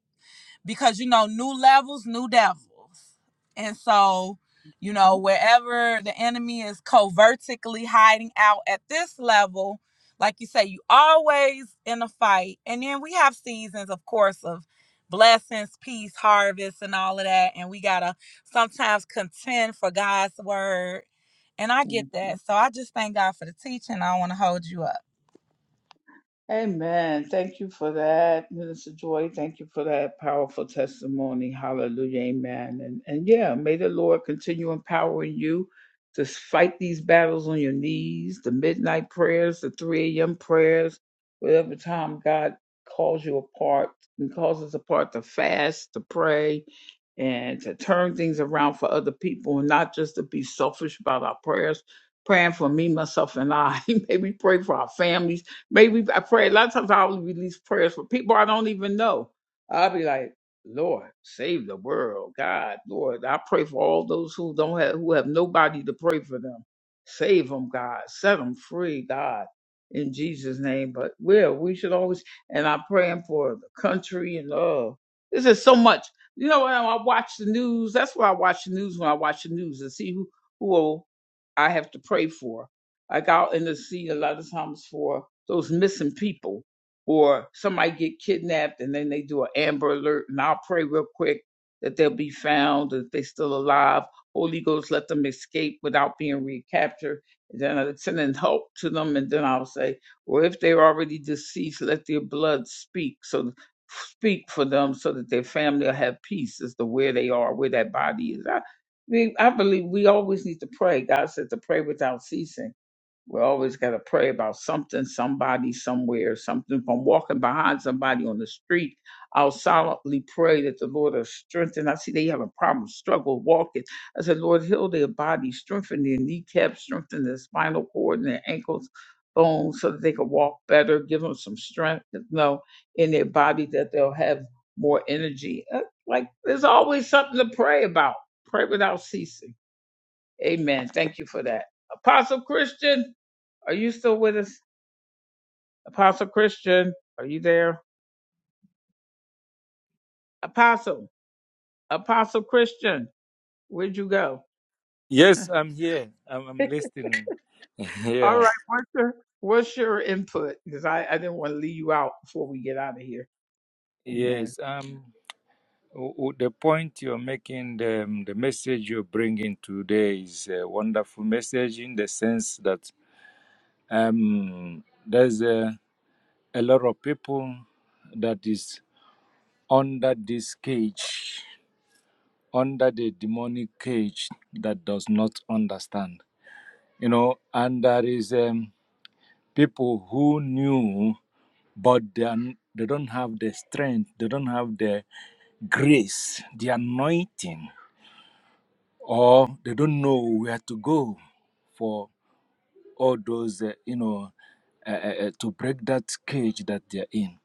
[SPEAKER 4] because you know new levels new devils and so you know wherever the enemy is covertly hiding out at this level like you say you always in a fight and then we have seasons of course of blessings peace harvest and all of that and we gotta sometimes contend for god's word and i get
[SPEAKER 1] Mhm.
[SPEAKER 4] that so i just thank god for the teaching i don't want to hold you up
[SPEAKER 1] Amen. Thank you for that, Minister Joy. Thank you for that powerful testimony. Hallelujah. Amen. And and yeah, may the Lord continue empowering you to fight these battles on your knees, the midnight prayers, the 3 a.m. prayers, whatever time God calls you apart and calls us apart to fast, to pray, and to turn things around for other people and not just to be selfish about our prayers. Praying for me, myself, and I. Maybe pray for our families Maybe I pray a lot of times I always release prayers for people I don't even know. I'll be like, Lord, save the world, God, Lord. I pray for all those who don't have who have nobody to pray for them. Save them, God. Set them free, God, in Jesus' name. But well, we should always and I'm praying for the country and uh this is so much. You know, when I watch the news, that's why I watch the news when I watch the news and see who who I have to pray for like out in the sea a lot of times for those missing people or somebody get kidnapped and then they do an amber alert and I'll pray real quick that they'll be found, that they're still alive. Holy Ghost let them escape without being recaptured. And then I'll send in help to them and then I'll say, Well if they're already deceased, let their blood speak so speak for them so that their family will have peace as to where they are, where that body is. I, mean, I believe we always need to pray. God said to pray without ceasing we always got to pray about something, somebody, somewhere, something. If I'm walking behind somebody on the street, I'll silently pray that the Lord will strengthen. I see they have a problem, struggle walking. I said, Lord, heal their body, strengthen their kneecaps, strengthen their spinal cord and their ankles, bones, so that they can walk better. Give them some strength, you know, in their body that they'll have more energy. Uh, Like there's always something to pray about. Pray without ceasing. Amen. Thank you for that. Apostle Christian. Are you still with us? Apostle Christian, are you there? Apostle, Apostle Christian, where'd you go?
[SPEAKER 5] Yes, I'm here. I'm, I'm listening.
[SPEAKER 1] All
[SPEAKER 5] Yeah.
[SPEAKER 1] right, what's your, what's your input? Because I, I didn't want to leave you out before we get out of here. Amen.
[SPEAKER 5] Yes. Um. w- w- The point you're making, the, um, the message you're bringing today is a wonderful message in the sense that um, there's a, a lot of people that is under this cage, under the demonic cage that does not understand, you know, and there is. um. people who knew but they, are, they don't have the strength they don't have the grace the anointing or they don't know where to go for all those uh, you know uh, uh, uh, to break that cage that they're in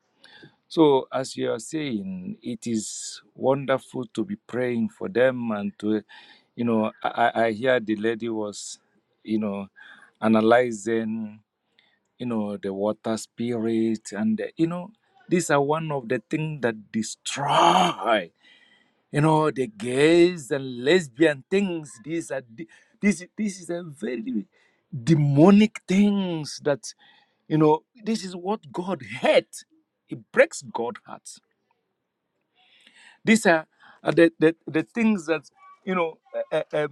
[SPEAKER 5] so as you are saying it is wonderful to be praying for them and to you know I I hear the lady was you know analyzing you know, the water spirit, and the- you know, these are one of the things that destroy, you know, the gays and lesbian things. These are de- this this is a very demonic things that you know. This is what God hates. It breaks God's heart. These are, are the, the the things that you know uh, uh, uh,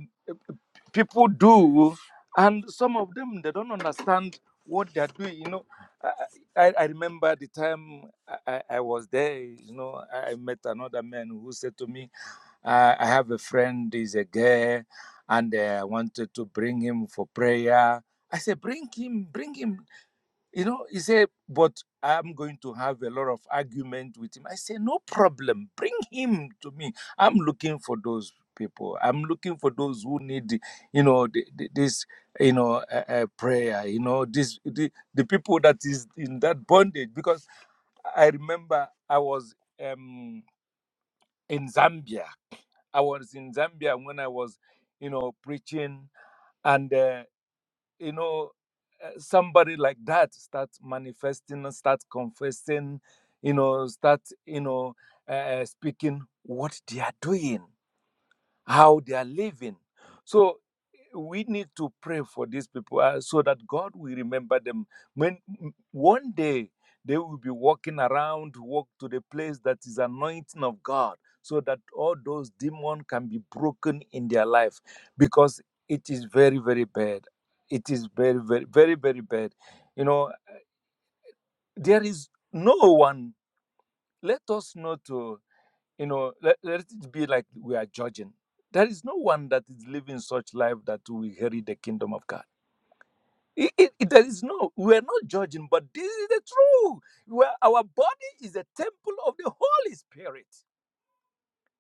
[SPEAKER 5] people do, and some of them they don't understand what they are doing. You know, I, I I remember the time I, I I was there. You know, I I met another man who said to me, uh, "I have a friend is a gay, and uh, I wanted to bring him for prayer." I said, "Bring him, bring him." You know, he said, but I'm going to have a lot of argument with him. I say, no problem. Bring him to me. I'm looking for those people. I'm looking for those who need, you know, the, the, this, you know, uh, uh, prayer. You know, this the, the people that is in that bondage. Because I remember I was um, in Zambia. I was in Zambia when I was, you know, preaching, and. uh, you know uh, somebody like that starts manifesting and starts confessing you know start you know uh, speaking what they are doing how they are living. So we need to pray for these people uh, so that God will remember them. When one day they will be walking around, walk to the place that is anointing of God, so that all those demons can be broken in their life, because it is very, very bad. It is very, very, very, very bad. You know, there is no one. Let us not to you know let, let it be like we are judging there is no one that is living such life that will inherit the kingdom of god it, it, it- there is no we are not judging but this is the truth where our body is a temple of the holy spirit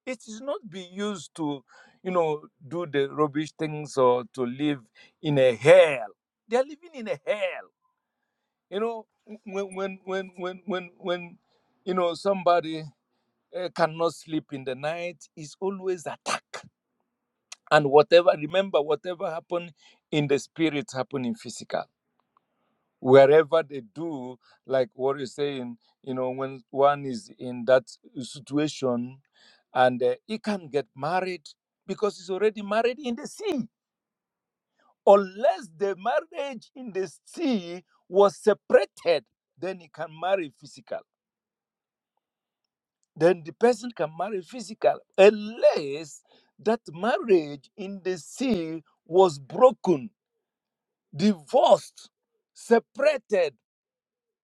[SPEAKER 5] it is not be used to you know do the rubbish things or to live in a hell they are living in a hell you know when when when when when, when you know somebody uh, cannot sleep in the night is always attack and whatever remember whatever happened in the spirit happened in physical wherever they do like what you're saying you know when one is in that situation and uh, he can get married because he's already married in the sea unless the marriage in the sea was separated then he can marry physical then the person can marry physical unless that marriage in the sea was broken divorced, separated,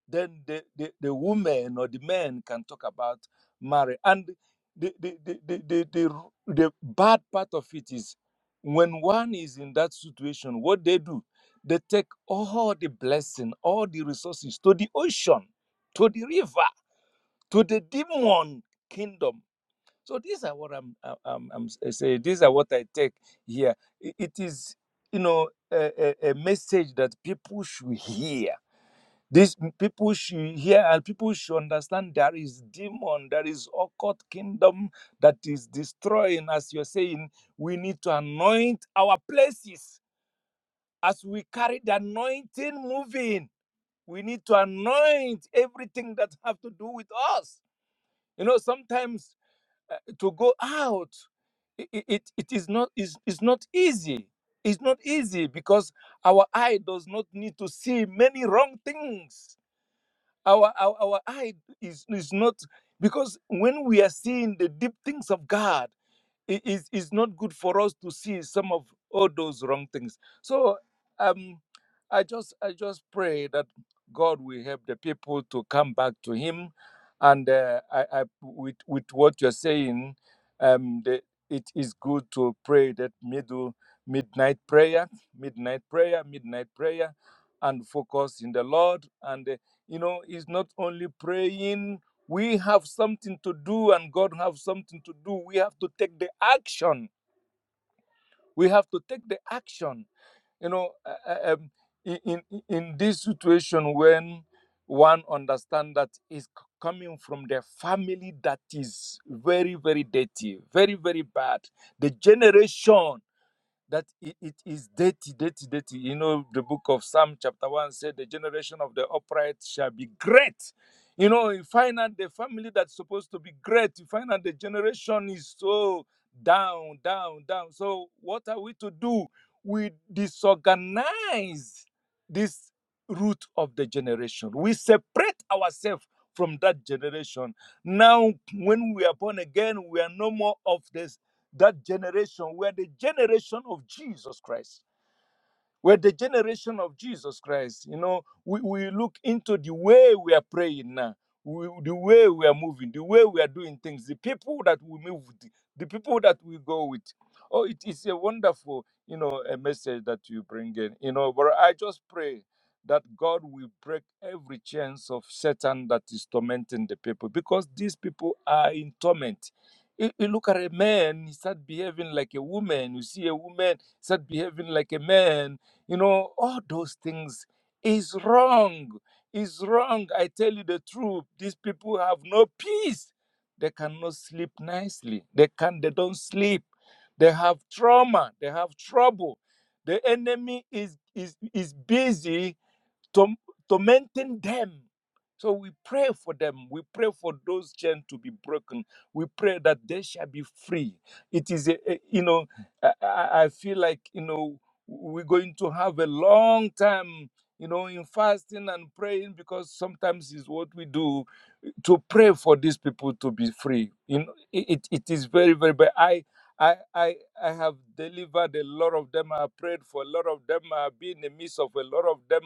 [SPEAKER 5] then the, the, the woman or the man can talk about marriage. And the, the, the, the, the, the, the bad part of it is when one is in that situation, what they do, they take all the blessing, all the resources to the ocean, to the river, to the demon kingdom so these are what I'm I- I'm, I'm s- saying. These are what I take here. I- It is you know a, a, a message that people should hear. These people should hear and people should understand there is demon, there is occult kingdom that is destroying. As you're saying, we need to anoint our places as we carry the anointing moving. We need to anoint everything that have to do with us. You know, sometimes uh, to go out i- it, it is not is, is not easy it's not easy because our eye does not need to see many wrong things our our, our eye is, is not because when we are seeing the deep things of god it is it's not good for us to see some of all those wrong things so um i just i just pray that god will help the people to come back to him and uh, I, I with with what you're saying um the, it is good to pray that middle midnight prayer midnight prayer midnight prayer and focus in the lord and uh, you know it's not only praying we have something to do and God have something to do. We have to take the action. We have to take the action. You know, uh, uh, um, in, in, in this situation when one understand that is c- coming from the family that is very, very dirty, very, very bad. The generation that it, it is dirty, dirty, dirty. You know, the book of Psalm, chapter 1 said, The generation of the upright shall be great. You know, you find out the family that's supposed to be great, you find out the generation is so down, down, down. So, what are we to do? We disorganize this root of the generation, we separate ourselves from that generation. Now, when we are born again, we are no more of this that generation were the generation of Jesus Christ. We're the generation of Jesus Christ. You know, we, we look into the way we are praying now, we, the way we are moving, the way we are doing things, the people that we move with, the people that we go with. Oh, it is a wonderful, you know, a message that you bring in. You know, but I just pray that God will break every chance of Satan that is tormenting the people because these people are in torment. You, you look at a man, he start behaving like a woman. You see a woman, start behaving like a man you know all those things is wrong is wrong i tell you the truth these people have no peace they cannot sleep nicely they can they don't sleep they have trauma they have trouble the enemy is is is busy torm- tormenting them. So we pray for them. We pray for those chains to be broken. We pray that they shall be free. It is, a, a- you know, I, I I feel like, you know, we're going to have a long time, you know, in fasting and praying because sometimes is what we do to pray for these people to be free. In it, it is very, very bad. I, I, I, I have delivered a lot of them. I prayed for a lot of them. I've been in the midst of a lot of them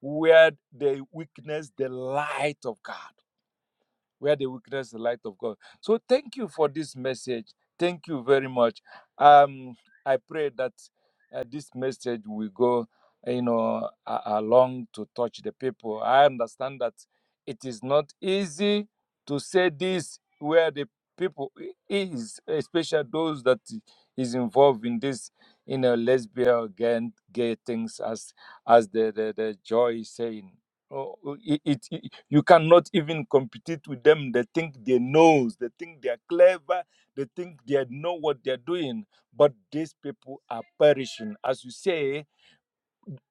[SPEAKER 5] where they witness the light of God where they witness the light of God. So thank you for this message. Thank you very much. Um, I pray that uh, this message will go, uh, you know, a- along to touch the people. I understand that it is not easy to say this where the people i- is, especially those that is involved in this, you know, lesbian gay, gay things, as as the the, the joy is saying. Oh, oh, it, it, it- you cannot even compete with them. They think they knows. They think they are clever. They think they know what they are doing. But these people are perishing, as you say.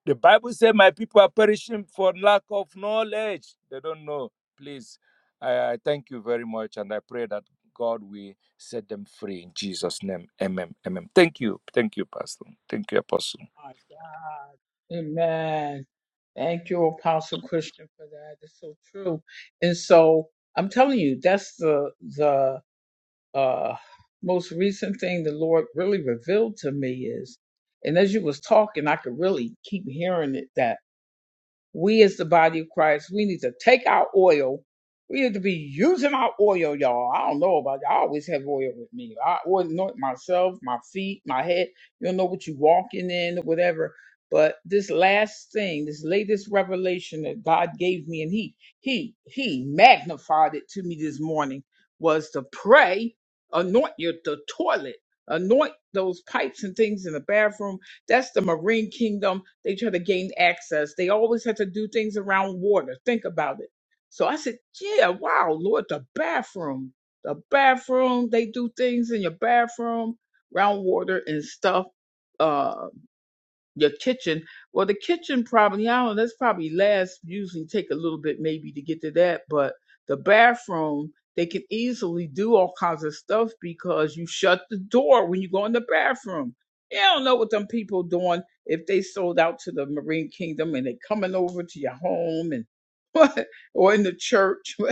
[SPEAKER 5] The Bible says, "My people are perishing for lack of knowledge. They don't know." Please, I, I thank you very much, and I pray that God will set them free in Jesus' name. Amen. Amen. Thank you. Thank you, Pastor. Thank you, Apostle.
[SPEAKER 1] My God. Amen. Thank you, Apostle Christian, for that. It's so true. And so I'm telling you, that's the the uh, most recent thing the Lord really revealed to me is, and as you was talking, I could really keep hearing it that We as the body of Christ, we need to take our oil. We need to be using our oil, y'all. I don't know about y'all. I always have oil with me. I oil anoint myself, my feet, my head. You don't know what you're walking in, whatever. But this last thing, this latest revelation that God gave me, and He He He magnified it to me this morning, was to pray, anoint your the toilet, anoint those pipes and things in the bathroom that's the marine kingdom. They try to gain access. They always have to do things around water. Think about it. So I said, yeah, wow, Lord, the bathroom, the bathroom. They do things in your bathroom, around water and stuff. uh, your kitchen. Well, the kitchen probably, I don't know, that's probably last, usually take a little bit maybe to get to that, but the bathroom, they can easily do all kinds of stuff because you shut the door when you go in the bathroom. Yeah, I don't know what them people doing if they sold out to the Marine Kingdom and they coming over to your home and or in the church.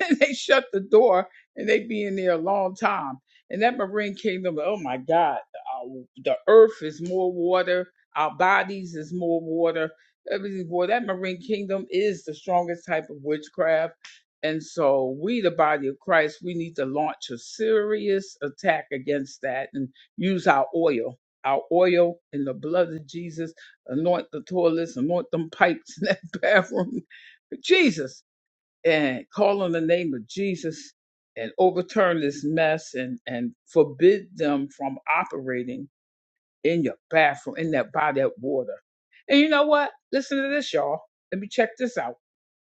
[SPEAKER 1] and they shut the door and they be in there a long time. And that marine kingdom, oh my God, our, the earth is more water, our bodies is more water, everything more. That marine kingdom is the strongest type of witchcraft. And so we, the body of Christ, we need to launch a serious attack against that and use our oil, our oil and the blood of Jesus, anoint the toilets, anoint them pipes in that bathroom. Jesus and call on the name of Jesus and overturn this mess and, and forbid them from operating in your bathroom, in that by that water. And you know what? Listen to this, y'all. Let me check this out.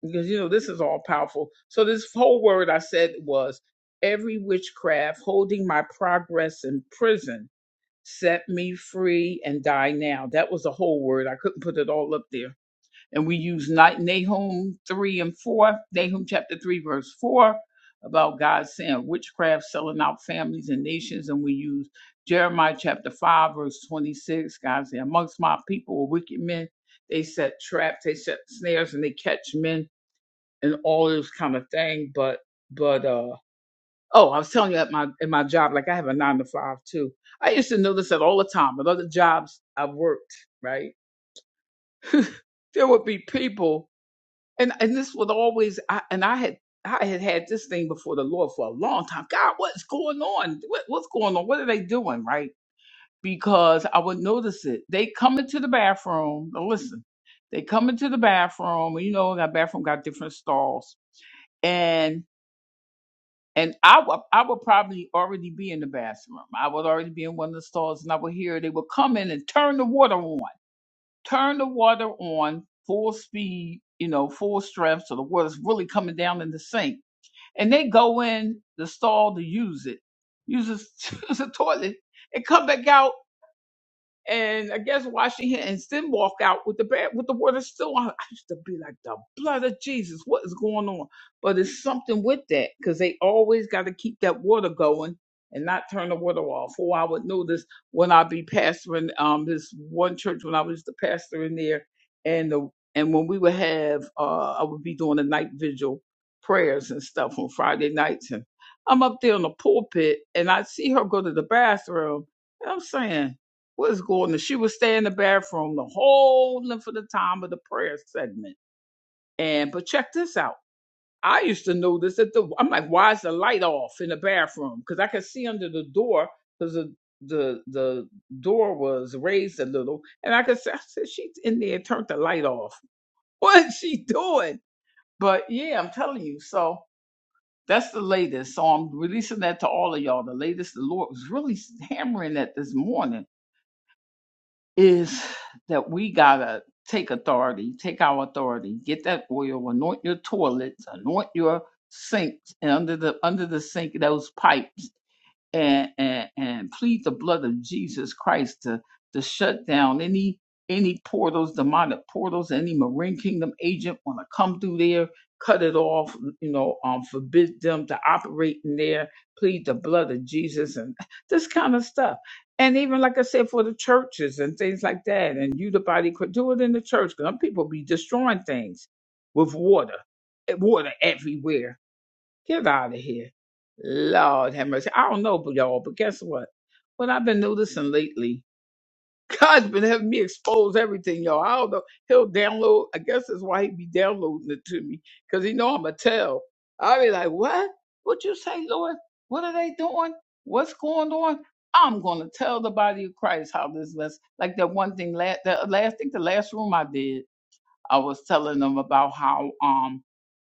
[SPEAKER 1] Because you know this is all powerful. So this whole word I said was every witchcraft holding my progress in prison set me free and die now. That was the whole word. I couldn't put it all up there and we use Ni- Nahum 3 and 4, Nahum chapter 3, verse 4, about God saying witchcraft selling out families and nations. And we use Jeremiah chapter 5, verse 26. God said, Amongst my people are wicked men. They set traps, they set snares, and they catch men and all this kind of thing. But, but, uh, Oh, I was telling you at my at my job, like I have a nine to five too. I used to notice that all the time. At other jobs I've worked, right? There would be people and and this would always I, and I had I had had this thing before the Lord for a long time. God, what's going on? What, what's going on? What are they doing? Right? Because I would notice it. They come into the bathroom. Now listen, they come into the bathroom. You know, that bathroom got different stalls, and and I would I would probably already be in the bathroom. I would already be in one of the stalls, and I would hear they would come in and turn the water on turn the water on full speed, you know, full strength, so the water's really coming down in the sink. And they go in the stall to use it, use the, use the toilet, and come back out and I guess washing hands, then walk out with the bad, with the water still on. I used to be like the blood of Jesus. What is going on? But it's something with that because they always got to keep that water going and not turn the water off. Or I would notice when I be pastoring um this one church when I was the pastor in there, and the and when we would have uh I would be doing the night vigil prayers and stuff on Friday nights, and I'm up there in the pulpit and I see her go to the bathroom. And I'm saying was going to she would stay in the bathroom the whole length of the time of the prayer segment. And but check this out. I used to notice that the I'm like, why is the light off in the bathroom? Because I could see under the door because the the the door was raised a little, and I could say, I said, she's in there, turned the light off. What is she doing? But yeah, I'm telling you. So that's the latest. So I'm releasing that to all of y'all. The latest the Lord was really hammering that this morning is that we gotta take authority, take our authority, get that oil, anoint your toilets, anoint your sinks, and under the under the sink those pipes and, and, and plead the blood of Jesus Christ to, to shut down any any portals, demonic portals, any marine kingdom agent want to come through there, cut it off, you know, um, forbid them to operate in there, plead the blood of Jesus and this kind of stuff. And even like I said, for the churches and things like that, and you the body could do it in the church. Some people be destroying things with water, eh, water everywhere Get out of here. Lord have mercy. I don't know, but y'all, but guess what? What I've been noticing lately, God's been having me expose everything, y'all. I don't know. He'll download. I guess that's why he be downloading it to me, because he know I'm a tell. I be like, what? What you say, Lord? What are they doing? What's going on? I'm gonna tell the body of Christ how this was. Like that one thing last, the last, I think the last room I did, I was telling them about how um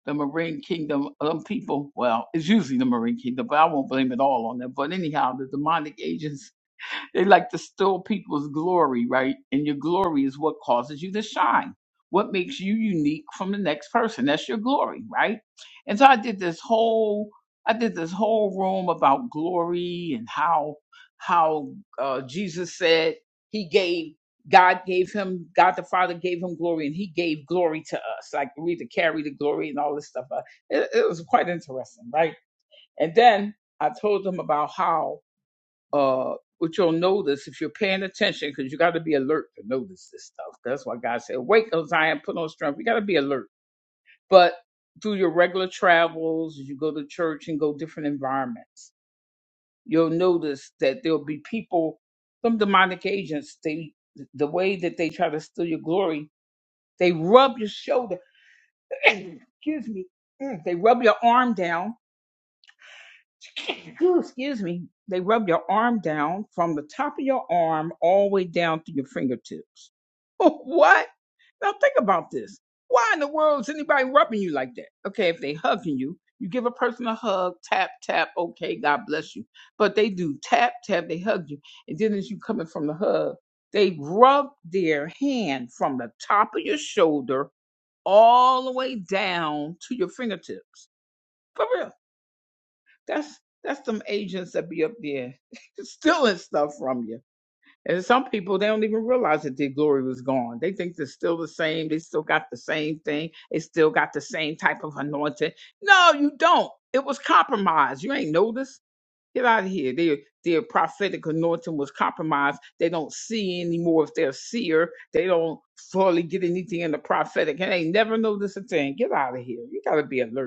[SPEAKER 1] the Marine Kingdom, um, people, well, it's usually the Marine Kingdom, but I won't blame it all on them. But anyhow, the demonic agents they like to steal people's glory, right? And your glory is what causes you to shine. What makes you unique from the next person? That's your glory, right? And so I did this whole I did this whole room about glory and how how uh, Jesus said he gave God gave him God the Father gave him glory and he gave glory to us. Like we to carry the glory and all this stuff. Uh, It, it was quite interesting, right? And then I told them about how uh, what you'll notice if you're paying attention, because you got to be alert to notice this stuff. That's why God said, "Wake up, Zion, put on strength." You got to be alert. But through your regular travels, as you go to church and go different environments, you'll notice that there'll be people, some demonic agents. They, the way that they try to steal your glory, they rub your shoulder. excuse me. Mm, They rub your arm down excuse me. They rub your arm down from the top of your arm all the way down to your fingertips. what? Now think about this. Why in the world is anybody rubbing you like that? Okay, if they hugging you, you give a person a hug, tap, tap, okay, God bless you. But they do tap, tap, they hug you. And then as you coming from the hug, they rub their hand from the top of your shoulder all the way down to your fingertips. For real. That's that's some agents that be up there stealing stuff from you. And some people they don't even realize that their glory was gone. They think they're still the same. They still got the same thing. They still got the same type of anointing. No, you don't. It was compromised. You ain't noticed. Get out of here. Their their prophetic anointing was compromised. They don't see anymore if they're a seer. They don't fully get anything in the prophetic. And they never notice a thing. Get out of here. You gotta be alert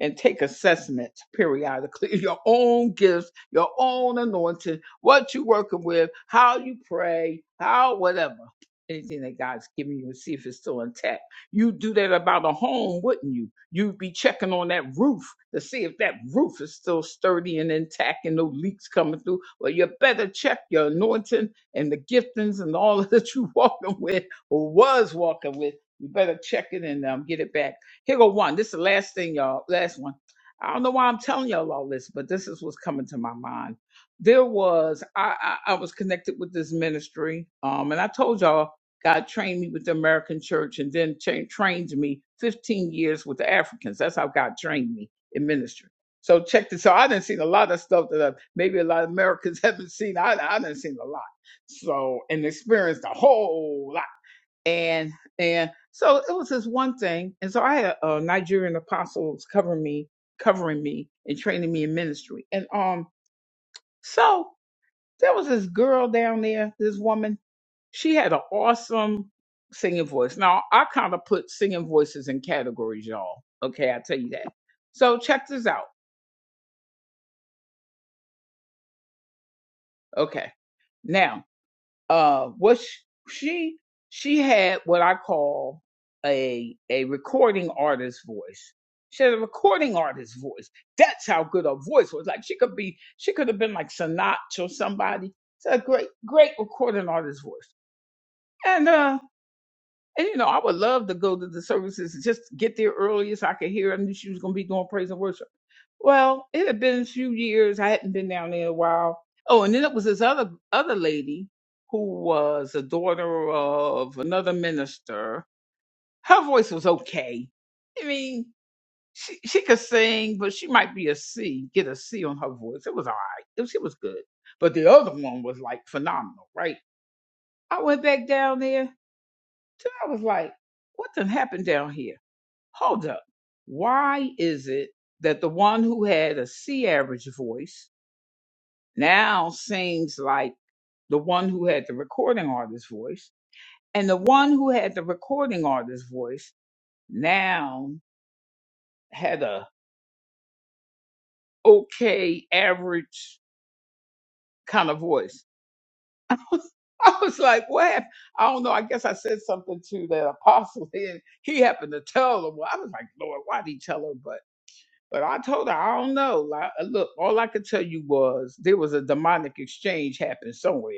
[SPEAKER 1] and take assessments periodically. Your own gifts, your own anointing, what you're working with, how you pray, how whatever. Anything that God's giving you and see if it's still intact. You do that about a home, wouldn't you? You'd be checking on that roof to see if that roof is still sturdy and intact and no leaks coming through. Well, you better check your anointing and the giftings and all that you walking with or was walking with. You better check it and um, get it back here go one. This is the last thing, y'all. Last one. I don't know why I'm telling y'all all this, but this is what's coming to my mind. There was I I, I was connected with this ministry, um, and I told y'all God trained me with the American Church, and then cha- trained me 15 years with the Africans. That's how God trained me in ministry. So check this out. I didn't seen a lot of stuff that uh, maybe a lot of Americans haven't seen. I I didn't seen a lot. So and experienced a whole lot and and so it was this one thing and so i had uh, nigerian apostles covering me covering me and training me in ministry and um so there was this girl down there this woman she had an awesome singing voice now i kind of put singing voices in categories y'all okay i tell you that so check this out okay now uh what sh- she she had what I call a a recording artist voice. She had a recording artist voice. That's how good her voice was. Like she could be she could have been like Sinatra or somebody. It's a great great recording artist voice. And uh and you know I would love to go to the services and just get there early so I could hear. I knew she was gonna be doing praise and worship. Well, it had been a few years. I hadn't been down there in a while. Oh, and then it was this other other lady who was a daughter of another minister. Her voice was okay. I mean, she she could sing, but she might be a C, get a C on her voice. It was all right. It was, it was good. But the other one was like phenomenal, right? I went back down there. till I was like, what done happened down here? Hold up. Why is it that the one who had a C average voice now sings like the one who had the recording artist's voice. And the one who had the recording artist's voice now had a okay average kind of voice. I was like, what happened? I don't know. I guess I said something to that apostle and he happened to tell her. Well, I was like, Lord, why did he tell her? But but I told her, I don't know. Like, look, all I could tell you was there was a demonic exchange happened somewhere.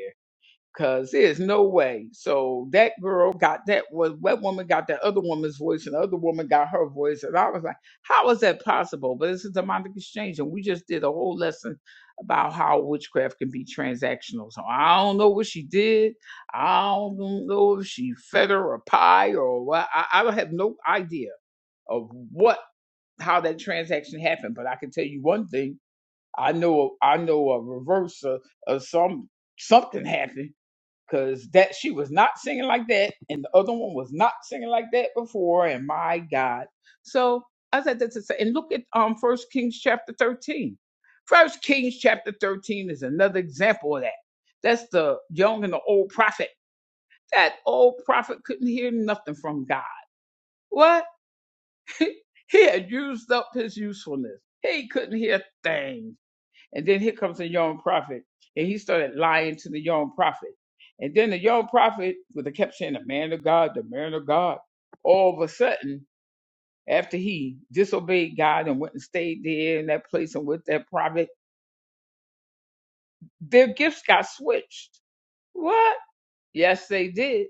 [SPEAKER 1] Cause there's no way. So that girl got that was that woman got that other woman's voice, and the other woman got her voice, and I was like, how is that possible? But it's a demonic exchange, and we just did a whole lesson about how witchcraft can be transactional. So I don't know what she did. I don't know if she fed her a pie or what. I, I don't have no idea of what how that transaction happened, but I can tell you one thing. I know I know a reverse of, of some something happened because that she was not singing like that, and the other one was not singing like that before. And my God, so I said that to say, and look at um First Kings chapter thirteen. First Kings chapter thirteen is another example of that. That's the young and the old prophet. That old prophet couldn't hear nothing from God. What? he had used up his usefulness. He couldn't hear things. And then here comes the young prophet. And he started lying to the young prophet. And then the young prophet, with they kept saying, the man of God, the man of God. All of a sudden, after he disobeyed God and went and stayed there in that place and with that prophet, their gifts got switched. What? Yes, they did.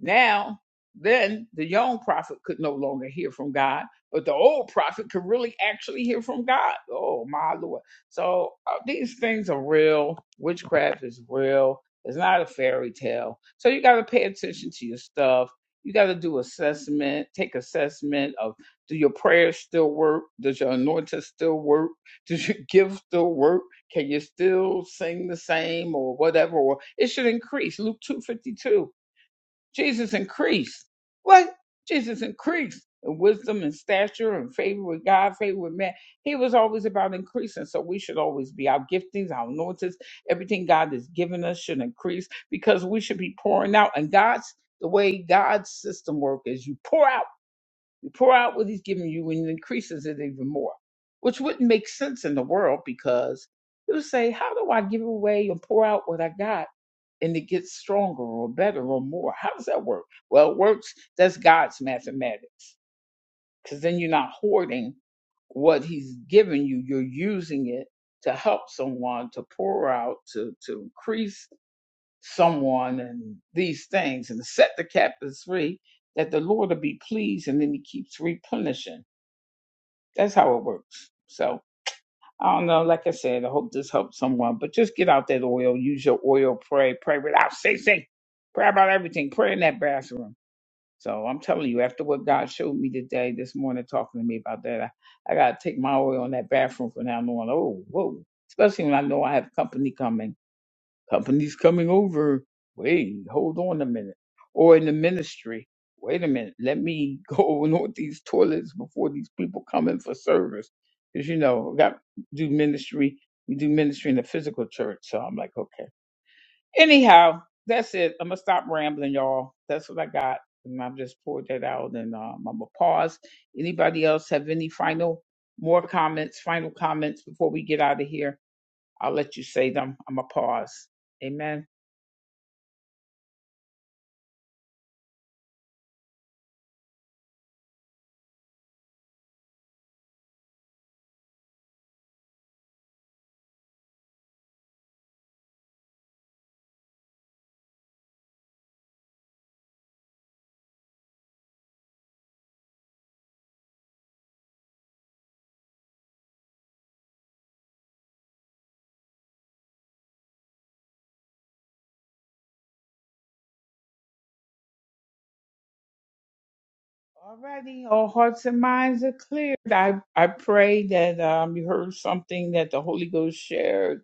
[SPEAKER 1] Now, then the young prophet could no longer hear from God, but the old prophet could really actually hear from God. Oh, my Lord. So uh, these things are real. Witchcraft is real. It's not a fairy tale. So you got to pay attention to your stuff. You got to do assessment, take assessment of do your prayers still work? Does your anointing still work? Does your gift still work? Can you still sing the same or whatever? Or it should increase. Luke 252 Jesus increased. What? Jesus increased in wisdom and stature and favor with God, favor with man. He was always about increasing. So we should always be our giftings, our anointings, everything God has given us should increase because we should be pouring out. And God's the way God's system work is you pour out, you pour out what he's giving you and it increases it even more, which wouldn't make sense in the world because you would say, how do I give away and pour out what I got? and it gets stronger or better or more. How does that work? Well, it works. That's God's mathematics. Because then you're not hoarding what He's given you, you're using it to help someone, to pour out, to, to increase someone, and these things, and to set the captives free, that the Lord will be pleased, and then He keeps replenishing. That's how it works. So, I don't know. Like I said, I hope this helps someone. But just get out that oil. Use your oil. Pray. Pray without ceasing. Pray about everything. Pray in that bathroom. So I'm telling you, after what God showed me today, this morning, talking to me about that, I, I got to take my oil in that bathroom from now on. Oh, whoa. Especially when I know I have company coming companies coming over. Wait, hold on a minute. Or in the ministry, wait a minute. Let me go and on these toilets before these people come in for service. Because, you know, I got do ministry. We do ministry in the physical church. So I'm like, okay. Anyhow, that's it. I'm going to stop rambling, y'all. That's what I got. And I've just poured that out and um, I'm going to pause. Anybody else have any final, more comments, final comments before we get out of here? I'll let you say them. I'm going to pause. Amen. Alrighty, all hearts and minds are cleared. I, I pray that um, you heard something that the Holy Ghost shared,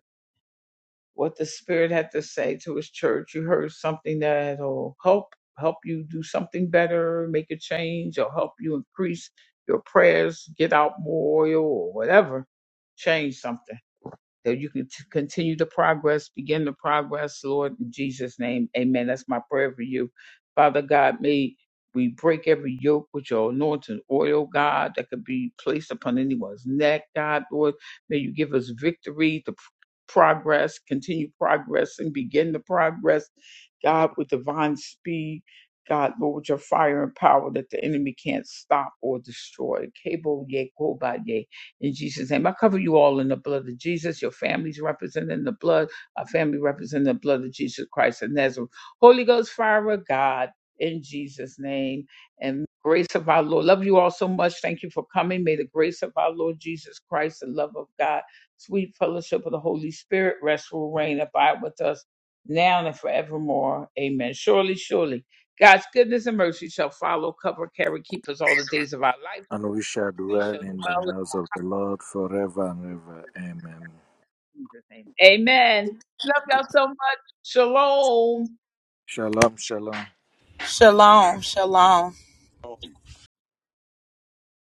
[SPEAKER 1] what the Spirit had to say to His church. You heard something that'll help help you do something better, make a change, or help you increase your prayers, get out more oil, or whatever. Change something. So you can t- continue to progress, begin the progress, Lord, in Jesus' name. Amen. That's my prayer for you. Father God, may we break every yoke with your anointing oil, God, that could be placed upon anyone's neck, God, Lord. May you give us victory to pr- progress, continue progress, and begin the progress, God, with divine speed. God, Lord, with your fire and power that the enemy can't stop or destroy. Cable, in Jesus' name. I cover you all in the blood of Jesus, your families representing the blood, our family representing the blood of Jesus Christ of Nazareth. Holy Ghost, fire of God, in Jesus' name, and grace of our Lord. Love you all so much. Thank you for coming. May the grace of our Lord Jesus Christ, the love of God, sweet fellowship of the Holy Spirit, rest, will reign, abide with us now and forevermore. Amen. Surely, surely. God's goodness and mercy shall follow, cover, carry, keep us all the days of our life.
[SPEAKER 5] and
[SPEAKER 1] We
[SPEAKER 5] well
[SPEAKER 1] shall
[SPEAKER 5] in the
[SPEAKER 1] dwell
[SPEAKER 5] house of the Lord forever and ever. Amen.
[SPEAKER 1] Jesus' name. Amen. Love y'all so much. Shalom.
[SPEAKER 4] shalom shalom